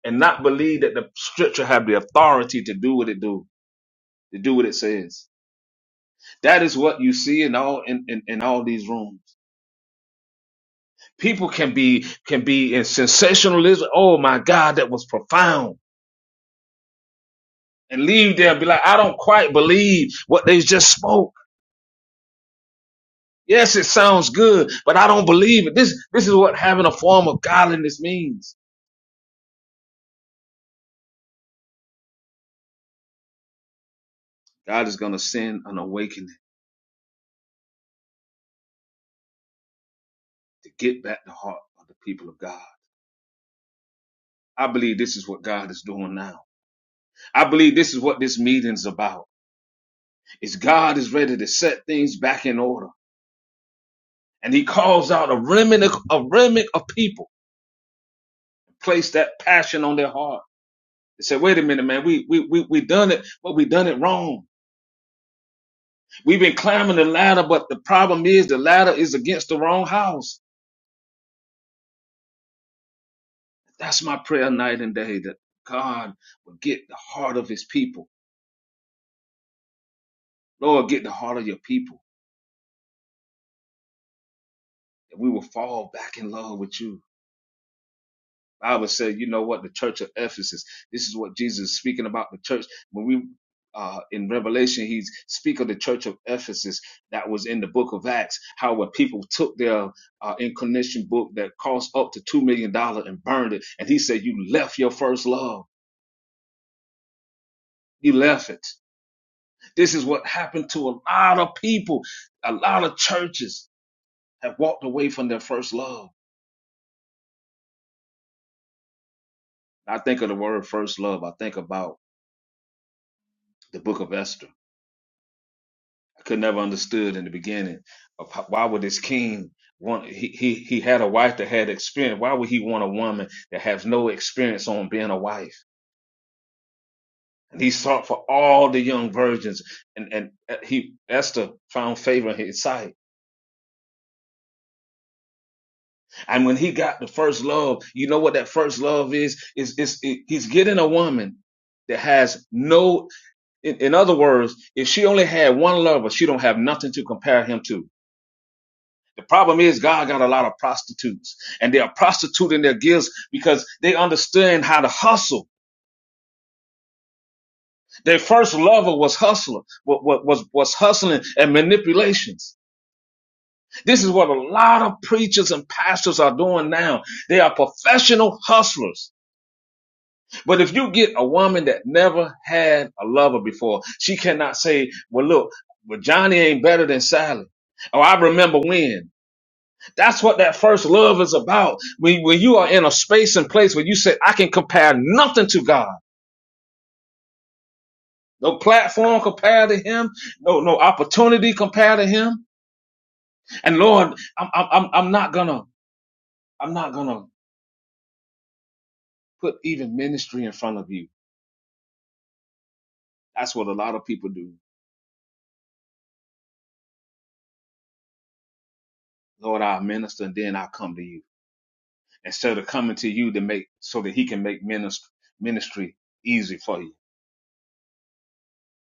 Speaker 3: and not believe that the scripture have the authority to do what it do, to do what it says. That is what you see in all in, in, in all these rooms. People can be can be in sensationalism. Oh my God, that was profound. And leave there and be like, I don't quite believe what they just spoke. Yes, it sounds good, but I don't believe it. This this is what having a form of godliness means. God is gonna send an awakening to get back the heart of the people of God. I believe this is what God is doing now. I believe this is what this meeting's about. Is God is ready to set things back in order. And he calls out a remnant, of- a remnant of people, placed that passion on their heart. They said, wait a minute, man, we, we, we, we done it, but we done it wrong. We've been climbing the ladder, but the problem is the ladder is against the wrong house. That's my prayer night and day that God will get the heart of his people. Lord, get the heart of your people that we will fall back in love with you I would say, you know what, the church of Ephesus. This is what Jesus is speaking about the church. When we uh, in Revelation, he's speaking of the church of Ephesus that was in the book of Acts, how when people took their uh, incarnation book that cost up to $2 million dollars and burned it. And he said, you left your first love. You left it. This is what happened to a lot of people. A lot of churches have walked away from their first love. I think of the word first love. I think about the book of Esther I could never understood in the beginning of how, why would this king want he, he he had a wife that had experience. Why would he want a woman that has no experience on being a wife? And he sought for all the young virgins, and and uh, he Esther found favor in his sight. And when he got the first love, you know what that first love is? Is is it, he's getting a woman that has no. In, in other words, if she only had one lover, she don't have nothing to compare him to. The problem is God got a lot of prostitutes and they are prostituting their gifts because they understand how to hustle. Their first lover was hustler, wa- was, was hustling and manipulations. This is what a lot of preachers and pastors are doing now. They are professional hustlers. But if you get a woman that never had a lover before, she cannot say, well, look, well, Johnny ain't better than Sally. Oh, I remember when. That's what that first love is about. When, when you are in a space and place where you say, I can compare nothing to God. No platform compared to him. No, no opportunity compared to him. And Lord, I'm, I'm, I'm I'm not gonna, I'm not gonna put even ministry in front of you. That's what a lot of people do. Lord, I minister and then I come to you instead of coming to you to make, so that he can make ministry, ministry easy for you.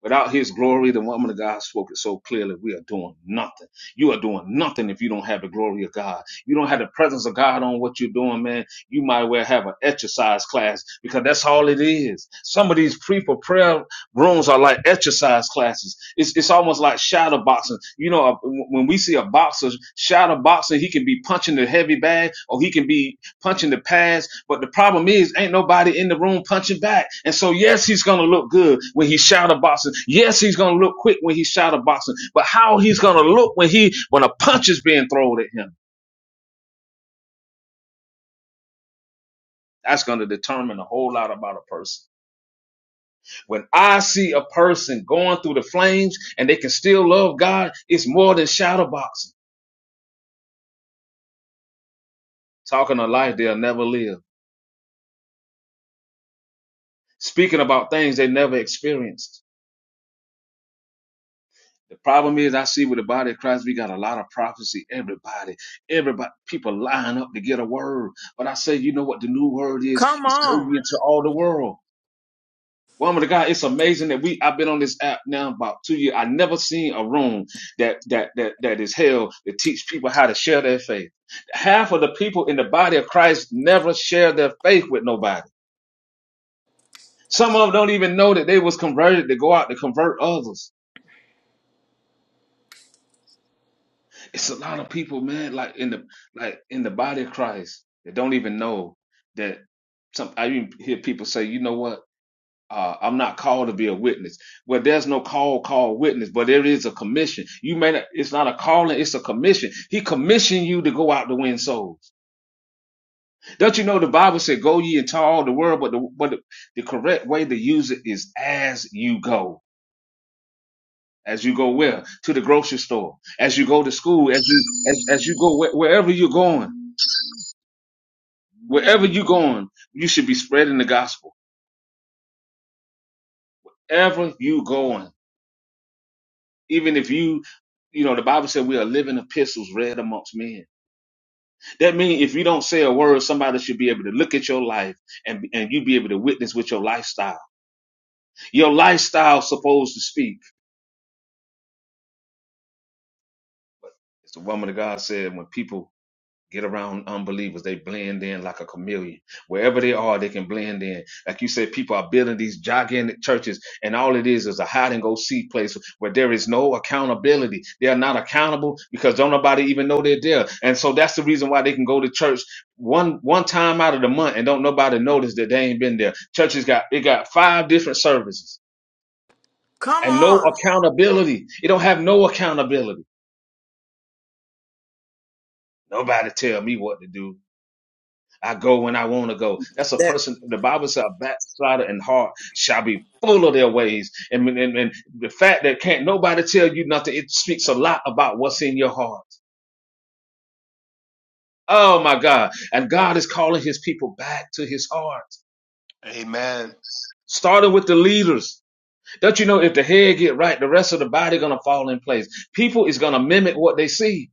Speaker 3: Without his glory, the woman of God spoke it so clearly. We are doing nothing. You are doing nothing if you don't have the glory of God. You don't have the presence of God on what you're doing, man. You might well have an exercise class because that's all it is. Some of these people prayer rooms are like exercise classes. It's it's almost like shadow boxing. You know, uh, when we see a boxer shadow boxing, he can be punching the heavy bag or he can be punching the pads. But the problem is, ain't nobody in the room punching back. And so, yes, he's gonna look good when he's shadow boxing. Yes, he's gonna look quick when he's shadow boxing. But how he's gonna look when he when a punch is being thrown at him, that's gonna determine a whole lot about a person. When I see a person going through the flames and they can still love God, it's more than shadow boxing, talking a life they'll never live, speaking about things they never experienced. The problem is, I see with the body of Christ, we got a lot of prophecy. Everybody, everybody, people line up to get a word. But I say, you know what the new word is?
Speaker 1: come
Speaker 3: It's going
Speaker 1: on,
Speaker 3: into all the world. Woman of God, it's amazing that we I've been on this app now about two years. I never seen a room that that that that is held to teach people how to share their faith. Half of the people in the body of Christ never share their faith with nobody. Some of them don't even know that they was converted to go out to convert others. It's a lot of people, man, like in the like in the body of Christ that don't even know that some I even hear people say, you know what? Uh, I'm not called to be a witness. Well, there's no call, call witness, but there is a commission. You may not, it's not a calling, it's a commission. He commissioned you to go out to win souls. Don't you know the Bible said, go ye into all the world, but the, but the, the correct way to use it is as you go. As you go where? To the grocery store. As you go to school. As you, as, as you go wh- wherever you're going. Wherever you're going, you should be spreading the gospel. Ever you going. Even if you, you know, the Bible said we are living epistles read amongst men. That means if you don't say a word, somebody should be able to look at your life and and you be able to witness with your lifestyle. Your lifestyle supposed to speak. As the woman of God said, when people get around unbelievers. They blend in like a chameleon. Wherever they are, they can blend in. Like you said, people are building these gigantic churches, and all it is is a hide and go seek place where there is no accountability. They are not accountable because don't nobody even know they're there. And so that's the reason why they can go to church one one time out of the month and don't nobody notice that they ain't been there. Churches got it got five different services
Speaker 1: come
Speaker 3: and no
Speaker 1: on.
Speaker 3: accountability. It don't have no accountability. Nobody tell me what to do. I go when I want to go. That's a
Speaker 1: That
Speaker 3: person. The Bible says a backslider and heart shall be full of their ways. And, and, and the fact that can't nobody tell you nothing, it speaks a lot about what's in your heart. Oh my God. And God is calling his people back to his heart,
Speaker 6: Amen,
Speaker 3: starting with the leaders. Don't you know if the head get right, the rest of the body gonna fall in place. People is gonna mimic what they see.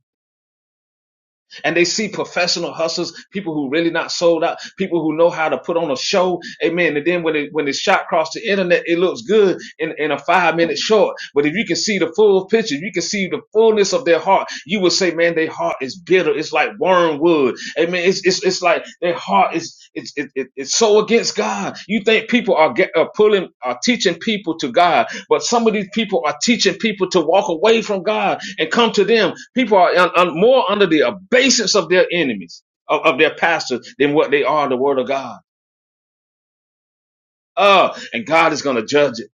Speaker 3: and they see professional hustlers, people who really not sold out, people who know how to put on a show. Amen. And then when it when it's shot across the internet, it looks good in, in a five minute short. But if you can see the full picture, you can see the fullness of their heart, you will say, man, their heart is bitter. It's like wormwood. Amen. It's it's, it's like their heart is it's it, it, it's so against God. You think people are get, are pulling are teaching people to God, but some of these people are teaching people to walk away from God and come to them. People are un, un- more under the abasis of their enemies of, of their pastors than what they are the Word of God. Uh, and God is going to judge it.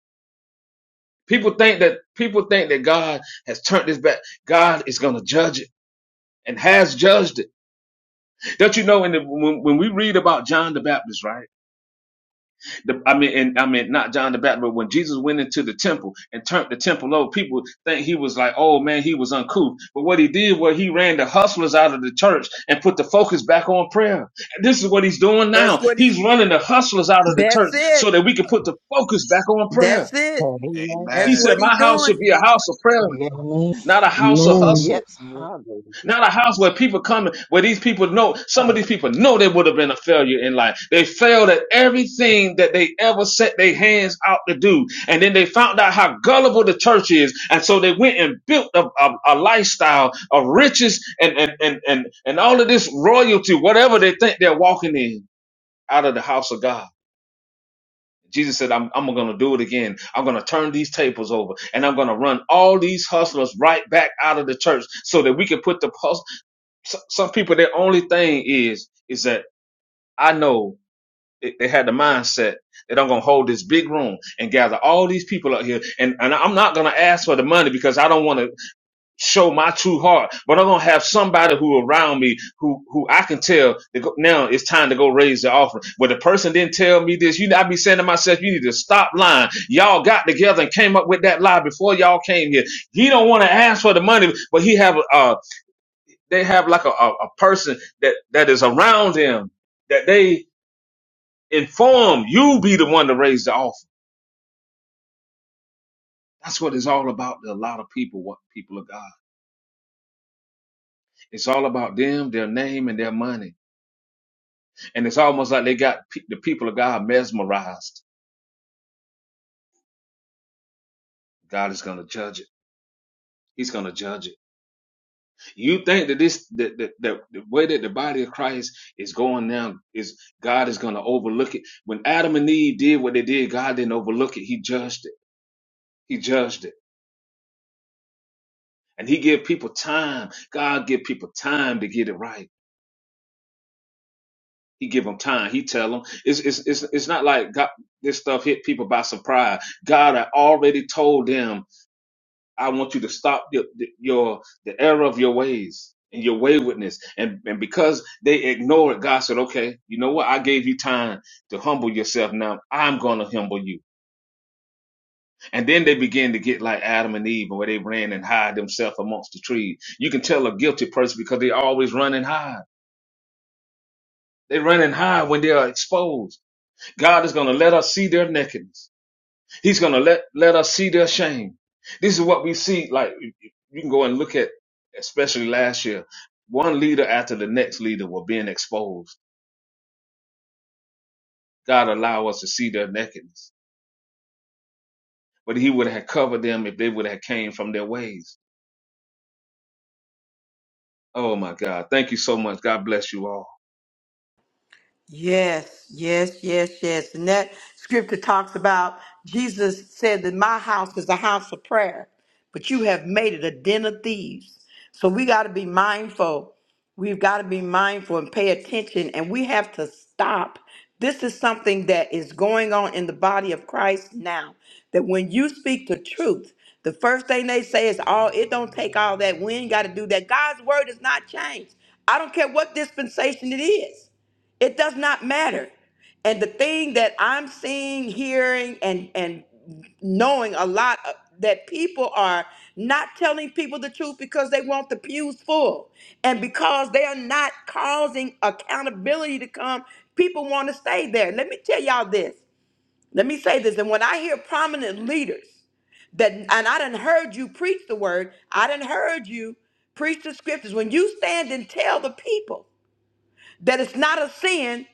Speaker 3: People think that people think that God has turned his back. God is going to judge it and has judged it. Don't you know? In the, when, when we read about John the Baptist, right? The, I mean, and I mean, not John the Baptist, but when Jesus went into the temple and turned the temple over, people think he was like, oh man, he was uncouth. But what he did was he ran the hustlers out of the church and put the focus back on prayer. And This is what he's doing
Speaker 1: that's
Speaker 3: now.
Speaker 1: what he.
Speaker 3: He's running the hustlers out of the church
Speaker 1: That's
Speaker 3: so
Speaker 1: it.
Speaker 3: that we can put the focus back on prayer.
Speaker 1: That's it.
Speaker 7: Amen.
Speaker 3: He
Speaker 1: That's
Speaker 6: Amen.
Speaker 3: said,
Speaker 1: what he
Speaker 3: my house
Speaker 1: doing.
Speaker 3: should be a house of prayer,
Speaker 7: Yes,
Speaker 2: Amen.
Speaker 3: not a house of
Speaker 2: Amen.
Speaker 3: hustlers.
Speaker 7: yes, hallelujah.
Speaker 3: Not a house where people come, where these people know, some of
Speaker 7: Um,
Speaker 3: these people know they would have been a failure in life. They failed at everything that they ever set their hands out to do. And then they found out how gullible the church is. And so they went and built a, a, a lifestyle of riches and, and, and, and, and all of this royalty, whatever they think they're walking in out of the house of God. Jesus said, I'm, I'm going to do it again. I'm going to turn these tables over and I'm going to run all these hustlers right back out of the church so that we can put the some, some people their only thing is is that I know they, they had the mindset that I'm gonna hold this big room and gather all these people up here, and and I'm not gonna ask for the money because I don't want to show my true heart, but I'm gonna have somebody who around me who who I can tell that go, now it's time to go raise the offering. But the person didn't tell me this. You, know, I be saying to myself, you need to stop lying. Y'all got together and came up with that lie before y'all came here. He don't want to ask for the money, but he have a they have like a, a, a person that, that is around them that they inform you be the one to raise the offer. That's what it's all about to a lot of people, what people of God. It's all about them, their name, and their money. And it's almost like they got pe- the people of God mesmerized. God is going to judge it. He's going to judge it. You think that this, that, that, that the way that the body of Christ is going now is God is going to overlook it. When Adam and Eve did what they did, God didn't overlook it. He judged it. He judged it. And he give people time. God give people time to get it right. He give them time. He tell them it's it's it's, it's not like God, this stuff hit people by surprise. God had already told them, "I want you to stop your your the error of your ways." And your waywardness, and and because they ignored, God said, "Okay, you know what? I gave you time to humble yourself. Now I'm gonna humble you." And then they begin to get like Adam and Eve, where they ran and hide themselves amongst the trees. You can tell a guilty person because they always run and hide They're running high when they are exposed. God is going to let us see their nakedness. He's going to let, let us see their shame. This is what we see. Like you can go and look at, especially last year, one leader after the next leader were being exposed. God allow us to see their nakedness, but he would have covered them if they would have came from their ways. Oh my God. Thank you so much. God bless you all.
Speaker 1: Yes, yes, yes, yes. And that scripture talks about Jesus said that my house is a house of prayer, but you have made it a den of thieves. So we got to be mindful. We've got to be mindful and pay attention, and we have to stop. This is something that is going on in the body of Christ now. That when you speak the truth, the first thing they say is, "Oh, it don't take all that. We ain't got to do that." God's word is not changed. I don't care what dispensation it is. It does not matter. And the thing that I'm seeing, hearing, and and knowing a lot of, that people are not telling people the truth because they want the pews full, and because they are not causing accountability to come, people want to stay there. Let me tell y'all this. Let me say this. And when I hear prominent leaders that, and I done heard you preach the word, I done heard you preach the scriptures. When you stand and tell the people that it's not a sin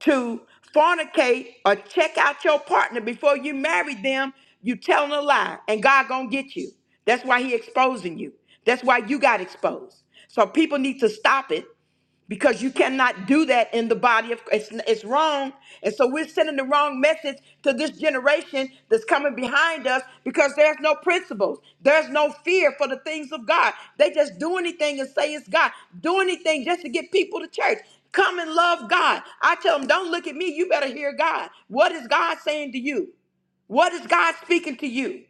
Speaker 1: to fornicate or check out your partner before you marry them, you telling a lie, and God gonna get you. That's why He exposing you. That's why you got exposed. So people need to stop it because you cannot do that in the body of Christ. it's, it's wrong and so we're sending the wrong message to this generation that's coming behind us because there's no principles there's no fear for the things of god they just do anything and say it's god do anything just to get people to church come and love god i tell them don't look at me you better hear god what is god saying to you what is god speaking to you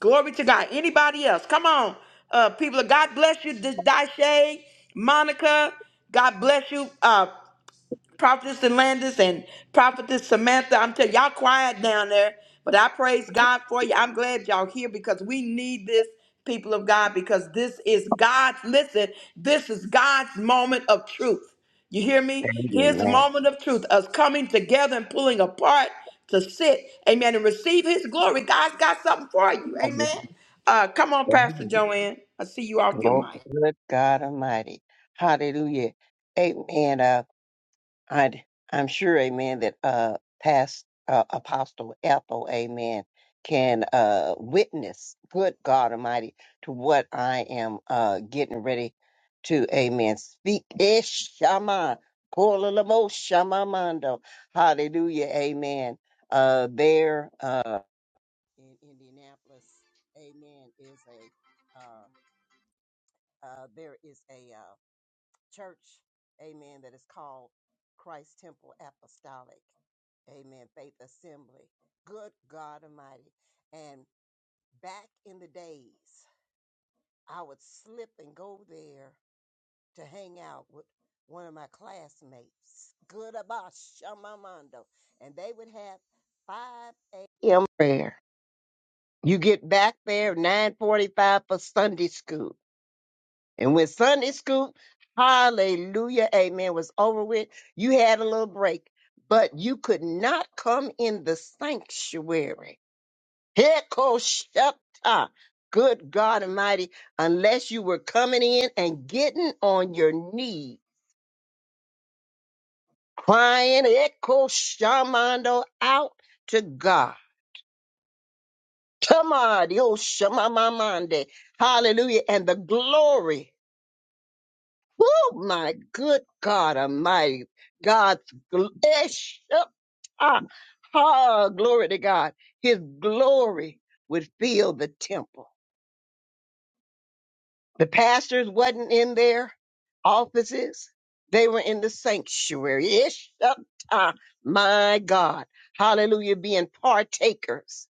Speaker 1: Glory to God. Anybody else? Come on, uh, people. of God bless you. This Dashe, Monica. God bless you. Uh, Prophetess Landis and Prophetess Samantha. I'm telling y'all quiet down there, but I praise God for you. I'm glad y'all here because we need this people of God because this is God's listen, this is God's moment of truth. You hear me? His
Speaker 7: Amen.
Speaker 1: moment of truth, us coming together and pulling apart to sit, amen, and receive his glory. God's got something for you. Amen. Uh come on, Pastor
Speaker 7: Hallelujah.
Speaker 1: Joanne. I see you off your mic.
Speaker 7: Good God Almighty. Hallelujah. Amen. Uh, I'd, I'm sure, amen, that uh, past uh, Apostle Ethel, amen, can uh, witness, good God Almighty, to what I am uh, getting ready to, amen, speak. Ish, Shama, Kola Lamo, Shama Mondo. Hallelujah, amen. Uh, there uh, in Indianapolis, amen, is a, uh, uh, there is a, uh, church, amen, that is called Christ Temple Apostolic, amen, Faith Assembly. Good God Almighty. And back in the days, I would slip and go there to hang out with one of my classmates, Good about Shamamando, and they would have 5 a.m. prayer. You get back there 9:45 for Sunday school And when Sunday Scoop, hallelujah, amen, was over with, you had a little break, but you could not come in the sanctuary. Heko Shepta, good God Almighty, unless you were coming in and getting on your knees, crying, Eko Shamando, out to God. Come on, yo Shamamamande, hallelujah, and the glory. Oh my good God Almighty, God's gl- ish, up, ah, ah, glory to God. His glory would fill the temple. The pastors wasn't in their offices; they were in the sanctuary. Ish, up, ah, my God, Hallelujah! Being partakers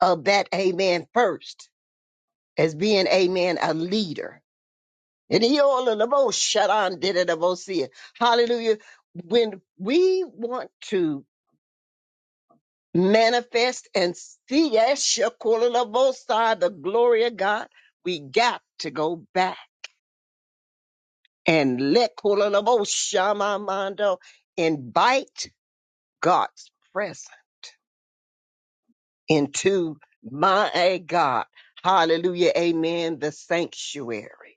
Speaker 7: of that, Amen. First, as being, Amen, a leader And he all of the most shut on did it the most see it. Hallelujah. When we want to manifest and see yes, Shekinah the most high, the glory of God, we got to go back and let Kola the most shamamando invite God's presence into my eh, God. Hallelujah. Amen. The sanctuary.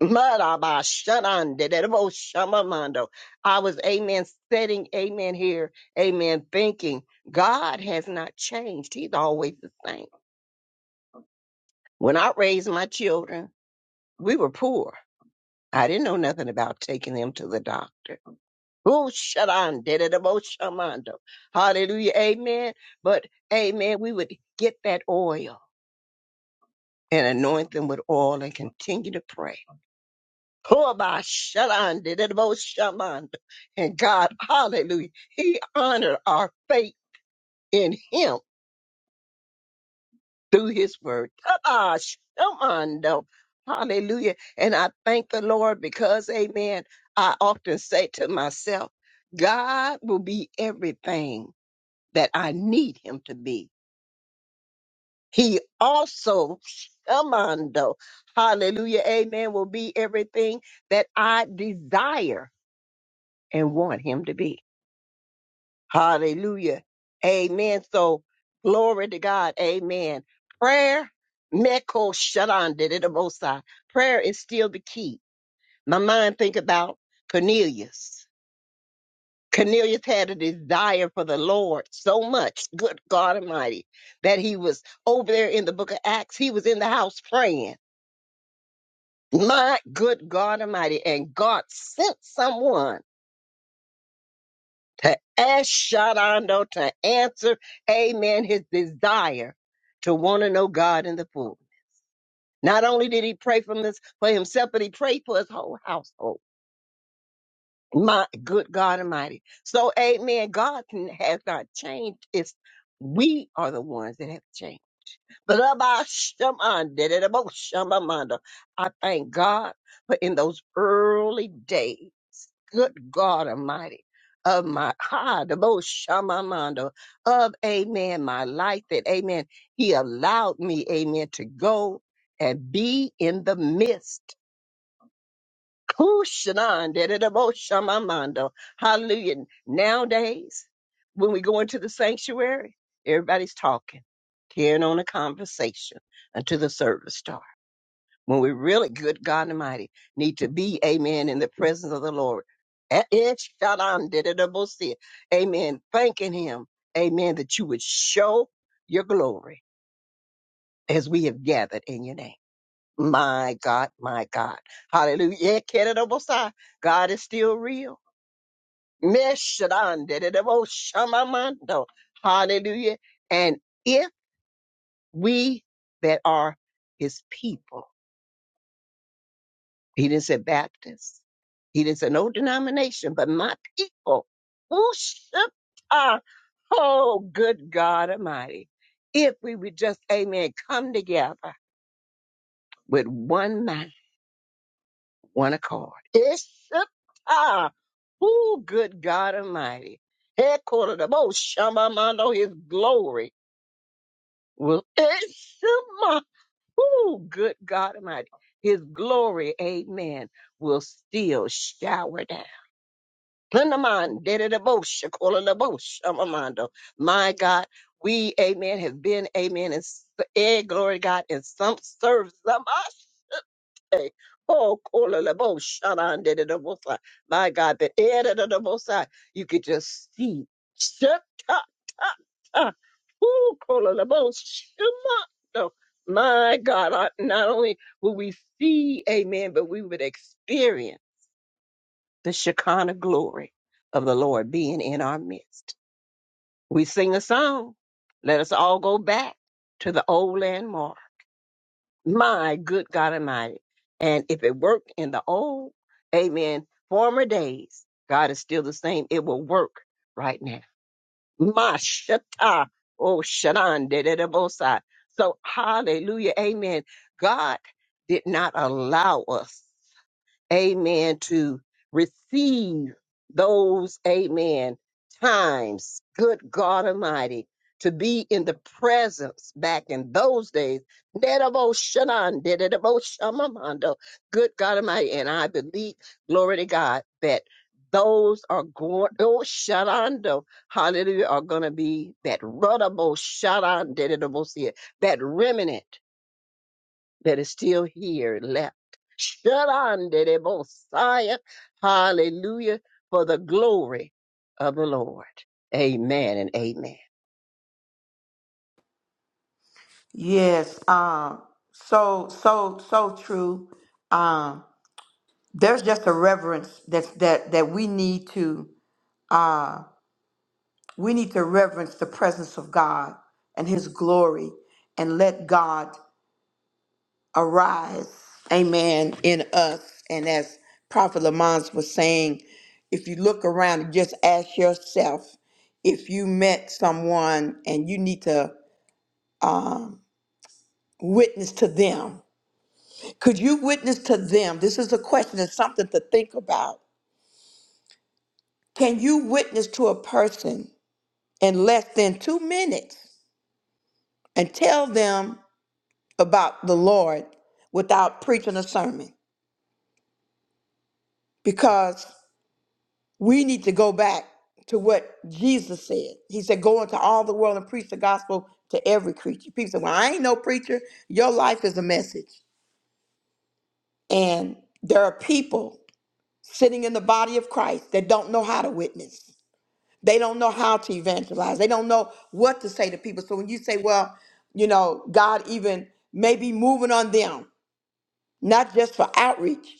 Speaker 7: Maraba, shadan, dedebo, shamamando. I was, amen, setting, amen, here, amen, thinking God has not changed. He's always the same. When I raised my children, we were poor. I didn't know nothing about taking them to the doctor. Oh, shadan, dedebo, shamando. Hallelujah, amen. But, amen, we would get that oil and anoint them with oil and continue to pray. Pullabashalan, did it about shaman. And God, hallelujah, He honored our faith in Him through His word. Tabashamando. Hallelujah. And I thank the Lord because, amen, I often say to myself, God will be everything that I need Him to be. He also, shamando, hallelujah, amen, will be everything that I desire and want Him to be. Hallelujah. Amen. So glory to God. Amen. Prayer, Meko Shadan did it the most high. Prayer is still the key. My mind think about Cornelius. Cornelius had a desire for the Lord so much, good God Almighty, that he was over there in the book of Acts. He was in the house praying. My good God Almighty. And God sent someone to ask Shadando to answer, amen, his desire to want to know God in the full. Not only did he pray for, his, for himself, but he prayed for his whole household. My good God Almighty. So, amen, God can, has not changed. It's we are the ones that have changed. But about Shaman, did it about Shamamanda. I thank God for in those early days good God Almighty, of my ha, the most shamamando of Amen, my life that Amen. He allowed me, Amen, to go and be in the midst. Kushanan, da, da, da, most shamamando. Hallelujah. Nowadays, when we go into the sanctuary, everybody's talking, carrying on a conversation until the service starts when we really good God Almighty need to be, amen, in the presence of the Lord. Eh, eh, shadan dididabosi. Amen. Thanking him, amen, that you would show your glory as we have gathered in your name. My God, my God. Hallelujah. Eh, kedidabosi. God is still real. Meh, shadan dididaboshamamando. Hallelujah. And if we that are his people, He didn't say Baptist. He didn't say no denomination, but my people worship our oh good God Almighty. If we would just, amen, come together with one mind, one accord. Worship our oh good God Almighty. Headquartered of oh Shamamando, his glory will worship my oh good God Almighty. His glory, amen, will still shower down. Plenamon, dededabosha, kolalabosha, amamando. My God, we, amen, have been, amen, and eh, glory to God, and some serve some ashe. Oh, kolalabosha, anan, dededabosa. my God, the that dededabosa, you could just see. Shut up, up, up. Ooh, kolalabosha, amando. My God, I- not only will we see, amen, but we would experience the Shekinah glory of the Lord being in our midst. We sing a song. Let us all go back to the old landmark. My good God Almighty. And if it worked in the old, amen, former days, God is still the same. It will work right now. My shata. Oh, shadan de de de bosai. So, hallelujah. Amen. God did not allow us amen, to receive those, amen, times, good God Almighty, to be in the presence back in those days. Nedaboshanan, dedaboshamamando. Good God Almighty. And I believe, glory to God, that those are going, oh, sharando, hallelujah, are going to be that runnable, sharan, dedebo, see it, that remnant that is still here left. Shut on, the Messiah. Hallelujah for the glory of the Lord. Amen and amen.
Speaker 1: Yes, um, so so so true. Um, there's just a reverence that's that that we need to uh we need to reverence the presence of God and his glory and let God arise, amen, in us. And as Prophet Lamont was saying, if you look around and just ask yourself if you met someone and you need to witness to them Could you witness to them? This is a question, it's something to think about. Can you witness to a person in less than two minutes and tell them about the Lord without preaching a sermon? Because we need to go back to what Jesus said. He said, Go into all the world and preach the gospel to every creature. People say, Well, I ain't no preacher. Your life is a message. And there are people sitting in the body of Christ that don't know how to witness They don't know how to evangelize. They don't know what to say to people. So when you say, well, you know, God even may be moving on them, not just for outreach,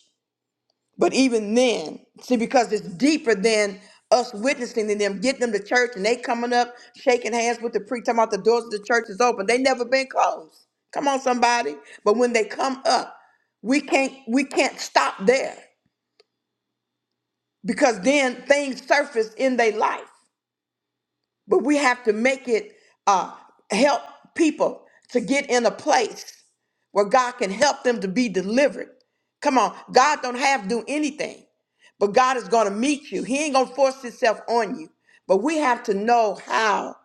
Speaker 1: but even then, see, because it's deeper than us witnessing to them, getting them to church and they coming up, shaking hands with the preacher, talking about the doors of the church is open. They never been closed. Come on, somebody. But when they come up, we can't we can't stop there because then things surface in their life. but we have to make it uh, help people to get in a place where God can help them to be delivered. Come on, God don't have to do anything, but God is going to meet you. He ain't going to force Himself on you, but we have to know how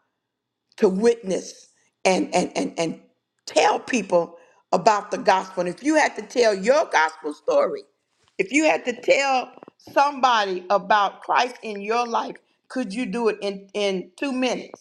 Speaker 1: to witness and and and and tell people about the gospel. And if you had to tell your gospel story, if you had to tell somebody about Christ in your life, could you do it in in 2 minutes?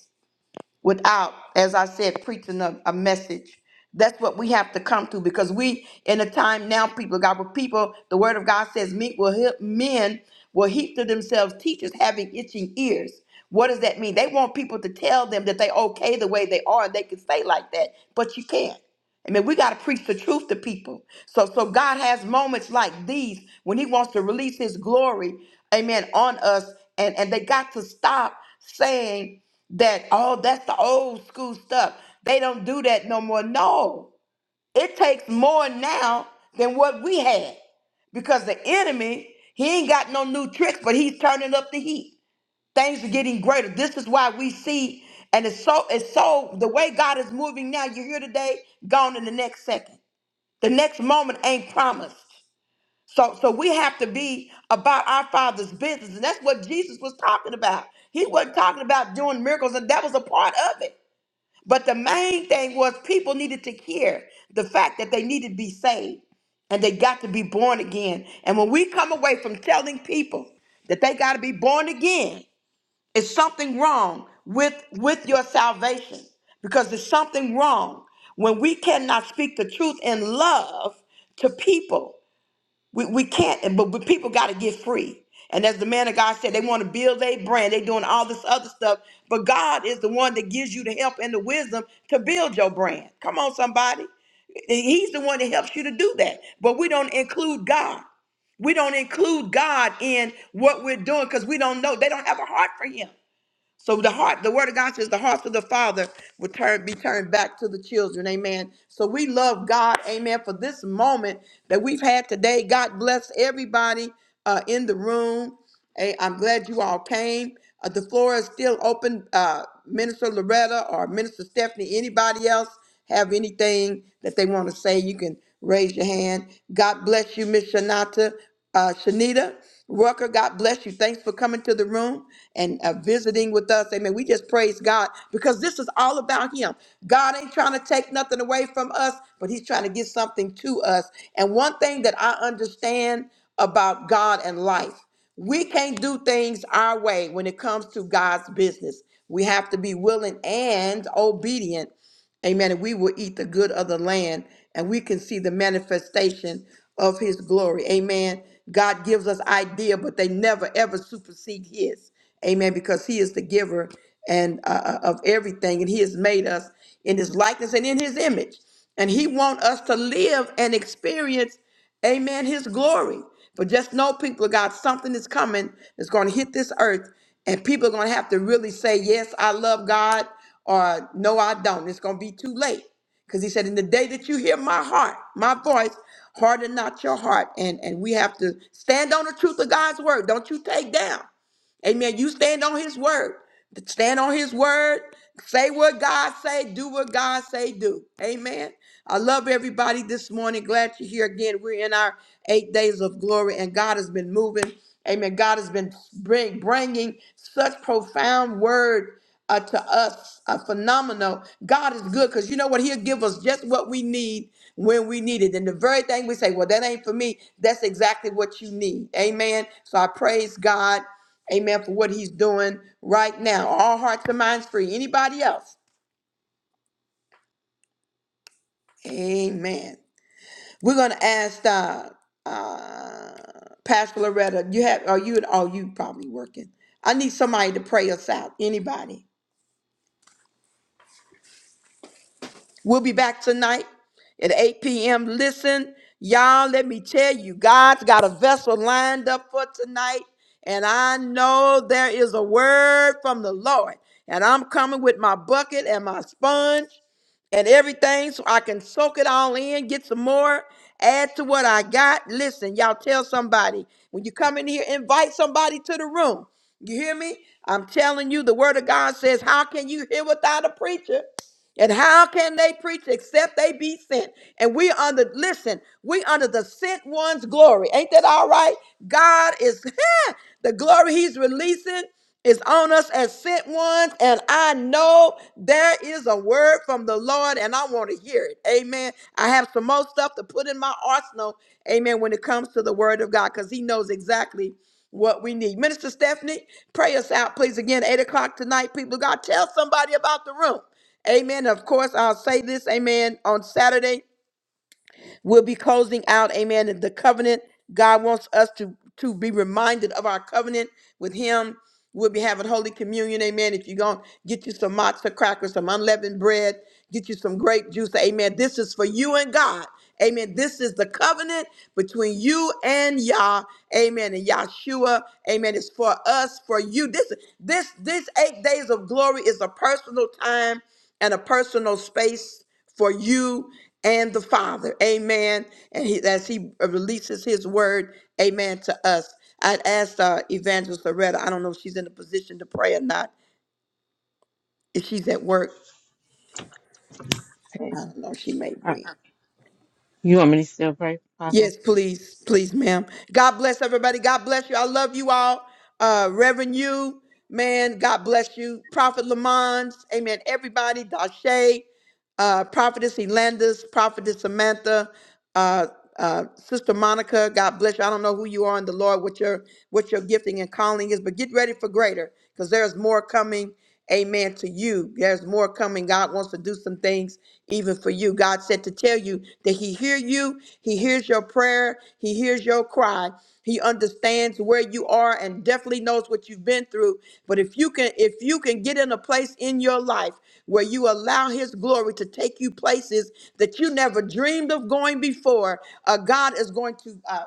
Speaker 1: without, as I said, preaching a, a message. That's what we have to come to because we, in a time now, people, of God, where people, the word of God says, men will, heap, men will heap to themselves teachers having itching ears. What does that mean? They want people to tell them that they okay the way they are and they can stay like that, but you can't. I mean, we got to preach the truth to people. So, so God has moments like these when He wants to release His glory, Amen, on us, and and they got to stop saying that, oh, that's the old school stuff. They don't do that no more. No, it takes more now than what we had because the enemy he ain't got no new tricks, but he's turning up the heat. Things are getting greater. This is why we see, and it's so it's so the way God is moving now. You're here today, gone in the next second. The next moment ain't promised. So so we have to be about our father's business. And that's what Jesus was talking about. He wasn't talking about doing miracles, and that was a part of it. But the main thing was people needed to hear the fact that they needed to be saved and they got to be born again. And when we come away from telling people that they got to be born again, it's something wrong with with your salvation because there's something wrong when we cannot speak the truth in love to people. We, we can't, and- but, but people got to get free. And as the man of God said, they want to build a brand. They doing all this other stuff, but God is the one that gives you the help and the wisdom to build your brand. Come on, somebody. He's the one that helps you to do that. But we don't include God. We don't include God in what we're doing because we don't know. They don't have a heart for Him. So the heart, the word of God says the hearts of the father will turn be turned back to the children. Amen. So we love God, amen, for this moment that we've had today. God bless everybody uh, in the room. Hey, I'm glad you all came. Uh, the floor is still open. Uh, Minister Loretta or Minister Stephanie, anybody else have anything that they want to say, you can raise your hand. God bless you, Miss Shanata. Uh, Shanita Rucker, God bless you. Thanks for coming to the room and uh, visiting with us. Amen. We just praise God because this is all about Him. God ain't trying to take nothing away from us, but He's trying to get something to us. And one thing that I understand about God and life, we can't do things our way when it comes to God's business. We have to be willing and obedient Amen. And we will eat the good of the land and we can see the manifestation of his glory. Amen. God gives us idea, but they never ever supersede his. Amen. Because he is the giver and uh, uh, of everything, and he has made us in his likeness and in his image. And he wants us to live and experience. Amen. His glory. But just know, people of God, something is coming that's going to hit this earth, and people are going to have to really say, Yes, I love God, or No, I don't. It's going to be too late. Because he said, In the day that you hear my heart, my voice, harden not your heart. And, and we have to stand on the truth of God's word. Don't you take down. Amen. You stand on his word. Stand on his word. Say what God say, do what God say, do. Amen. I love everybody this morning. Glad you're here again. We're in our eight days of glory, and God has been moving. Amen. God has been bring, bringing such profound word uh, to us, a phenomenal. God is good because you know what? He'll give us just what we need when we need it. And the very thing we say, well, that ain't for me, that's exactly what you need. Amen. So I praise God. Amen. For what he's doing right now. All hearts and minds free. Anybody else? Amen. We're gonna ask uh, uh, Pastor Loretta. You have? Are you? Are you probably working? I need somebody to pray us out. Anybody? We'll be back tonight at 8 p.m. Listen, y'all. Let me tell you, God's got a vessel lined up for tonight, and I know there is a word from the Lord. And I'm coming with my bucket and my sponge. and everything so I can soak it all in, get some more, add to what I got. Listen, y'all tell somebody when you come in here, invite somebody to the room. You hear me? I'm telling you, the word of God says, How can you hear without a preacher? And how can they preach except they be sent? And we under listen, we under the sent one's glory. Ain't that all right? God is the glory he's releasing is on us as sent ones. And I know there is a word from the Lord, and I want to hear it. Amen. I have some more stuff to put in my arsenal. Amen. When it comes to the word of God, because he knows exactly what we need. Minister Stephanie, pray us out, please. Again, 8 o'clock tonight, people of God, tell somebody about the room. Amen. Of course, I'll say this, amen, on Saturday. We'll be closing out, amen, the covenant. God wants us to, to be reminded of our covenant with Him. We'll be having Holy Communion, amen. If you're going to get you some matzo crackers, some unleavened bread, get you some grape juice, amen. This is for you and God, amen. This is the covenant between you and Yah, amen. And Yahshua, amen, It's for us, for you. This, this, this eight days of glory is a personal time and a personal space for you and the Father. Amen. And he, as He releases His word, Amen, to us. I'd asked uh, Evangelist Loretta, I don't know if she's in a position to pray or not. If she's at work,
Speaker 2: Okay.
Speaker 1: I don't know, she may be.
Speaker 2: You want me to still pray, Apostle?
Speaker 1: Yes, please, please, ma'am. God bless everybody. God bless you. I love you all. Uh, Reverend you, man, God bless you. Prophet Lamont, amen. Everybody, Dashe, uh, Prophetess Elandis, Prophetess Samantha, uh, uh, Sister Monica, God bless you. I don't know who you are in the Lord, what your what your gifting and calling is, but get ready for greater because there's more coming. Amen to you. There's more coming. God wants to do some things even for you. God said to tell you that He hear you. He hears your prayer. He hears your cry. He understands where you are and definitely knows what you've been through. But if you can, if you can get in a place in your life where you allow His glory to take you places that you never dreamed of going before, uh, God is going to. Uh,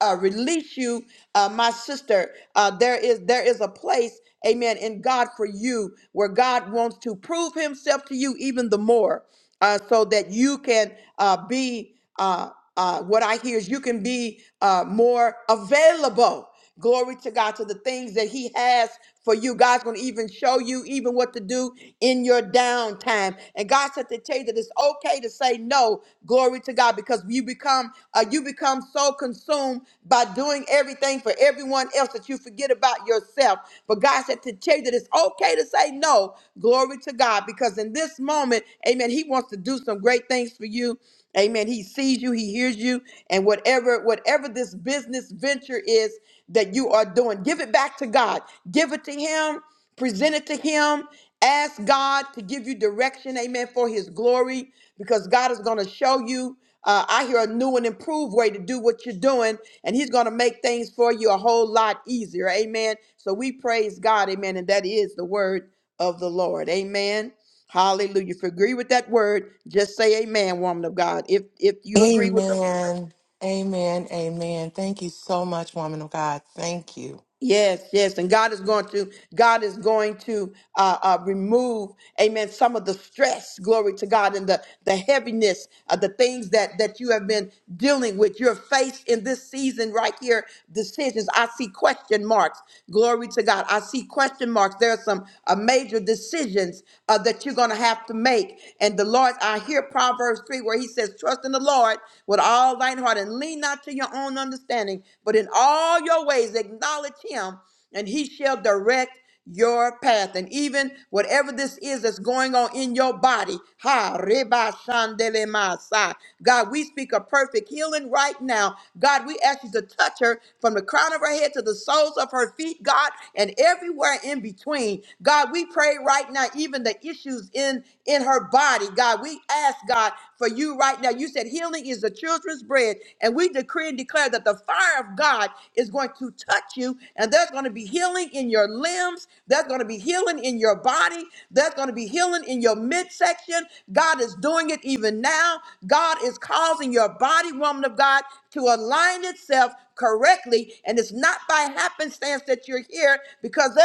Speaker 1: uh, release you, uh, my sister. Uh, there is there is a place, Amen, in God for you, where God wants to prove Himself to you even the more, uh, so that you can uh, be. Uh, uh, what I hear is you can be uh, more available. Glory to God to the things that He has for you. God's going to even show you even what to do in your downtime. And God said to tell you that it's okay to say no. Glory to God because you become uh, you become so consumed by doing everything for everyone else that you forget about yourself. But God said to tell you that it's okay to say no. Glory to God because in this moment, Amen. He wants to do some great things for you. Amen. He sees you, he hears you, and whatever whatever this business venture is, that you are doing. Give it back to God. Give it to Him. Present it to Him. Ask God to give you direction, amen, for His glory, because God is going to show you. Uh, I hear a new and improved way to do what you're doing, and He's going to make things for you a whole lot easier, amen. So we praise God, amen, and that is the word of the Lord, amen. Hallelujah. If you agree with that word, just say amen, woman of God. If if you agree with the word.
Speaker 8: Amen. Amen. Amen. Thank you so much, woman of God. Thank you.
Speaker 1: Yes, yes, and God is going to God is going to uh, uh, remove, Amen. Some of the stress, glory to God, and the the heaviness of the things that that you have been dealing with. You're faced in this season right here. Decisions. I see question marks. Glory to God. I see question marks. There are some uh, major decisions uh, that you're going to have to make. And the Lord, I hear Proverbs three where He says, "Trust in the Lord with all thine heart." and lean not to your own understanding, but in all your ways acknowledge him, and he shall direct your path. And even whatever this is that's going on in your body, ha, reba shandele masai. God, we speak a perfect healing right now. God, we ask you to touch her from the crown of her head to the soles of her feet, God, and everywhere in between. God, we pray right now, even the issues in in her body, God. God. We ask, God, for you right now. You said healing is the children's bread. And we decree and declare that the fire of God is going to touch you. And there's going to be healing in your limbs. There's going to be healing in your body. There's going to be healing in your midsection. God is doing it even now. God is causing your body, woman of God, to align itself correctly. And it's not by happenstance that you're here because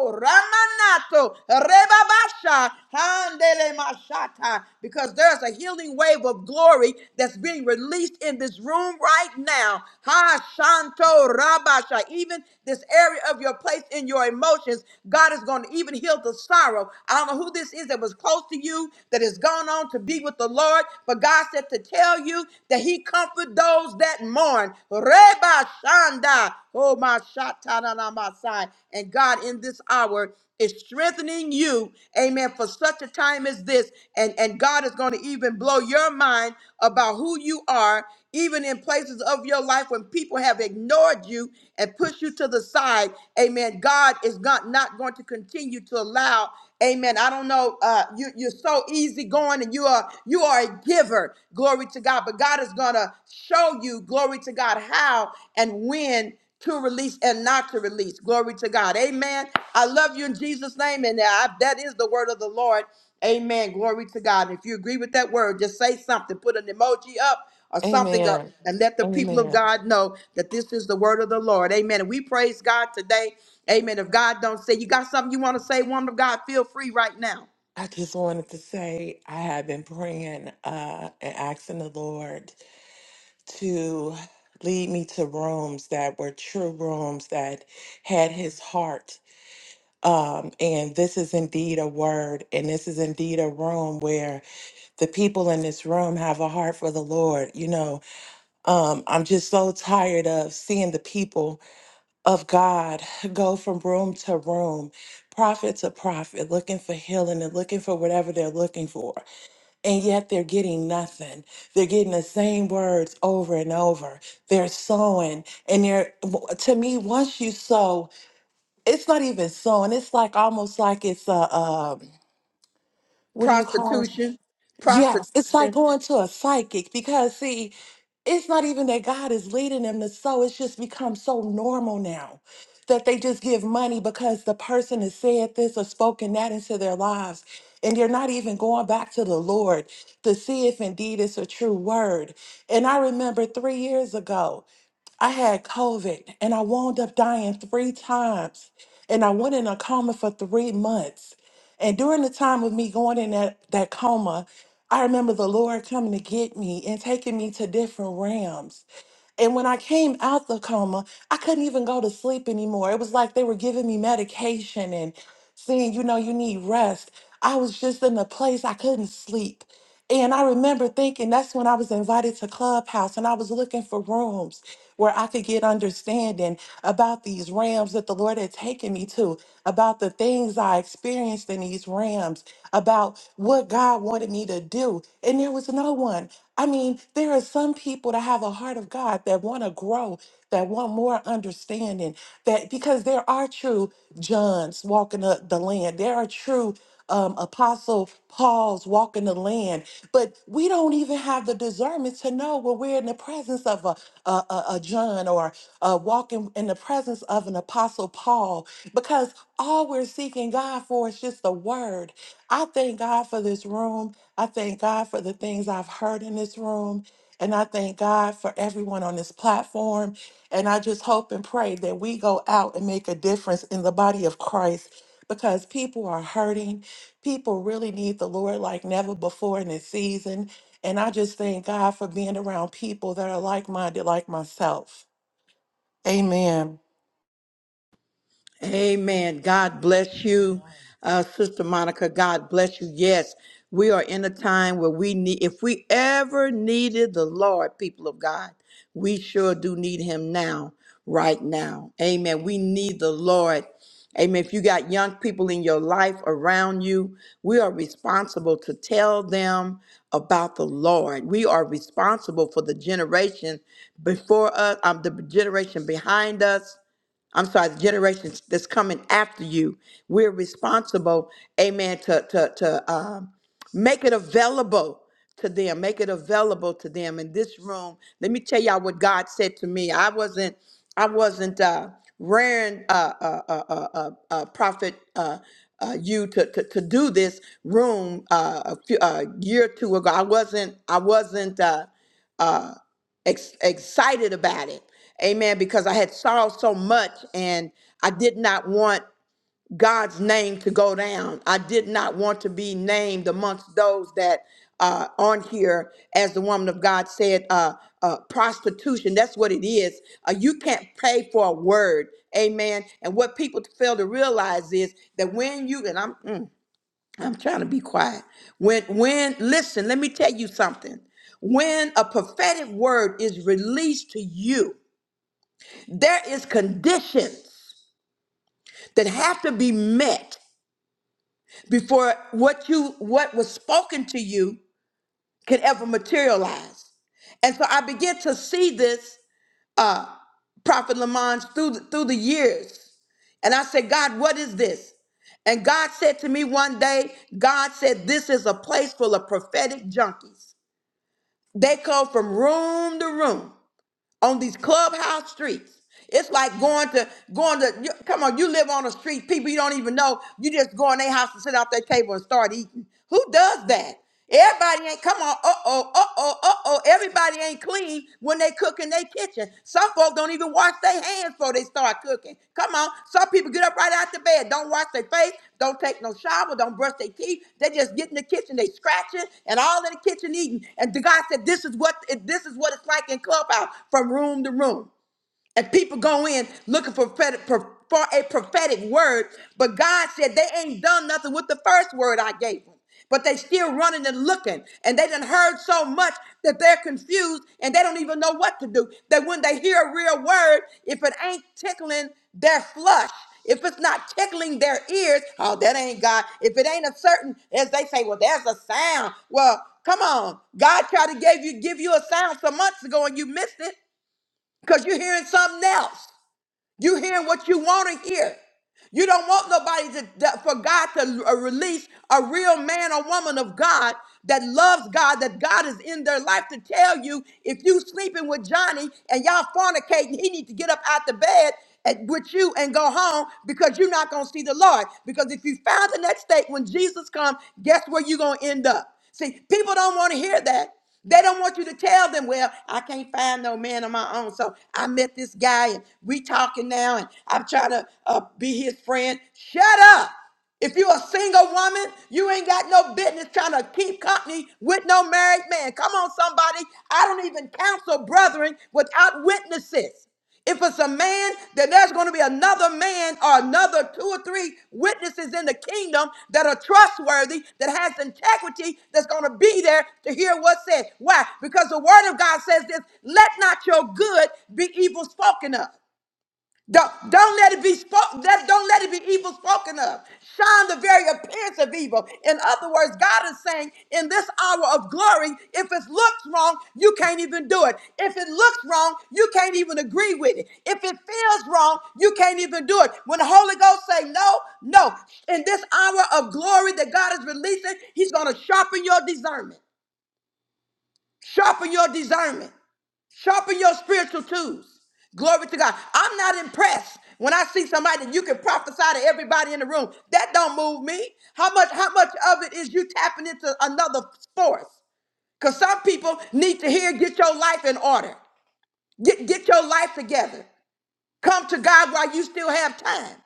Speaker 1: Ko Ramanato Rebabasha Handele Mashata. Because there's a healing wave of glory that's being released in this room right now. Ha Shanto Rabasha. Even this area of your place in your emotions, God is going to even heal the sorrow. I don't know who this is that was close to you that has gone on to be with the Lord, but God said to tell you that He comfort those that mourn. Reba Sanda. Oh, my Shatananamasai. And God, in this hour, is strengthening you, amen, for such a time as this. And, and God is going to even blow your mind about who you are, even in places of your life when people have ignored you and pushed you to the side. Amen. God is not, not going to continue to allow. Amen. I don't know. Uh, you, you're so easygoing and you are you are a giver. Glory to God. But God is gonna show you, glory to God, how and when to release and not to release. Glory to God. Amen. I love you in Jesus' name. And I, that is the word of the Lord. Amen. Glory to God. If you agree with that word, just say something. Put an emoji up or something up
Speaker 8: Amen.
Speaker 1: and let the people of
Speaker 8: Amen.
Speaker 1: God know that this is the word of the Lord. Amen. And we praise God today. Amen. If God don't say you got something you want to say, woman of God, feel free right now.
Speaker 8: I just wanted to say I have been praying uh, and asking the Lord to lead me to rooms that were true rooms that had his heart. Um, and this is indeed a word, and this is indeed a room where the people in this room have a heart for the Lord. You know, um, I'm just so tired of seeing the people of God go from room to room, prophet to prophet, looking for healing and looking for whatever they're looking for. And yet they're getting nothing. They're getting the same words over and over. They're sowing. And they're, to me, once you sow, it's not even sowing. It's like almost like it's a, um, what do you call it?
Speaker 1: Prostitution,
Speaker 8: Yes, it's like
Speaker 1: prostitution.
Speaker 8: going to a psychic because, see, it's not even that God is leading them to sow, it's just become so normal now that they just give money because the person has said this or spoken that into their lives. And they're not even going back to the Lord to see if indeed it's a true word. And I remember three years ago. I had COVID and I wound up dying three times. And I went in a coma for three months. And during the time of me going in that, that coma, I remember the Lord coming to get me and taking me to different realms. And when I came out the coma, I couldn't even go to sleep anymore. It was like they were giving me medication and saying, you know, you need rest. I was just in a place I couldn't sleep. And I remember thinking that's when I was invited to Clubhouse and I was looking for rooms where I could get understanding about these rams that the Lord had taken me to, about the things I experienced in these rams, about what God wanted me to do. And there was no one. I mean, there are some people that have a heart of God that want to grow, that want more understanding, that because there are true Johns walking up the land, there are true um, Apostle Paul's walking the land. But we don't even have the discernment to know when we're in the presence of a, a, a, a John or uh, walking in the presence of an Apostle Paul because all we're seeking God for is just the word. I thank God for this room. I thank God for the things I've heard in this room. And I thank God for everyone on this platform. And I just hope and pray that we go out and make a difference in the body of Christ because people are hurting. People really need the Lord like never before in this season. And I just thank God for being around people that are like minded, like myself. Amen.
Speaker 1: Amen. God bless you, uh, Sister Monica. God bless you. Yes, we are in a time where we need, if we ever needed the Lord, people of God, we sure do need Him now, right now. Amen. We need the Lord. Amen. If you got young people in your life around you, we are responsible to tell them about the Lord. We are responsible for the generation before us, um, the generation behind us I'm sorry, the generations that's coming after you. We're responsible, amen, to to to um, make it available to them, make it available to them in this room. Let me tell y'all what God said to me. I wasn't, I wasn't uh, raring, uh, uh, uh, uh, uh, uh, prophet. Uh, uh, you to, to to do this room uh, a few, uh, year or two ago. I wasn't. I wasn't. Uh, uh, ex- excited about it. Amen. Because I had sorrowed so much and I did not want God's name to go down. I did not want to be named amongst those that uh, on here, as the woman of God said, uh, uh, prostitution. That's what it is. Uh, you can't pay for a word. Amen. And what people fail to realize is that when you, and I'm, mm, I'm trying to be quiet. When when listen, let me tell you something. When a prophetic word is released to you, there is conditions that have to be met before what you what was spoken to you can ever materialize. And so I began to see this uh Prophet Lamont through the, through the years. And I said, God, what is this? And God said to me one day, God said, This is a place full of prophetic junkies. They come from room to room on these clubhouse streets. It's like going to going to you, come on. You live on a street, people you don't even know. You just go in their house and sit out their table and start eating. Who does that? Everybody ain't come on. Uh oh. Uh oh. Uh oh. Everybody ain't clean when they cook in their kitchen. Some folk don't even wash their hands before they start cooking. Come on. Some people get up right out the bed, don't wash their face, don't take no shower, don't brush their teeth. They just get in the kitchen, they scratching and all in the kitchen eating. And the God said, This is what this is what it's like in clubhouse from room to room. And people go in looking for, prophetic, for for a prophetic word, but God said they ain't done nothing with the first word I gave them. But they still running and looking, and they done heard so much that they're confused and they don't even know what to do. That when they hear a real word, if it ain't tickling their flesh, if it's not tickling their ears, oh, that ain't God. If it ain't a certain, as they say, well, there's a sound. Well, come on, God tried to give you give you a sound some months ago and you missed it because you're hearing something else. You're hearing what you want to hear. You don't want nobody to that- for God to uh, release a real man or woman of God that loves God, that God is in their life to tell you if you sleeping with Johnny and y'all fornicating, he need to get up out the bed and- with you and go home because you're not gonna see the Lord. Because if you found in that state when Jesus comes, guess where you're gonna end up. See, people don't want to hear that. They don't want you to tell them, well, I can't find no man of my own. So I met this guy and we talking now and I'm trying to uh, be his friend. Shut up. If you're a single woman, you ain't got no business trying to keep company with no married man. Come on, somebody. I don't even counsel brethren without witnesses. If it's a man, then there's going to be another man or another two or three witnesses in the kingdom that are trustworthy, that has integrity, that's going to be there to hear what's said. Why? Because the word of God says this let not your good be evil spoken of. Don't, don't let it be spoken. Don't let it be evil spoken of. Shine the very appearance of evil. In other words, God is saying, in this hour of glory, if it looks wrong, you can't even do it. If it looks wrong, you can't even agree with it. If it feels wrong, you can't even do it. When the Holy Ghost say no, no. In this hour of glory that God is releasing, He's going to sharpen your discernment. Sharpen your discernment. Sharpen your spiritual tools. Glory to God. I'm not impressed when I see somebody that you can prophesy to everybody in the room. That don't move me. How much how much of it is you tapping into another force? Cuz some people need to hear get your life in order. Get get your life together. Come to God while you still have time.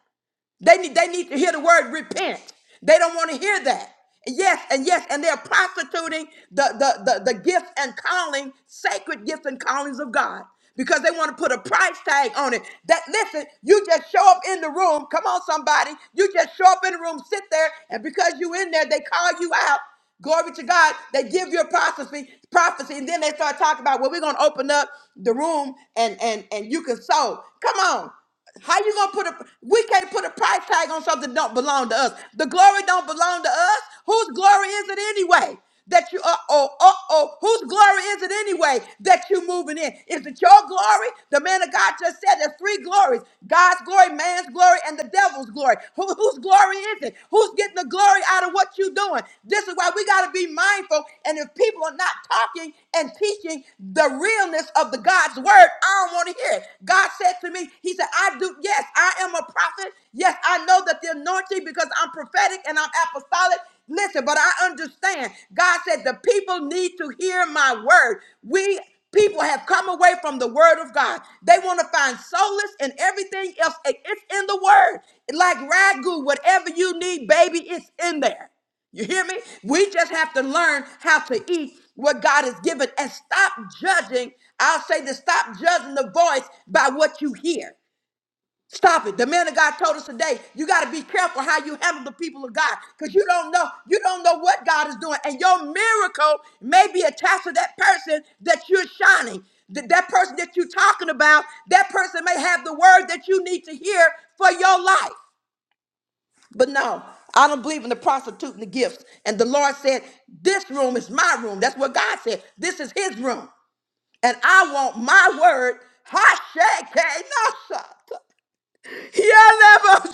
Speaker 1: They need, they need to hear the word repent. They don't want to hear that. Yes, and yes, and they're prostituting the, the, the, the gifts and calling, sacred gifts and callings of God because they want to put a price tag on it. That listen, you just show up in the room. Come on, somebody. You just show up in the room, sit there, and because you in there, they call you out. Glory to God. They give your prophecy, prophecy, and then they start talking about, well, we're gonna open up the room and and and you can sow. Come on. How you gonna put a we can't put a price tag on something that don't belong to us. The glory don't belong to us. Whose glory is it anyway? that you, uh oh, uh oh, whose glory is it anyway that you're moving in? Is it your glory? The man of God just said there's three glories God's glory, man's glory, and the devil's glory. Who, whose glory is it? Who's getting the glory out of what you're doing? This is why we got to be mindful. And if people are not talking and teaching the realness of the God's word, I don't want to hear it. God said to me, He said, I do, yes, I am a prophet. Yes, I know that the anointing because I'm prophetic and I'm apostolic. Listen, but I understand. God said the people need to hear my word. We people have come away from the word of God. They want to find solace in everything else. It- It's in the word. Like ragu, whatever you need, baby, it's in there. You hear me? We just have to learn how to eat what God has given and stop judging. I'll say this stop judging the voice by what you hear. Stop it. The man of God told us today, you got to be careful how you handle the people of God because you don't know, you don't know what God is doing. And your miracle may be attached to that person that you're shining. Th- That person that you're talking about, that person may have the word that you need to hear for your life. But no, I don't believe in the prostitute and the gifts. And the Lord said, This room is my room. That's what God said. This is his room. And I want my word. Hashake. Yeah,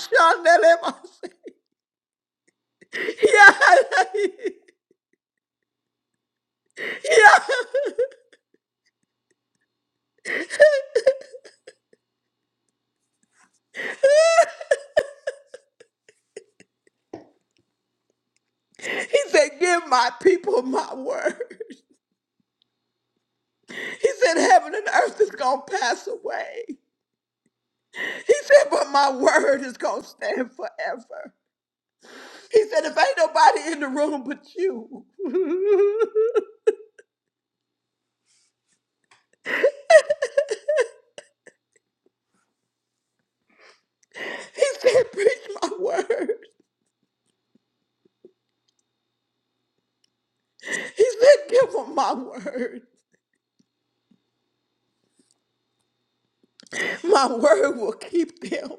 Speaker 1: He said, Give my people my word. He said, Heaven and earth is going to pass away. He said, But my word is going to stand forever. He said, If ain't nobody in the room but you, he said, Preach my word. He said, Give them my word. My word will keep them,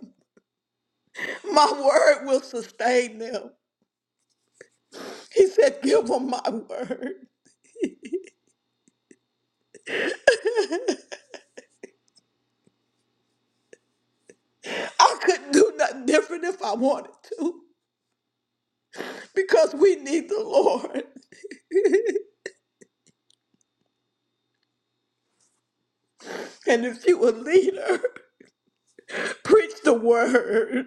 Speaker 1: my word will sustain them. He said, Give them my word. I couldn't do nothing different if I wanted to because we need the Lord. And if you a leader, preach the word,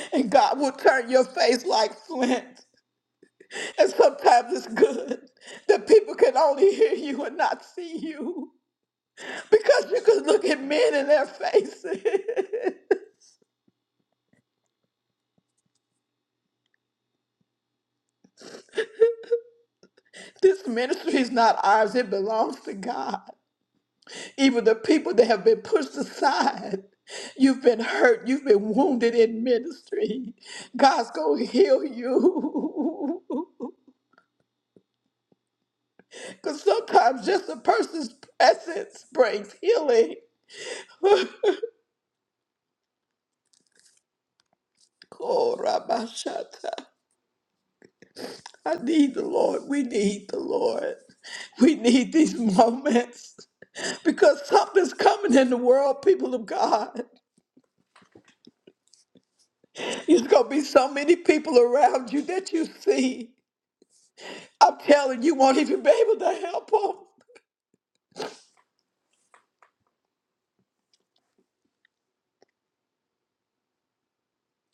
Speaker 1: and God will turn your face like flint. And sometimes it's good that people can only hear you and not see you because you can look at men in their faces. this ministry is not ours, it belongs to God. Even the people that have been pushed aside, you've been hurt, you've been wounded in ministry. God's gonna heal you. Because sometimes just a person's presence brings healing. Oh, Ramashata. I need the Lord. We need the Lord. We need these moments because something's coming in the world, people of God. There's going to be so many people around you that you see. I'm telling you, won't even be able to help him.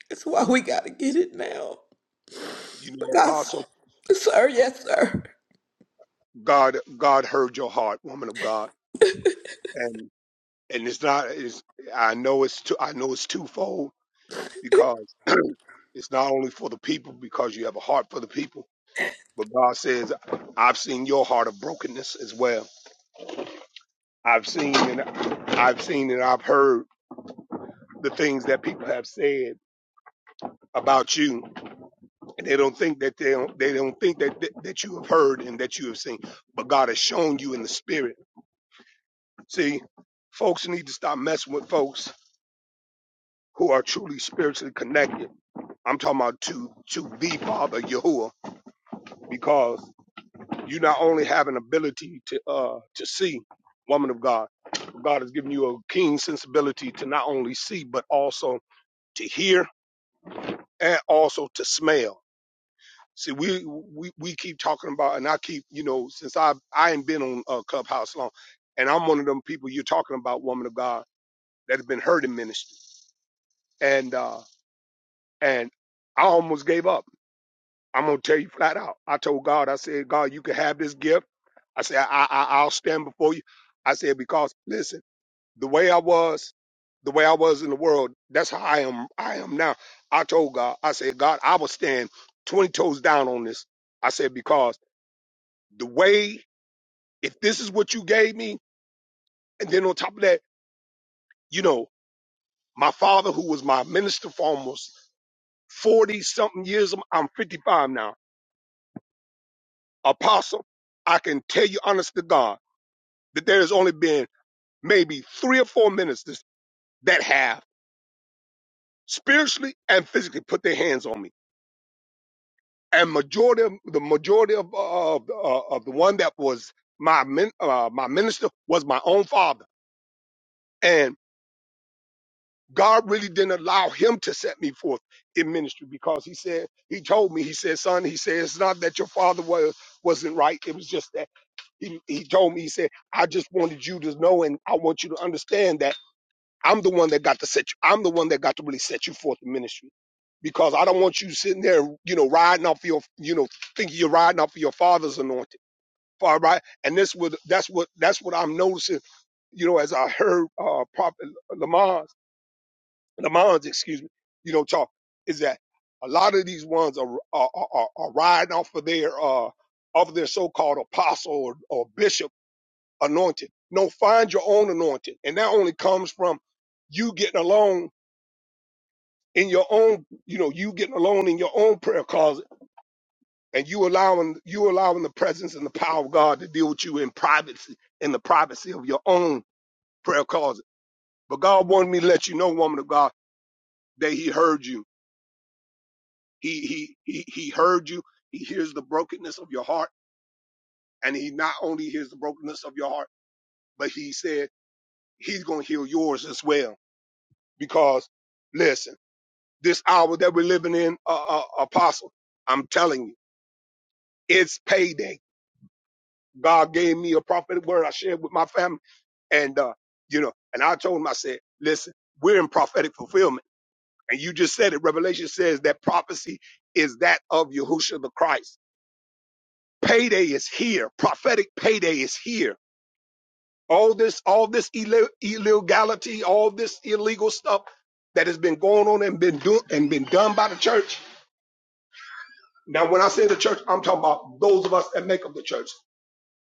Speaker 1: That's why we got to get it now.
Speaker 6: You know,
Speaker 1: Because,
Speaker 6: Apostle,
Speaker 1: sir,
Speaker 6: uh,
Speaker 1: yes, sir.
Speaker 6: God, God heard your heart, woman of God, and. and it's not it's i know it's two, i know it's twofold because it's not only for the people because you have a heart for the people but god says i've seen your heart of brokenness as well i've seen and i've seen and i've heard the things that people have said about you and they don't think that they don't they don't think that that, that you have heard and that you have seen but god has shown you in the spirit see folks need to stop messing with folks who are truly spiritually connected I'm talking about to to the Father Yahuwah, because you not only have an ability to uh to see, woman of God, God has given you a keen sensibility to not only see but also to hear and also to smell. See, we we we keep talking about, and I keep you know since I I ain't been on uh, Clubhouse long, and I'm one of them people you're talking about, woman of God, that have been hurt in ministry, and uh and I almost gave up I'm gonna tell you flat out. I told God, I said, God, you can have this gift. I said, I, I I'll stand before you. I said, because listen, the way I was, the way I was in the world, that's how I am. I am now. I told God, I said, God, I will stand twenty toes down on this. I said, because the way, if this is what you gave me, and then on top of that, you know, my father, who was my minister for almost forty something years, I'm 55 now, apostle. I can tell you honest to God. that there has only been maybe three or four ministers that have spiritually and physically put their hands on me. And majority of the majority of uh, of, uh, of the one that was my min, uh, my minister was my own father, and God really didn't allow him to set me forth in ministry because he said he told me he said son he said it's not that your father was wasn't right it was just that he he told me he said I just wanted you to know and I want you to understand that I'm the one that got to set you. I'm the one that got to really set you forth in ministry because I don't want you sitting there, you know, riding off your, you know, thinking you're riding off your father's anointing. Far right. And this would, that's what, that's what I'm noticing, you know, as I heard, uh, Prophet Lamont's, Lamont's, excuse me, you know, talk is that a lot of these ones are, are, are, are riding off of their, uh, off of their so-called apostle or, or bishop anointing. No, find your own anointing. And that only comes from you getting along in your own, you know, you getting alone in your own prayer closet and you allowing you allowing the presence and the power of God to deal with you in privacy, in the privacy of your own prayer closet. But God wanted me to let you know, woman of God, that He heard you. He He He He heard you. He hears the brokenness of your heart, and He not only hears the brokenness of your heart, but He said He's going to heal yours as well. Because listen, this hour that we're living in, uh, uh, Apostle, I'm telling you, it's payday God gave me a prophetic word I shared with my family. And, uh, you know, and I told him, I said, listen, we're in prophetic fulfillment. And you just said it. Revelation says that prophecy is that of Yahushua the Christ. Payday is here. Prophetic payday is here. All this, all this ille- illegality, all this illegal stuff that has been going on and been do- and been done by the church. Now, when I say the church, I'm talking about those of us that make up the church,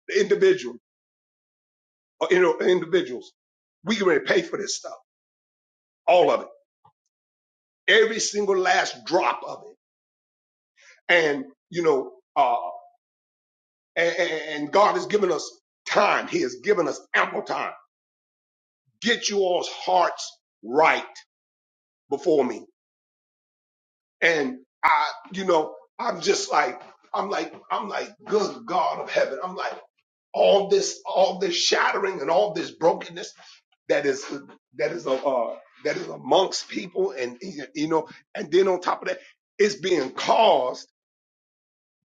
Speaker 6: the individual, or, you know, individuals. We can really pay for this stuff all of it, every single last drop of it. And you know, uh, and, and God has given us time. He has given us ample time. Get you all's hearts right before me. And I, you know, I'm just like, I'm like, I'm like, good God of heaven. I'm like, all this, all this shattering and all this brokenness that is, that is, a, uh, that is amongst people. And, you know, and then on top of that, it's being caused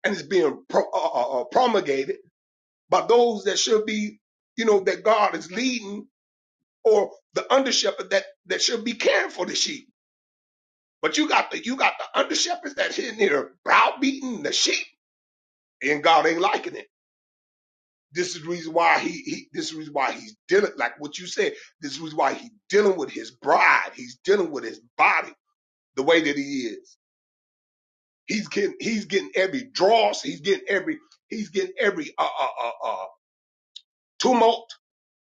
Speaker 6: and it's being pro- uh, uh, uh, uh, promulgated by those that should be, you know, that God is leading or the under shepherd that, that should be caring for the sheep. But you got the, you got the under shepherds that's in here browbeating the sheep and God ain't liking it. This is the reason why he, he this is the reason why he's dealing, like what you said, this is the reason why he's dealing with his bride. He's dealing with his body the way that he is. He's getting, he's getting every dross. He's getting every, he's getting every, uh, uh, uh, uh, tumult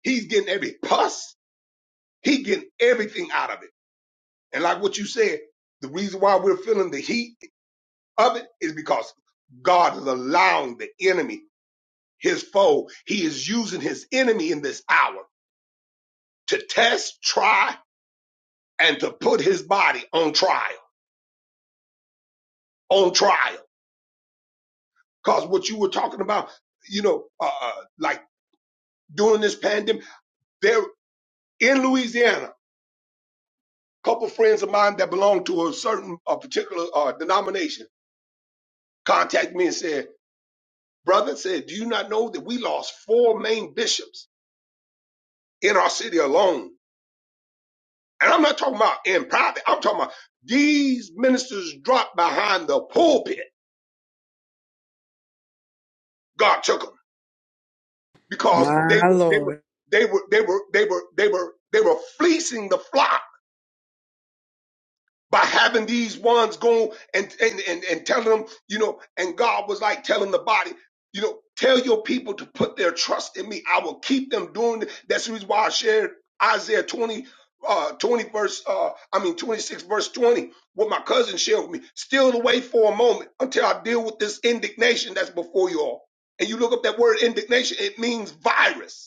Speaker 6: He's getting every pus. He getting everything out of it. And like what you said, the reason why we're feeling the heat of it is because God is allowing the enemy, his foe, he is using his enemy in this hour to test, try, and to put his body on trial, on trial. Cause what you were talking about, you know, uh, uh, like during this pandemic, there in Louisiana, a couple friends of mine that belong to a certain, a particular uh, denomination contacted me and said, Brother said, do you not know that we lost four main bishops in our city alone? And I'm not talking about in private. I'm talking about these ministers dropped behind the pulpit. God took them because they were, they were, they were, they were, they were, they were, they were fleecing the flock by having these ones go and, and, and, and telling them, you know, and God was like telling the body, you know, tell your people to put their trust in me. I will keep them doing it. That's the reason why I shared Isaiah 20, uh, 20 verse, uh, I mean, 26 verse 20, what my cousin shared with me. Steal away for a moment until I deal with this indignation that's before you all. And you look up that word indignation, it means virus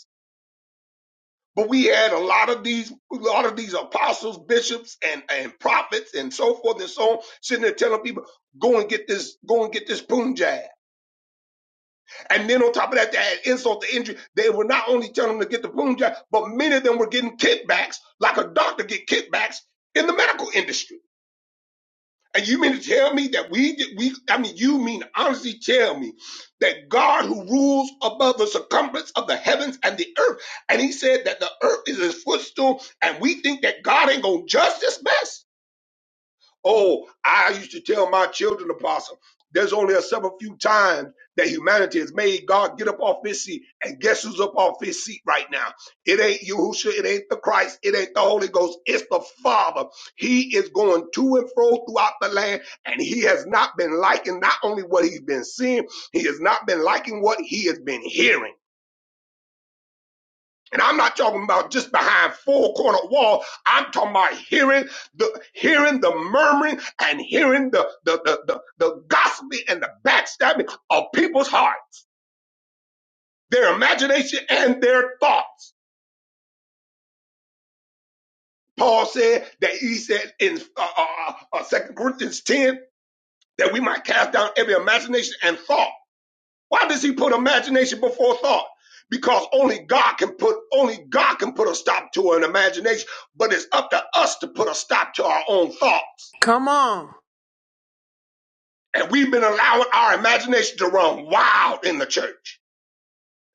Speaker 6: but we had a lot of these, a lot of these apostles, bishops, and and prophets, and so forth and so on, sitting there telling people, "Go and get this, go and get this boom jab." And then on top of that, they had insult to injury. They were not only telling them to get the boom jab, but many of them were getting kickbacks, like a doctor get kickbacks in the medical industry. And you mean to tell me that we we I mean you mean to honestly tell me that God who rules above the circumference of the heavens and the earth, and he said that the earth is his footstool, and we think that God ain't gonna judge this mess? Oh, I used to tell my children, Apostle, there's only a several few times that humanity has made God get up off his seat. And guess who's up off his seat right now? It ain't Yahushua, it ain't the Christ, it ain't the Holy Ghost, it's the Father. He is going to and fro throughout the land, and he has not been liking not only what he's been seeing, he has not been liking what he has been hearing. And I'm not talking about just behind four corner wall. I'm talking about hearing the hearing the murmuring and hearing the the the the, the gossiping and the backstabbing of people's hearts, their imagination and their thoughts. Paul said that he said in uh, uh, uh, 2 Corinthians 10 that we might cast down every imagination and thought Why does he put imagination before thought? Because only God can put only God can put a stop to an imagination, but it's up to us to put a stop to our own thoughts.
Speaker 1: Come on.
Speaker 6: And we've been allowing our imagination to run wild in the church.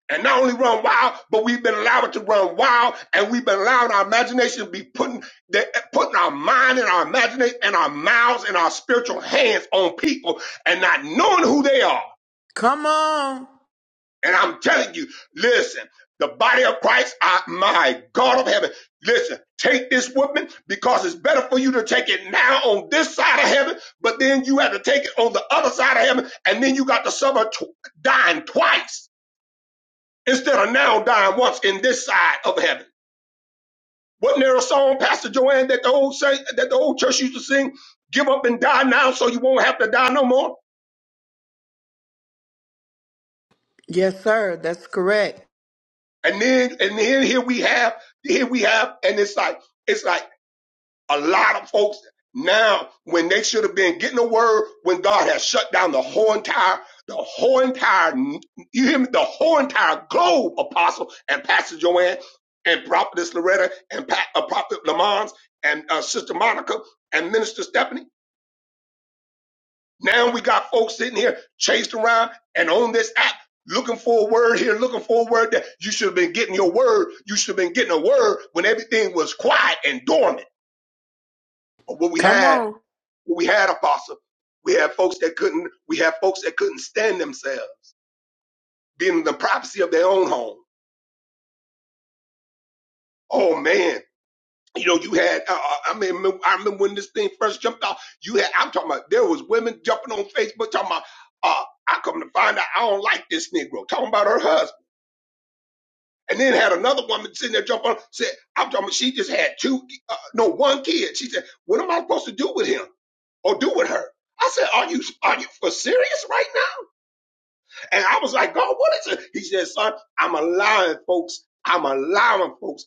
Speaker 6: And not only run wild, but we've been allowing it to run wild, and we've been allowing our imagination to be putting the, putting our mind and our imagination and our mouths and our spiritual hands on people and not knowing who they are And I'm telling you, listen, the body of Christ, I, my God of heaven, listen, take this whipping because it's better for you to take it now on this side of heaven, but then you have to take it on the other side of heaven, and then you got to suffer tw- dying twice instead of now dying once in this side of heaven. Wasn't there a song, Pastor Joanne, that the old saint, that the old church used to sing, "Give up and die now, so you won't have to die no more"?
Speaker 1: Yes, sir. That's correct.
Speaker 6: And then, and then here we have, here we have, and it's like, it's like. A lot of folks now, when they should have been getting a word, when God has shut down the whole entire, the whole entire, you hear me, the whole entire globe, Apostle and Pastor Joanne and Prophetess Loretta and Pa- uh, Prophet Lamont and uh, Sister Monica and Minister Stephanie. Now we got folks sitting here chased around and on this app looking for a word here, looking for a word there. You should have been getting your word. You should have been getting a word when everything was quiet and dormant. But what we
Speaker 1: Come
Speaker 6: had
Speaker 1: on.
Speaker 6: We had apostle. We had folks that couldn't. We had folks that couldn't stand themselves, being in the privacy of their own home. Oh man, you know you had. Uh, I I mean, remem- I remember when this thing first jumped off. You had. I'm talking about. There was women jumping on Facebook talking about. Uh, I come to find out I don't like this Negro. Talking about her husband. And then had another woman sitting there jumping on, said, I'm talking about she just had two, uh, no, one kid. She said, what am I supposed to do with him or do with her? I said, are you, are you for serious right now? And I was like, God, what is it? He said, son, I'm allowing folks, I'm allowing folks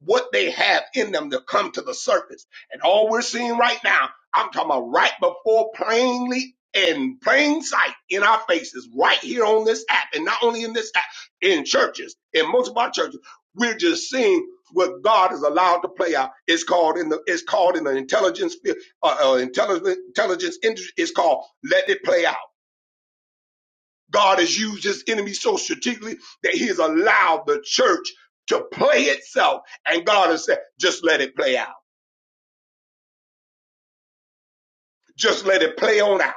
Speaker 6: what they have in them to come to the surface. And all we're seeing right now, I'm talking about right before plainly in plain sight in our faces, right here on this app, and not only in this app, in churches, in most of our churches, we're just seeing what God is allowed to play out. It's called in the it's called in the intelligence field, uh, uh, intelligence intelligence industry. It's called let it play out. God has used his enemy so strategically that he has allowed the church to play itself. And God has said, just let it play out. Just let it play on out.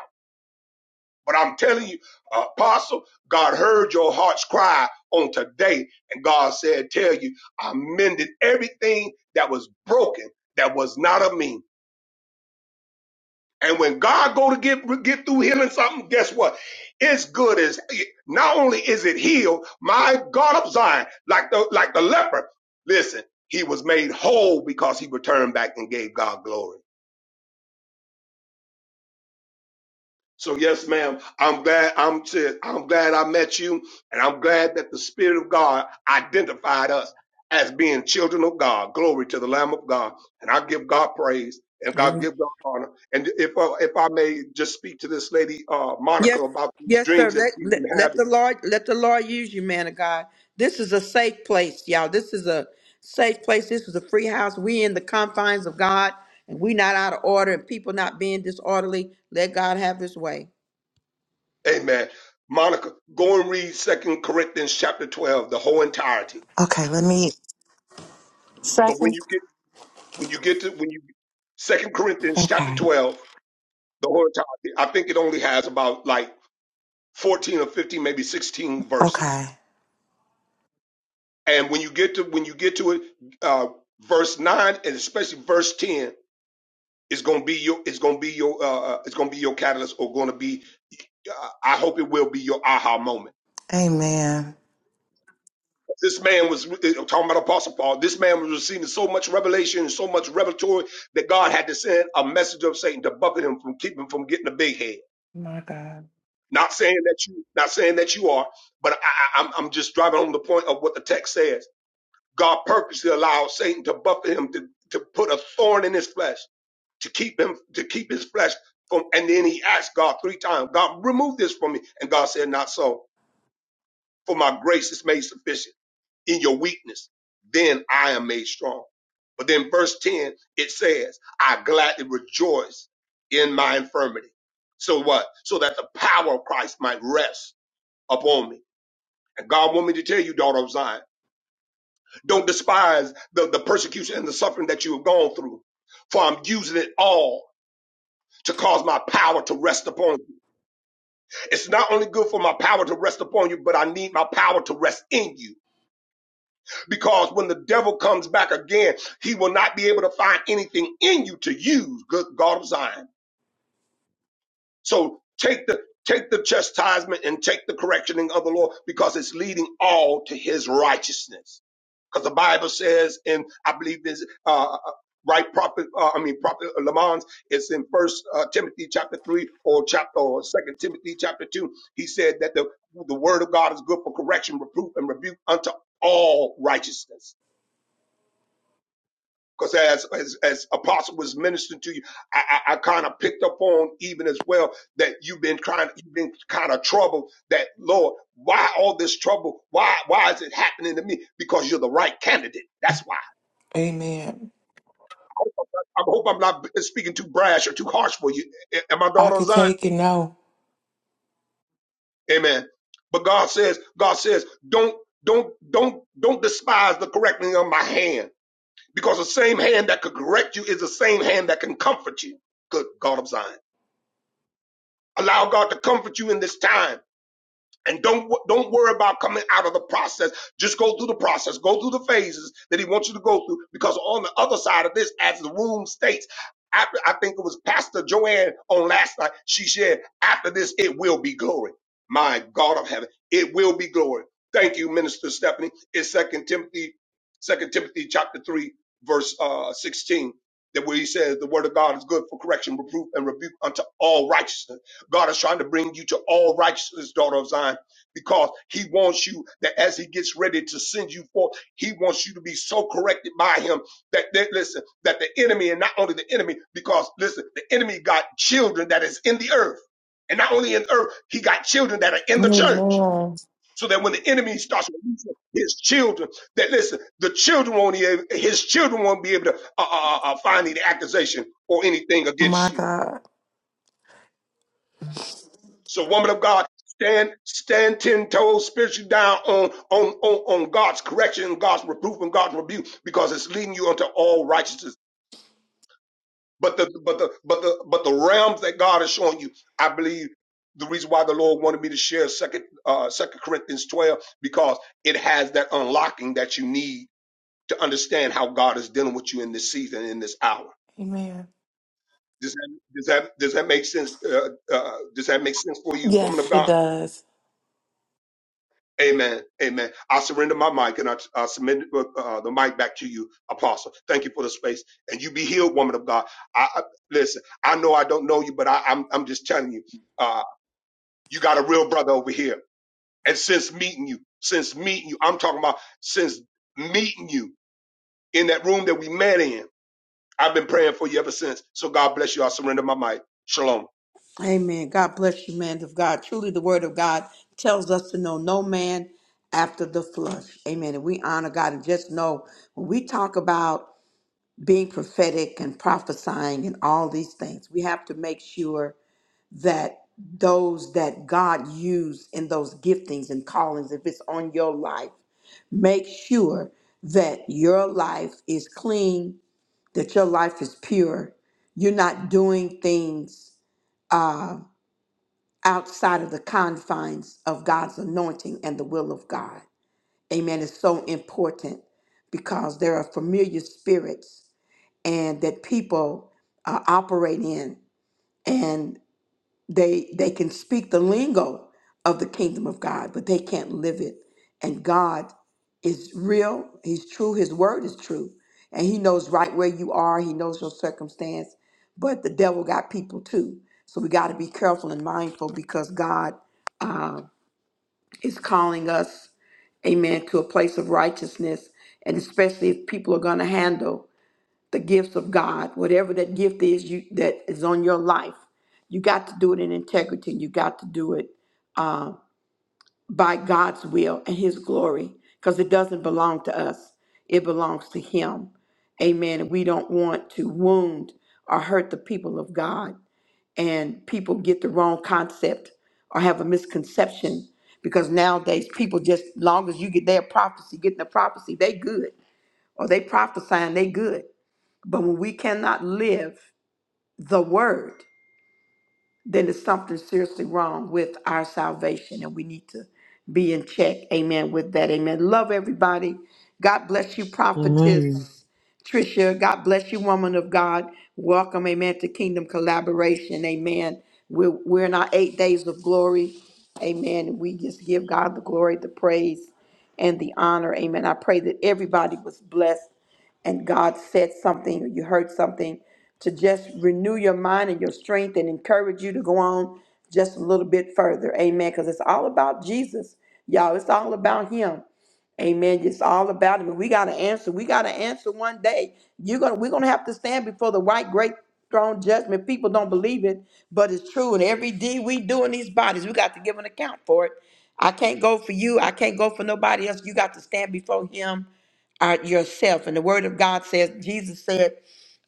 Speaker 6: But I'm telling you, uh, apostle, God heard your heart's cry on today. And God said, tell you, I mended everything that was broken that was not of me. And when God go to get get through healing something, guess what? It's good as not only is it healed, my God of Zion, like the like the leper. Listen, he was made whole because he returned back and gave God glory. So yes, ma'am. I'm glad I'm said, I'm glad I met you, and I'm glad that the Spirit of God identified us as being children of God. Glory to the Lamb of God, and I give God praise and God
Speaker 1: Amen.
Speaker 6: give God honor. And if uh, if I may just speak to this lady uh, Monica
Speaker 1: Yes,
Speaker 6: about these
Speaker 1: yes, sir.
Speaker 6: dreams that
Speaker 1: Let,
Speaker 6: she's
Speaker 1: let
Speaker 6: been
Speaker 1: let the
Speaker 6: having,
Speaker 1: Lord let the Lord use you, man of God. This is a safe place, y'all. This is a safe place. This is a free house. We in the confines of God, and we not out of order, and people not being disorderly. Let God have His way.
Speaker 6: Amen. Monica, go and read Second Corinthians chapter twelve, the whole entirety.
Speaker 8: Okay, let me.
Speaker 6: But when
Speaker 8: Second.
Speaker 6: you get when you get to when you Second Corinthians chapter
Speaker 8: Okay.
Speaker 6: twelve, the whole entirety, I think it only has about like 14 or 15, maybe 16 verses.
Speaker 8: Okay.
Speaker 6: And when you get to when you get to it, uh, verse nine and especially verse 10 is going to be your is going to be your uh, uh, it's going to be your catalyst or going to be uh, I hope it will be your aha moment.
Speaker 8: Amen.
Speaker 6: This man was I'm talking about Apostle Paul. This man was receiving so much revelation and so much revelatory that God had to send a messenger of Satan to buffet him from keep him from getting a big head.
Speaker 8: My God.
Speaker 6: Not saying that you not saying that you are, but I, I, I'm I'm just driving home the point of what the text says God purposely allowed Satan to buffet him to, to put a thorn in his flesh to keep him to keep his flesh from. And then he asked God three times, God, remove this from me. And God said, Not so, for my grace is made sufficient in your weakness. Then I am made strong. But then verse 10, it says, I gladly rejoice in my infirmity. So what? So that the power of Christ might rest upon me. And God want me to tell you, daughter of Zion. Don't despise the, the persecution and the suffering that you have gone through, for I'm using it all to cause my power to rest upon you. It's not only good for my power to rest upon you, but I need my power to rest in you. Because when the devil comes back again, he will not be able to find anything in you to use, good God of Zion. So take the take the chastisement and take the correctioning of the Lord because it's leading all to his righteousness. Because the Bible says, and I believe this, uh, uh, uh, right prophet, uh, I mean, prophet Lamont it's in first uh, Timothy chapter three or chapter or second Timothy chapter two. He said that the, the word of God is good for correction, reproof and rebuke unto all righteousness. Because as, as, as apostle was ministering to you, I, I, I kind of picked up on even as well that you've been kind of, you've been kind of troubled that Lord, why all this trouble? Why, why is it happening to me? Because you're the right candidate. That's why.
Speaker 8: Amen.
Speaker 6: I hope I'm not speaking too brash or too harsh for you. And my
Speaker 8: I
Speaker 6: daughter
Speaker 8: could
Speaker 6: Zion,
Speaker 8: take it. No.
Speaker 6: Amen. But God says, God says, don't, don't, don't, don't despise the correcting of my hand, because the same hand that could correct you is the same hand that can comfort you. Good God of Zion, allow God to comfort you in this time. And don't don't worry about coming out of the process. Just go through the process. Go through the phases that he wants you to go through. Because on the other side of this, as the room states, after, I think it was Pastor Joanne on last night. She said, "After this, it will be glory." My God of heaven, it will be glory. Thank you, Minister Stephanie. It's Second Timothy, Second Timothy chapter three, verse uh, sixteen. That where he says the word of God is good for correction, reproof, and rebuke unto all righteousness. God is trying to bring you to all righteousness, daughter of Zion because he wants you that as he gets ready to send you forth, he wants you to be so corrected by him that, that listen, that the enemy and not only the enemy, because listen, the enemy got children that is in the earth and not only in the earth, he got children that are in the church.
Speaker 8: Amen.
Speaker 6: So that when the enemy starts releasing his children, that listen, the children won't, be able- his children won't be able to uh, uh, uh, uh, find any accusation or anything
Speaker 8: My
Speaker 6: against you.
Speaker 8: God.
Speaker 6: So, woman of God, stand stand ten toes spiritually down on on on, on God's correction, and God's reproof, and God's rebuke, because it's leading you unto all righteousness. But the but the but the but the realms that God is showing you, I believe the reason why the Lord wanted me to share second uh second Corinthians 12, because it has that unlocking that you need to understand how God is dealing with you in this season, in this hour.
Speaker 8: Amen.
Speaker 6: Does that does that does that make sense? Uh, uh, does that make sense for you, woman of
Speaker 8: Yes, it
Speaker 6: God?
Speaker 8: does.
Speaker 6: Amen. Amen. I surrender my mic and I, I submit uh, uh, the mic back to you, Apostle. Thank you for the space. And you be healed, woman of God. I, I listen. I know I don't know you, but I, I'm I'm just telling you, uh, you got a real brother over here. And since meeting you, since meeting you, I'm talking about since meeting you in that room that we met in, I've been praying for you ever since. So God bless you. I surrender my mic. Shalom.
Speaker 1: Amen. God bless you, man of God. Truly, the word of God tells us to know no man after the flesh. Amen. And we honor God and just know when we talk about being prophetic and prophesying and all these things, we have to make sure that those that God used in those giftings and callings, if it's on your life, make sure that your life is clean, that your life is pure. You're not doing things. uh, outside of the confines of God's anointing and the will of God. Amen is so important because there are familiar spirits and that people uh, operate in and they they can speak the lingo of the kingdom of God, but they can't live it. And God is real, he's true, his word is true. And he knows right where you are, he knows your circumstance, but the devil got people too. So we got to be careful and mindful because God uh, is calling us, amen, to a place of righteousness. And especially if people are going to handle the gifts of God, whatever that gift is you, that is on your life, you got to do it in integrity. You got to do it by God's will and His glory because it doesn't belong to us, it belongs to Him. Amen. And we don't want to wound or hurt the people of God and people get the wrong concept or have a misconception because nowadays people just long as you get their prophecy, getting the prophecy, they good or they prophesying, they good. But when we cannot live the word, then there's something seriously wrong with our salvation and we need to be in check. Amen. With that, amen. Love everybody. God bless you,
Speaker 2: Amen.
Speaker 1: prophetess Trisha. God bless you, woman of God. Welcome, amen, to Kingdom Collaboration. Amen. We're, we're in our eight days of glory. Amen. And we just give God the glory, the praise, and the honor. Amen. I pray that everybody was blessed and God said something or you heard something to just renew your mind and your strength and encourage you to go on just a little bit further. Amen. Because it's all about Jesus, y'all. It's all about Him. Amen. It's all about Him. We got to answer. We got to answer one day. You're gonna. We're gonna have to stand before the white great throne judgment. People don't believe it, but it's true. And every deed we do in these bodies, we got to give an account for it. I can't go for you. I can't go for nobody else. You got to stand before Him are yourself. And the word of God says, Jesus said,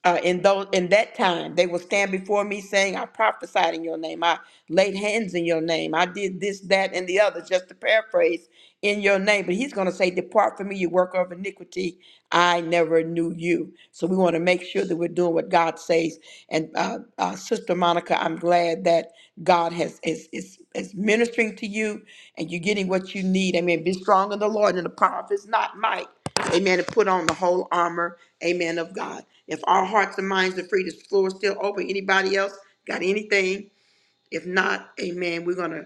Speaker 1: uh, in those in that time they will stand before me saying i prophesied in your name i laid hands in your name i did this that and the other just to paraphrase in your name but he's going to say depart from me you worker of iniquity i never knew you so we want to make sure that we're doing what god says and uh, uh, sister monica i'm glad that god has is, is is ministering to you and you're getting what you need amen be strong in the lord and in the power of his not might amen and put on the whole armor amen of god if all hearts and minds are free, this floor is still open. Anybody else got anything? If not, amen. We're gonna,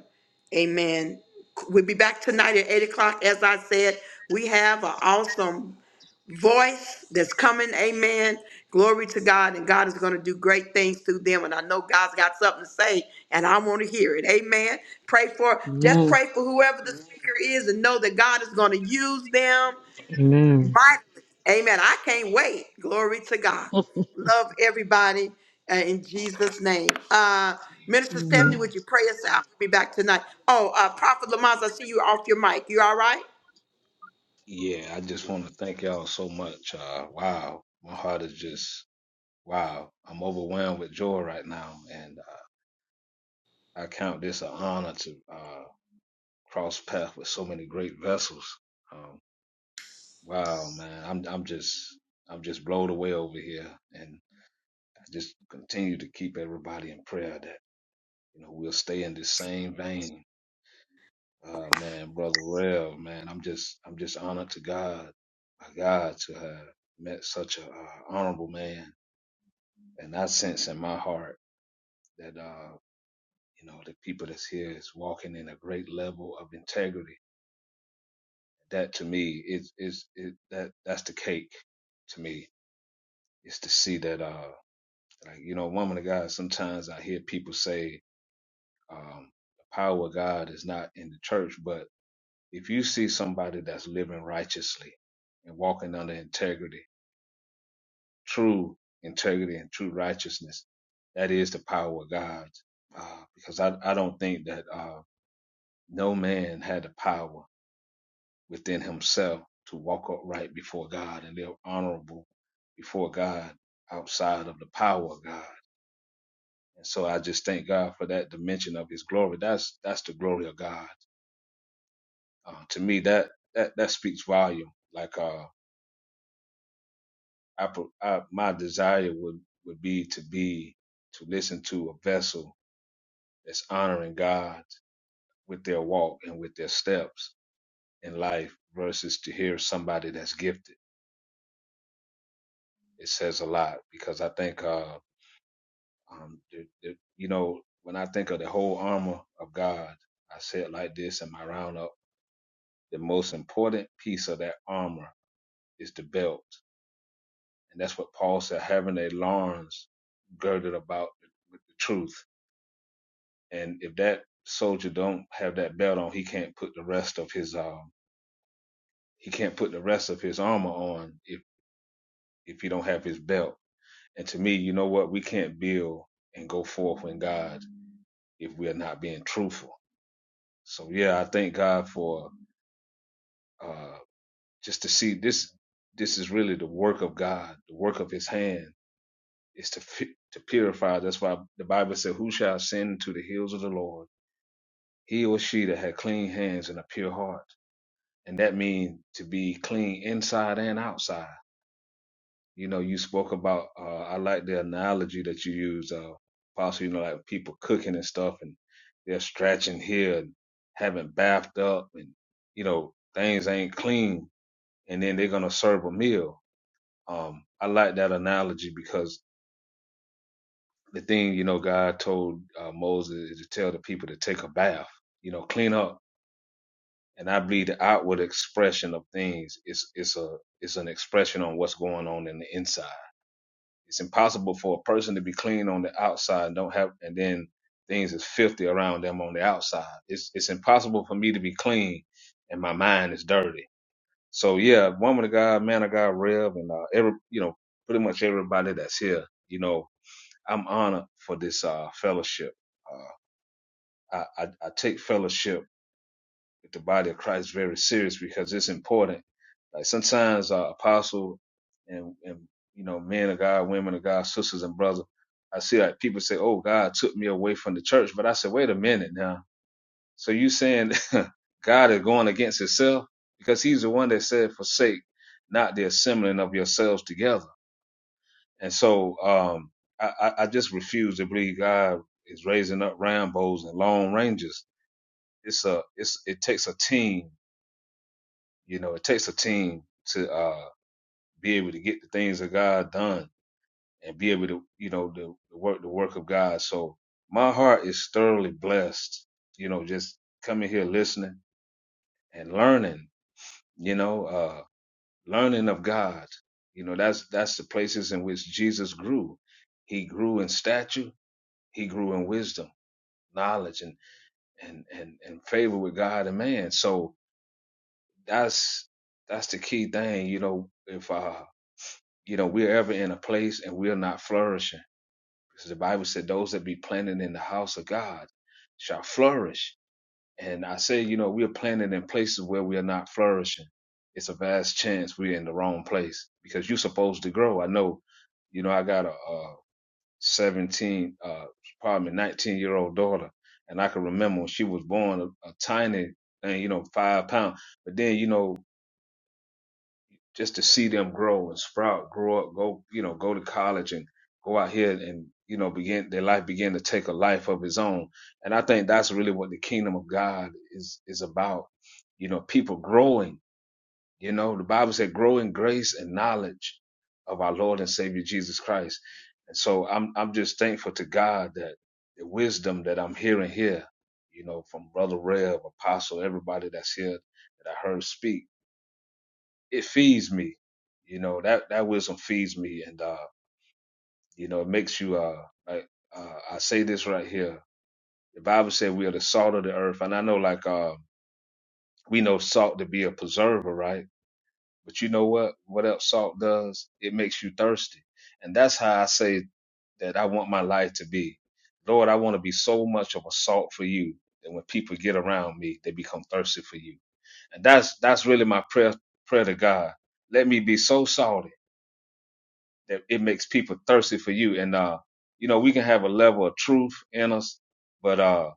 Speaker 1: amen. We'll be back tonight at eight o'clock. As I said, we have an awesome voice that's coming. Amen. Glory to God, and God is gonna do great things through them. And I know God's got something to say, and I want to hear it. Amen. Pray for just
Speaker 2: Amen.
Speaker 1: pray for whoever the speaker is, and know that God is gonna use them
Speaker 2: Amen.
Speaker 1: mightily. Amen. I can't wait. Glory to God. Love everybody uh, in Jesus' name. Uh, Minister Stephanie, would
Speaker 2: Amen.
Speaker 1: you pray us out? We'll be back tonight. Oh, uh, Prophet Lamont, I see you off your mic. You all right?
Speaker 3: Yeah, I just want to thank y'all so much. Uh, wow, my heart is just wow. I'm overwhelmed with joy right now, and I count this an honor to uh, cross path with so many great vessels. Um, wow, man, I'm I'm just I'm just blown away over here, and I just continue to keep everybody in prayer that you know we'll stay in this same vein. Uh, man, brother Rev, man, I'm just I'm just honored to God, my God, to have met such a uh, honorable man, and I sense in my heart that uh, you know the people that's here is walking in a great level of integrity that to me is is it, that that's the cake to me is to see that uh like you know woman of God sometimes I hear people say um the power of God is not in the church but if you see somebody that's living righteously and walking under integrity true integrity and true righteousness that is the power of God uh, because I I don't think that uh no man had the power within himself to walk upright before God and live honorable before God outside of the power of God. And so I just thank God for that dimension of his glory. That's that's the glory of God. Uh, to me that that that speaks volume. Like uh I, I my desire would would be to be to listen to a vessel that's honoring God with their walk and with their steps in life versus to hear somebody that's gifted. It says a lot because I think uh Um, the, the, you know, when I think of the whole armor of God, I say it like this in my roundup: the most important piece of that armor is the belt, and that's what Paul said, having a loins girded about with the truth. And if that soldier don't have that belt on, he can't put the rest of his um, he can't put the rest of his armor on if if he don't have his belt. And to me, you know what? We can't build and go forth in God if we are not being truthful So yeah, I thank God for uh, just to see this. This is really the work of God, the work of His hand is to fi- to purify. That's why the Bible said, "Who shall ascend to the hills of the Lord? He or she that had clean hands and a pure heart." And that means to be clean inside and outside. You know, you spoke about. Uh, I like the analogy that you use, uh, Apostle. You know, like people cooking and stuff, and they're scratching here and haven't bathed up, and you know things ain't clean and then they're gonna serve a meal. Um, I like that analogy because the thing you know God told uh, Moses is to tell the people to take a bath, you know, clean up. And I believe the outward expression of things is it's a it's an expression on what's going on in the inside. It's impossible for a person to be clean on the outside and don't have and then things is filthy around them on the outside. It's it's impossible for me to be clean and my mind is dirty So yeah, woman of God, man of God, Rev, and uh, every you know pretty much everybody that's here, you know, I'm honored for this uh, fellowship. Uh, I, I I take fellowship with the body of Christ very serious because it's important. Like sometimes uh, apostle and and you know men of God, women of God, sisters and brothers. I see like people say, "Oh, God took me away from the church," but I said, "Wait a minute now." So you saying God is going against himself because he's the one that said, forsake not the assembling of yourselves together. And so, um, I, I I just refuse to believe God is raising up Rambos and Lone Rangers. It's a, it's, it takes a team, you know, it takes a team to, uh, be able to get the things of God done and be able to, you know, to, to work the work of God. So my heart is thoroughly blessed, you know, just coming here listening and learning you know uh learning of god you know that's that's the places in which jesus grew he grew in stature he grew in wisdom knowledge and and and, and favor with god and man so that's that's the key thing you know if uh you know we're ever in a place and we're not flourishing because the bible said those that be planted in the house of god shall flourish And I say, you know, we are planted in places where we are not flourishing. It's a vast chance we're in the wrong place because you're supposed to grow. I know, you know, I got a, a 17, uh, pardon 19 year old daughter. And I can remember when she was born a, a tiny thing, you know, five pound. But then, you know, just to see them grow and sprout, grow up, go, you know, go to college and go out here and, you know, begin their life begin to take a life of its own. And I think that's really what the kingdom of God is is about. You know, people growing, you know, the Bible said grow in grace and knowledge of our Lord and Savior Jesus Christ. And so I'm I'm just thankful to God that the wisdom that I'm hearing here, you know, from Brother Rev, Apostle, everybody that's here that I heard speak it feeds me. You know that that wisdom feeds me, and uh, you know it makes you. Uh, like uh, I say this right here. The Bible said we are the salt of the earth, and I know like uh, we know salt to be a preserver, right? But you know what? What else salt does? It makes you thirsty, and that's how I say that I want my life to be. Lord, I want to be so much of a salt for you that when people get around me, they become thirsty for you. And that's that's really my prayer prayer to God. Let me be so salty that it makes people thirsty for you. And uh, you know, we can have a level of truth in us, but uh,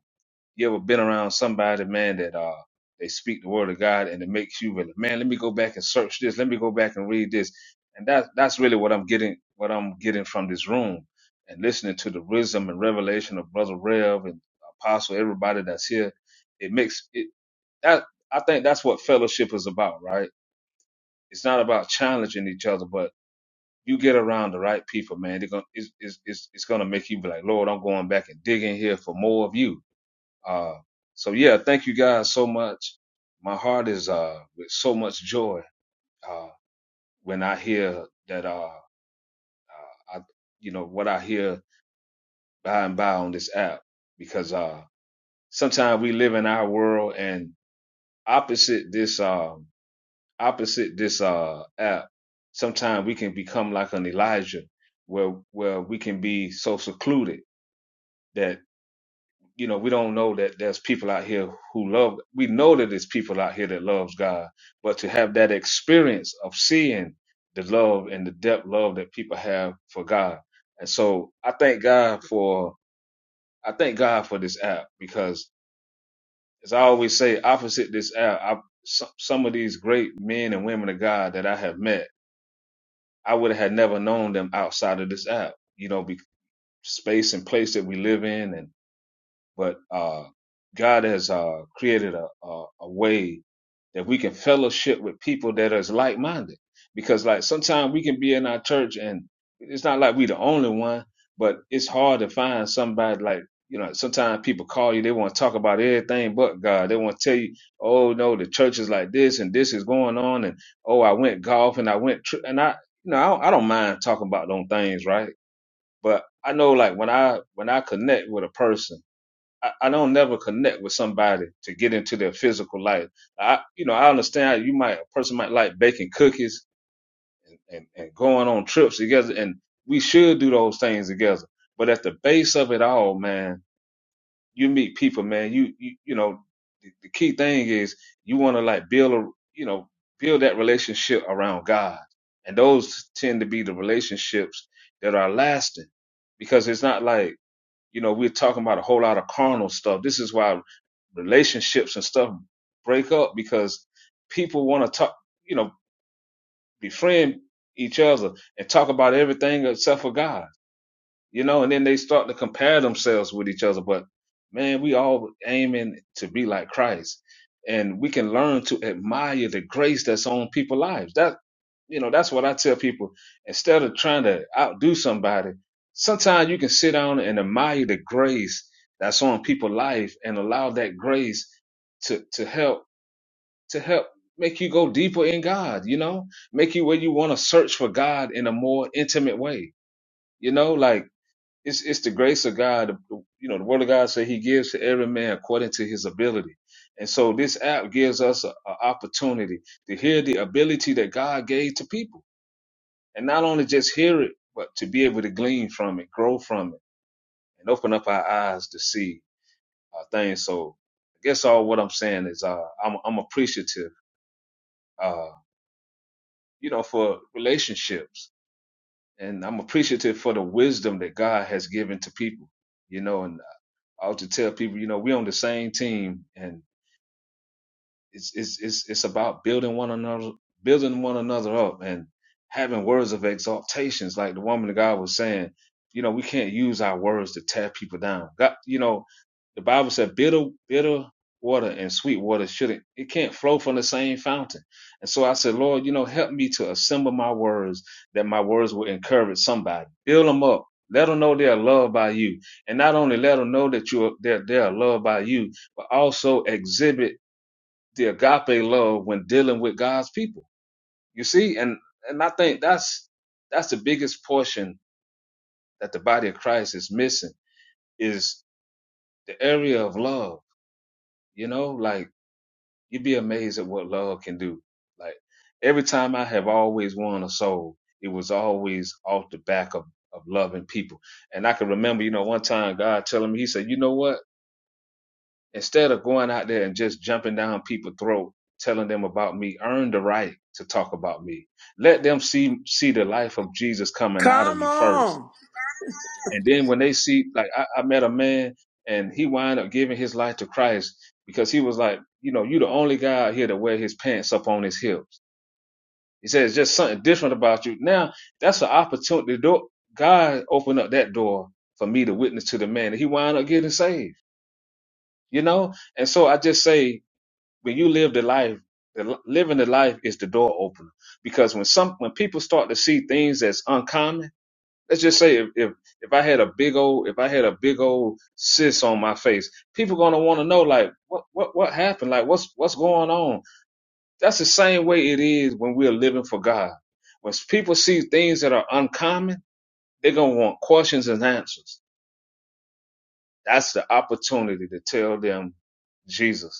Speaker 3: you ever been around somebody, man, that uh, they speak the word of God and it makes you really, man, let me go back and search this, let me go back and read this, and that's that's really what I'm getting, what I'm getting from this room and listening to the wisdom and revelation of Brother Rev and Apostle, everybody that's here. It makes it that I think that's what fellowship is about, right? It's not about challenging each other, but you get around the right people, man, they're gonna it's it's it's, it's gonna make you be like, Lord, I'm going back and digging here for more of you. Uh, so yeah, thank you guys so much. My heart is uh with so much joy uh when I hear that uh I you know what I hear by and by on this app because uh sometimes we live in our world and opposite this um opposite this uh app sometimes we can become like an Elijah where where we can be so secluded that you know we don't know that there's people out here who love we know that there's people out here that loves god but to have that experience of seeing the love and the depth love that people have for god and so i thank god for i thank god for this app because as i always say opposite this app I, some, some of these great men and women of god that i have met i would have never known them outside of this app you know be, space and place that we live in and but uh, God has uh, created a, a, a way that we can fellowship with people that is like minded. Because like sometimes we can be in our church and it's not like we the only one, but it's hard to find somebody like you know. Sometimes people call you, they want to talk about everything but God. They want to tell you, oh no, the church is like this and this is going on, and oh I went golf and I went tri-, and I you know I don't, I don't mind talking about those things, right? But I know like when I when I connect with a person I, I don't never connect with somebody to get into their physical life. I, you know, I understand you might a person might like baking cookies and, and going on trips together, and we should do those things together. But at the base of it all, man, you meet people, man. You you, you know, the, the key thing is you want to like build a you know build that relationship around God, and those tend to be the relationships that are lasting because it's not like you know, we're talking about a whole lot of carnal stuff. This is why relationships and stuff break up because people want to talk, you know, befriend each other and talk about everything except for God you know, and then they start to compare themselves with each other. But man, we all aiming to be like Christ, and we can learn to admire the grace that's on people's lives. That you know, that's what I tell people. Instead of trying to outdo somebody, sometimes you can sit down and admire the grace that's on people's life, and allow that grace to to help to help make you go deeper in God. You know, make you where you want to search for God in a more intimate way. You know, like it's it's the grace of God. You know, the Word of God says He gives to every man according to his ability, and so this app gives us an opportunity to hear the ability that God gave to people, and not only just hear it, but to be able to glean from it, grow from it, and open up our eyes to see uh, things. So, I guess all what I'm saying is uh, I'm I'm appreciative, uh, you know, for relationships, and I'm appreciative for the wisdom that God has given to people. You know, and. I ought to tell people, you know, we on the same team and it's it's it's it's about building one another building one another up and having words of exaltations like the woman of God was saying you know we can't use our words to tear people down God, you know the Bible said bitter bitter water and sweet water shouldn't it can't flow from the same fountain and so I said Lord you know help me to assemble my words that my words will encourage somebody build them up let them know they're loved by you and not only let them know that you are they're, they're loved by you but also exhibit the agape love when dealing with God's people. You see, and and I think that's that's the biggest portion that the body of Christ is missing is the area of love. You know, like you'd be amazed at what love can do. Like every time I have always won a soul, it was always off the back of of loving people. And I can remember, you know, one time God telling me, He said, "You know what? Instead of going out there and just jumping down people's throat, telling them about me, earn the right to talk about me. Let them see see the life of Jesus coming out of
Speaker 1: Come
Speaker 3: you first.
Speaker 1: on.
Speaker 3: And then when they see, like I, I met a man and he wound up giving his life to Christ because he was like, you know, you the only guy out here to wear his pants up on his hips. He says just something different about you. Now that's an opportunity. God opened up that door for me to witness to the man. And he wound up getting saved. You know? And so I just say when you live the life, the, living the life is the door opener. Because when some when people start to see things that's uncommon, let's just say if if, if I had a big old if I had a big old cyst on my face, people gonna want to know like what what what happened, like what's what's going on. That's the same way it is when we're living for God. When people see things that are uncommon, they're gonna want questions and answers. That's the opportunity to tell them Jesus.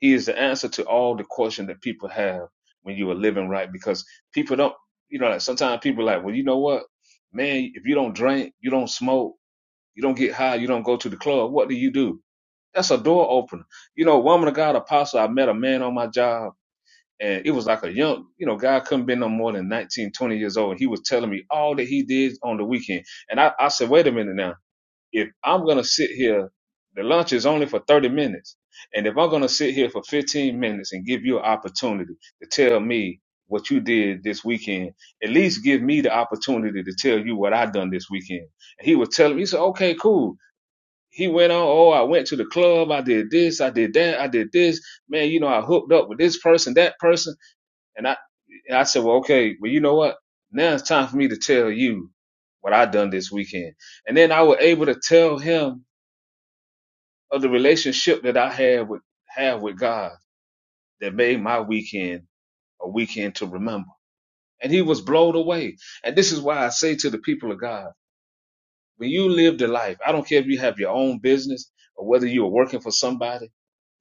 Speaker 3: He is the answer to all the question that people have when you are living right because people don't, you know, like sometimes people are like, well, you know what, man, if you don't drink, you don't smoke, you don't get high, you don't go to the club, what do you do? That's a door opener. You know, woman of God, apostle, I met a man on my job and it was like a young, you know, guy couldn't be no more than 19, 20 years old. And he was telling me all that he did on the weekend. And I, I said, wait a minute now if I'm gonna sit here, the lunch is only for 30 minutes. And if I'm gonna sit here for 15 minutes and give you an opportunity to tell me what you did this weekend, at least give me the opportunity to tell you what I done this weekend. And he was telling me, he said, okay, cool. He went on, oh, I went to the club, I did this, I did that, I did this. Man, you know, I hooked up with this person, that person. And I and I said, well, okay, well, you know what? Now it's time for me to tell you what I done this weekend. And then I was able to tell him of the relationship that I had with have with God that made my weekend a weekend to remember. And he was blown away. And this is why I say to the people of God, when you live the life, I don't care if you have your own business or whether you are working for somebody,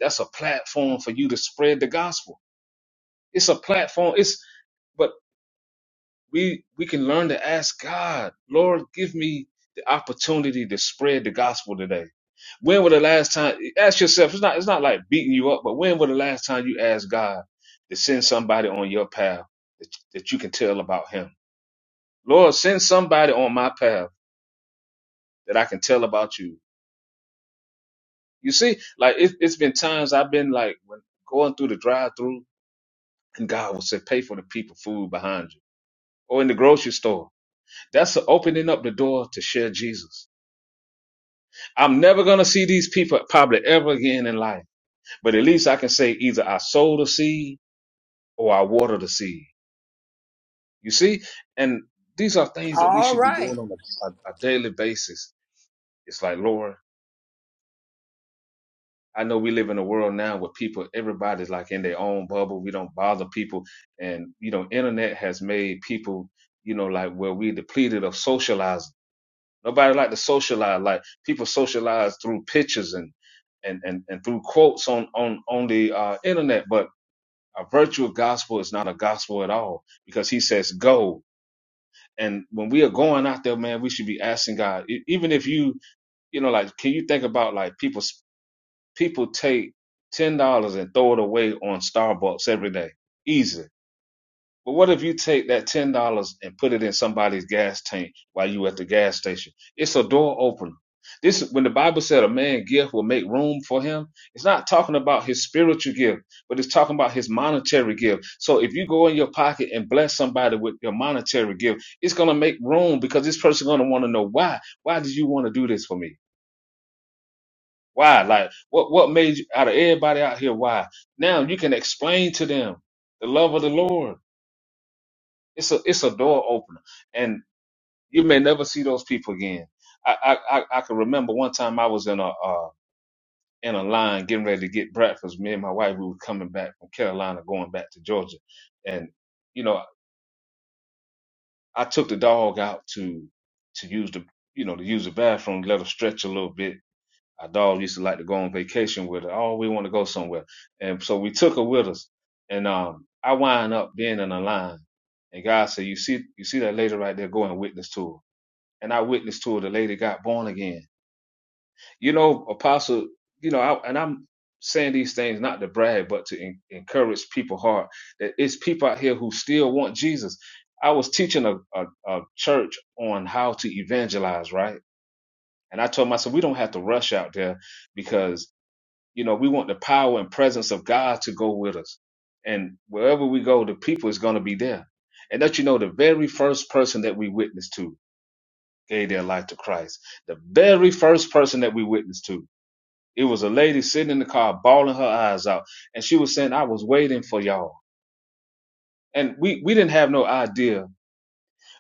Speaker 3: that's a platform for you to spread the gospel. It's a platform. It's but we we can learn to ask God, Lord, give me the opportunity to spread the gospel today. When was the last time? Ask yourself. It's not. It's not like beating you up, but when was the last time you asked God to send somebody on your path that, that you can tell about Him? Lord, send somebody on my path that I can tell about you. You see, like it, it's been times I've been like when going through the drive-through, and God will say, "Pay for the people food behind you," or in the grocery store. That's opening up the door to share Jesus. I'm never gonna see these people probably ever again in life, but at least I can say either I sowed a seed or I water the seed. You see? And these are things that we
Speaker 1: All
Speaker 3: should be
Speaker 1: right.
Speaker 3: doing on a, a, a daily basis. It's like, Lord, I know we live in a world now where people, everybody's like in their own bubble. We don't bother people. And, you know, internet has made people, you know, like where we depleted of socializing. Nobody like to socialize. Like people socialize through pictures and, and, and, and through quotes on, on, on the uh, internet. But a virtual gospel is not a gospel at all because he says, go And when we are going out there, man, we should be asking God. E- Even if you, you know, like, can you think about like people? People take ten dollars and throw it away on Starbucks every day, easy but what if you take that ten dollars and put it in somebody's gas tank while you at the gas station? It's a door opener. This when the Bible said a man's gift will make room for him, it's not talking about his spiritual gift, but it's talking about his monetary gift. So if you go in your pocket and bless somebody with your monetary gift, it's gonna make room because this person's gonna want to know why. Why did you want to do this for me? Why? Like what what made you out of everybody out here, why? Now you can explain to them the love of the Lord. It's a it's a door opener, and you may never see those people again. I I I, I can remember one time I was in a uh, in a line getting ready to get breakfast. Me and my wife we were coming back from Carolina, going back to Georgia, and you know I took the dog out to to use the you know to use the bathroom, let her stretch a little bit. Our dog used to like to go on vacation with her. Oh, we want to go somewhere, and so we took her with us. And um, I wind up being in a line, and God said, "You see, you see that lady right there? Go and witness to her." and I witnessed to her. The lady got born again. You know, Apostle. You know, I, and I'm saying these things not to brag, but to en- encourage people Heart That it's people out here who still want Jesus. I was teaching a, a, a church on how to evangelize, right? And I told myself we don't have to rush out there because you know we want the power and presence of God to go with us, and wherever we go, the people is going to be there. And that you know, the very first person that we witnessed to gave their life to Christ. The very first person that we witnessed to, it was a lady sitting in the car, bawling her eyes out, and she was saying, "I was waiting for y'all." And we we didn't have no idea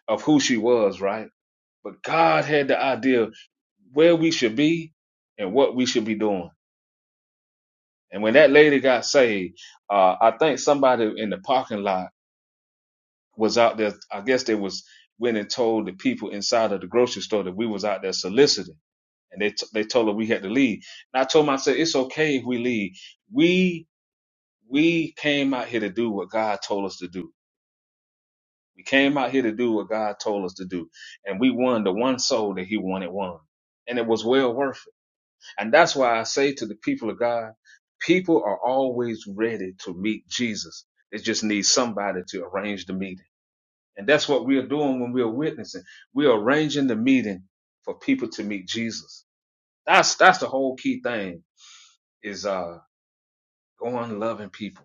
Speaker 3: of who she was, right? But God had the idea where we should be and what we should be doing. And when that lady got saved, uh, I think somebody in the parking lot was out there. I guess they was went and told the people inside of the grocery store that we was out there soliciting. and they t- they told her we had to leave. And I told them, I said, it's okay if we leave. We we came out here to do what God told us to do. We came out here to do what God told us to do, and we won the one soul that He wanted won, and it was well worth it. And that's why I say to the people of God, people are always ready to meet Jesus. They just need somebody to arrange the meeting, and that's what we are doing when we are witnessing. We are arranging the meeting for people to meet Jesus. That's that's the whole key thing is uh go on loving people.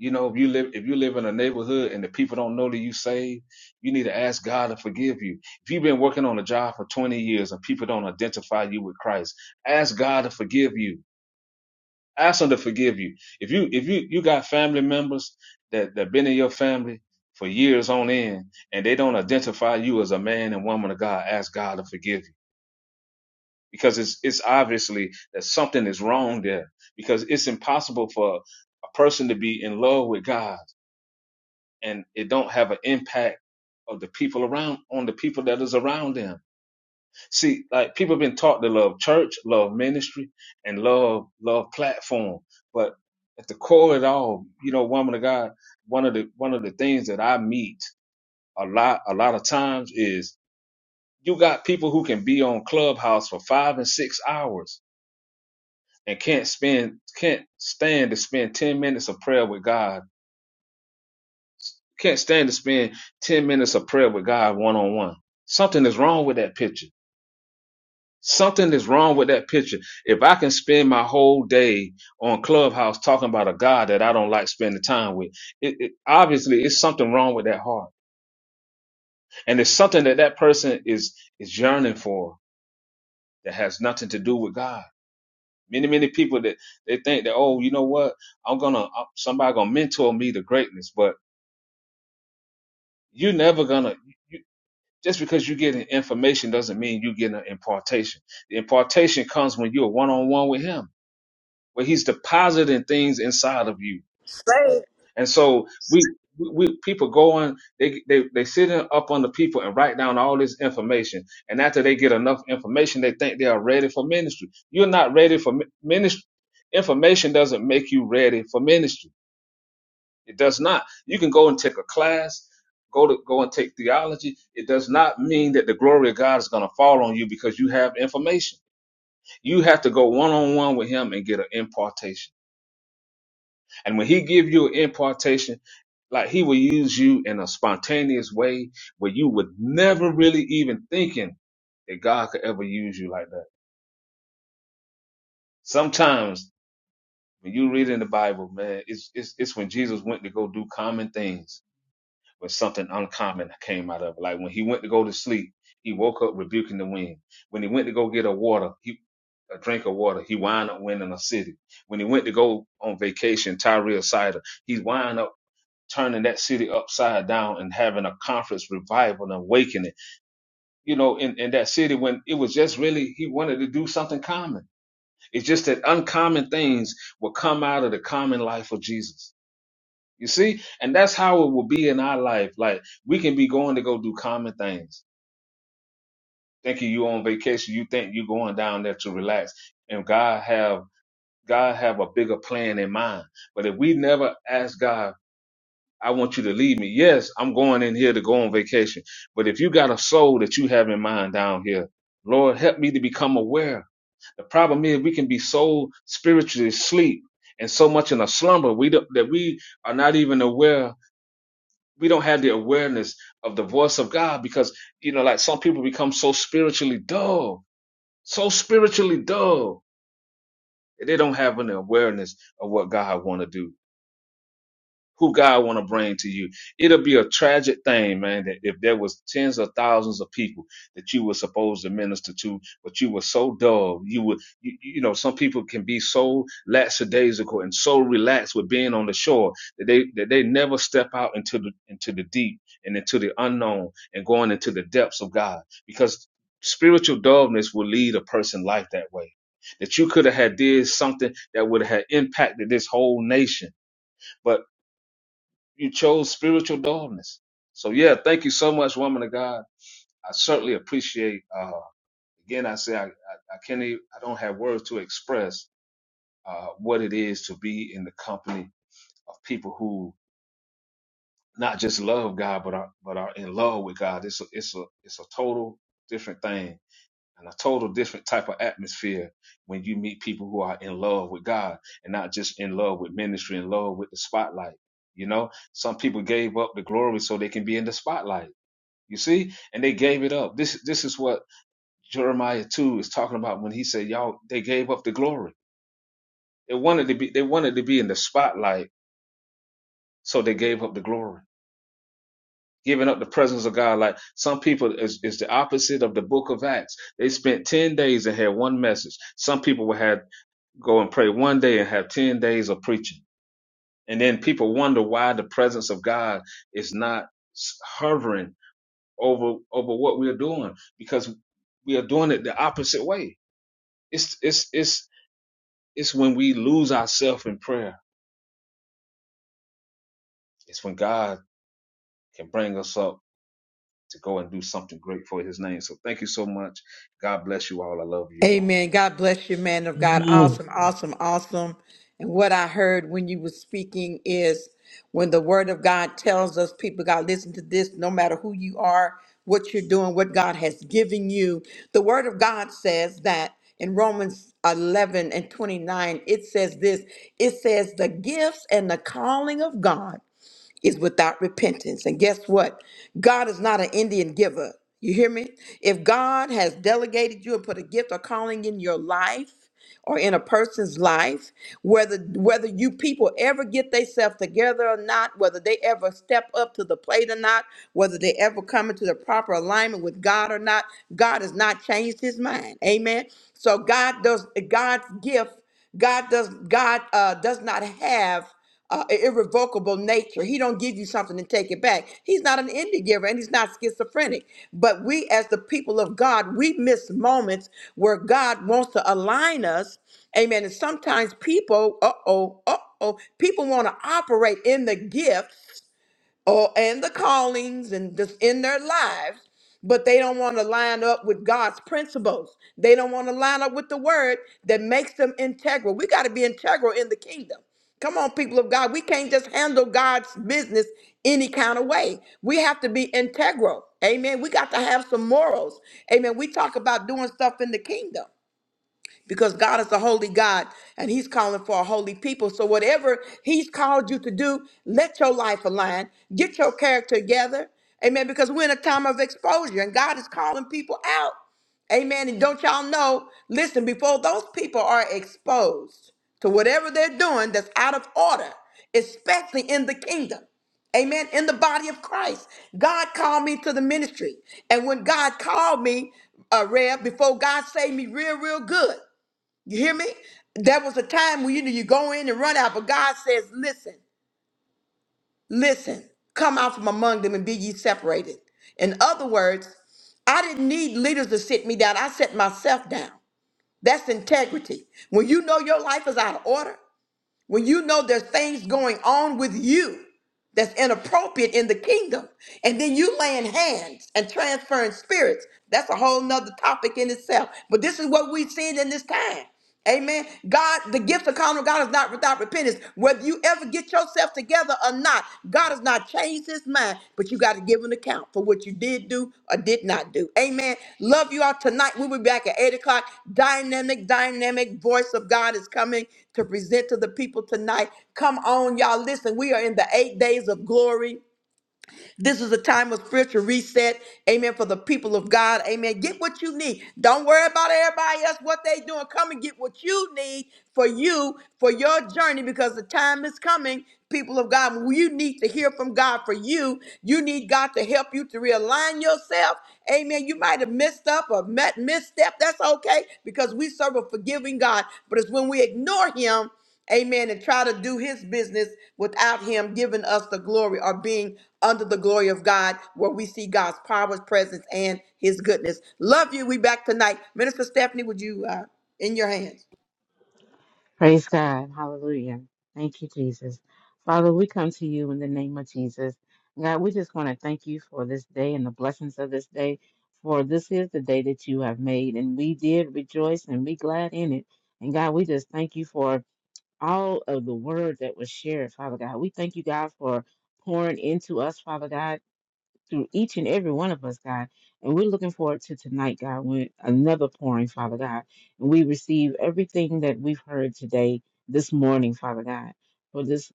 Speaker 3: You know, if you live if you live in a neighborhood and the people don't know that you saved, you need to ask God to forgive you. If you've been working on a job for 20 years and people don't identify you with Christ, ask God to forgive you. Ask him to forgive you. If you if you you got family members that that been in your family for years on end and they don't identify you as a man and woman of God, ask God to forgive you because it's it's obviously that something is wrong there because it's impossible for a person to be in love with God and it don't have an impact of the people around on the people that is around them. See, like people have been taught to love church, love ministry, and love love platform. But at the core of it all, you know, woman of God, one of the one of the things that I meet a lot a lot of times is you got people who can be on Clubhouse for five and six hours and can't spend can't stand to spend 10 minutes of prayer with God. Can't stand to spend 10 minutes of prayer with God one on one. Something is wrong with that picture. Something is wrong with that picture. If I can spend my whole day on Clubhouse talking about a God that I don't like spending time with, it, it obviously it's something wrong with that heart. And it's something that that person is is yearning for that has nothing to do with God. Many, many people that they think that, oh, you know what? I'm gonna, somebody gonna mentor me to greatness, but you're never gonna you, just because you're getting information doesn't mean you get an impartation. The impartation comes when you're one on one with him, where he's depositing things inside of you. And so we, we, we people go on, they, they, they sit in, up on the people and write down all this information. And after they get enough information, they think they are ready for ministry. You're not ready for ministry. Information doesn't make you ready for ministry. It does not. You can go and take a class, go to go and take theology. It does not mean that the glory of God is going to fall on you because you have information. You have to go one on one with Him and get an impartation. And when He give you an impartation, like He will use you in a spontaneous way where you would never really even thinking that God could ever use you like that. Sometimes when you read in the Bible, man, it's it's, it's when Jesus went to go do common things but something uncommon came out of it. Like when he went to go to sleep, he woke up rebuking the wind. When he went to go get a water, he a drink of water, he wound up winning a city. When he went to go on vacation, Tyrell Cider, he wound up turning that city upside down and having a conference revival and awakening. You know, in, in that city when it was just really he wanted to do something common. It's just that uncommon things will come out of the common life of Jesus you see? And that's how it will be in our life. Like we can be going to go do common things. Thinking you on vacation, you think you going down there to relax. And God have God have a bigger plan in mind. But if we never ask God, I want you to lead me. Yes, I'm going in here to go on vacation. But if you got a soul that you have in mind down here, Lord, help me to become aware. The problem is we can be so spiritually asleep and so much in a slumber we don't, that we are not even aware we don't have the awareness of the voice of God because you know, like some people become so spiritually dull, so spiritually dull, they don't have an awareness of what God want to do who God want to bring to you. It'll be a tragic thing, man, that if there was tens of thousands of people that you were supposed to minister to, but you were so dull, you were, you, you know, some people can be so lackadaisical and so relaxed with being on the shore that they that they never step out into the into the deep and into the unknown and going into the depths of God because spiritual dullness will lead a person life that way. That you could have had did something that would have impacted this whole nation but. You chose spiritual dullness. So yeah, thank you so much, woman of God. I certainly appreciate. Uh, again, I say I, I, I can't. Even, I don't have words to express uh, what it is to be in the company of people who not just love God, but are but are in love with God. It's a, it's a it's a total different thing and a total different type of atmosphere when you meet people who are in love with God and not just in love with ministry, in love with the spotlight. You know, some people gave up the glory so they can be in the spotlight You see? And they gave it up. This this is what Jeremiah 2 is talking about when he said, Y'all, they gave up the glory. They wanted to be they wanted to be in the spotlight, so they gave up the glory. Giving up the presence of God. Like some people is, is the opposite of the book of Acts. They spent 10 days and had one message. Some people would have go and pray one day and have 10 days of preaching. And then people wonder why the presence of God is not hovering over over what we're doing because we are doing it the opposite way It's it's it's it's when we lose ourselves in prayer. It's when God can bring us up to go and do something great for His name. So thank you so much. God bless you all. I love you all.
Speaker 1: Amen. God bless you, man of God.
Speaker 2: Amen.
Speaker 1: Awesome, awesome, awesome. And what I heard when you were speaking is when the word of God tells us, people, God, listen to this, no matter who you are, what you're doing, what God has given you. The word of God says that in Romans 11 and 29, it says this it says, the gifts and the calling of God is without repentance. And guess what? God is not an Indian giver. You hear me? If God has delegated you and put a gift or calling in your life or in a person's life, whether whether you people ever get themselves together or not, whether they ever step up to the plate or not, whether they ever come into the proper alignment with God or not, God has not changed his mind. Amen. So God does God's gift, God does God uh, does not have uh, irrevocable nature. He don't give you something and take it back. He's not an indie giver and he's not schizophrenic. But we, as the people of God, we miss moments where God wants to align us. Amen. And sometimes people, uh oh, uh oh, people want to operate in the gifts or and the callings and just in their lives but they don't want to line up with god's principles they don't want to line up with the word that makes them integral we got to be integral in the kingdom come on people of god we can't just handle god's business any kind of way we have to be integral amen we got to have some morals amen we talk about doing stuff in the kingdom because God is a holy God and He's calling for a holy people. So, whatever He's called you to do, let your life align, get your character together. Amen. Because we're in a time of exposure and God is calling people out. Amen. And don't y'all know, listen, before those people are exposed to whatever they're doing that's out of order, especially in the kingdom, Amen. In the body of Christ, God called me to the ministry. And when God called me, uh, Rev, before God saved me real, real good. You hear me? There was a time when you know you go in and run out, but God says, listen, listen, come out from among them and be ye separated. In other words, I didn't need leaders to sit me down. I set myself down. That's integrity. When you know your life is out of order, when you know there's things going on with you that's inappropriate in the kingdom, and then you laying hands and transferring spirits, that's a whole nother topic in itself. But this is what we've seen in this time. Amen. God, the gift of common God is not without repentance. Whether you ever get yourself together or not, God has not changed his mind, but you got to give an account for what you did do or did not do. Amen. Love you all tonight. We'll be back at 8 o'clock. Dynamic, dynamic voice of God is coming to present to the people tonight. Come on, y'all. Listen, we are in the eight days of glory. This is a time of spiritual reset. Amen. For the people of God. Amen. Get what you need. Don't worry about everybody else, what they doing. Come and get what you need for you, for your journey, because the time is coming, people of God. when You need to hear from God for you. You need God to help you to realign yourself. Amen. You might have messed up or met misstep. That's okay because we serve a forgiving God. But it's when we ignore Him amen, and try to do his business without him giving us the glory or being under the glory of God where we see God's power, presence, and his goodness. Love you. We back tonight. Minister Stephanie, would you, uh, in your hands.
Speaker 2: Praise God. Hallelujah. Thank you, Jesus. Father, we come to you in the name of Jesus. God, we just want to thank you for this day and the blessings of this day, for this is the day that you have made, and we did rejoice and be glad in it. And God, we just thank you for all of the word that was shared, Father God. We thank you, God, for pouring into us, Father God. through each and every one of us, God. And we're looking forward to tonight, God, when another pouring, Father God. And we receive everything that we've heard today, this morning, Father God. For this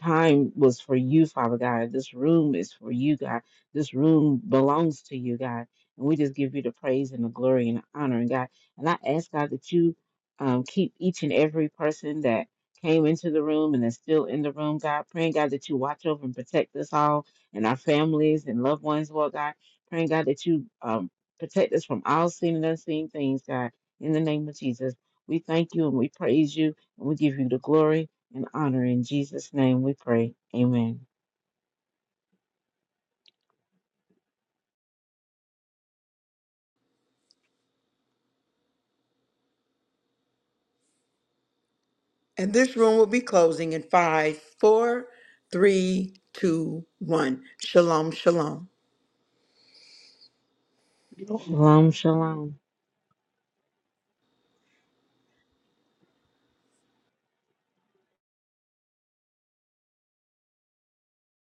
Speaker 2: time was for you, Father God. This room is for you, God. This room belongs to you, God. And we just give you the praise and the glory and the honor, and God. And I ask, God, that you um, keep each and every person that came into the room and is still in the room, God. Praying, God, that you watch over and protect us all and our families and loved ones, Lord God. Praying, God, that you um, protect us from all seen and unseen things, God, in the name of Jesus. We thank you and we praise you and we give you the glory and honor. In Jesus' name we pray. Amen.
Speaker 1: And this room will be closing in five, four, three, two, one. Shalom, shalom.
Speaker 2: Shalom, shalom.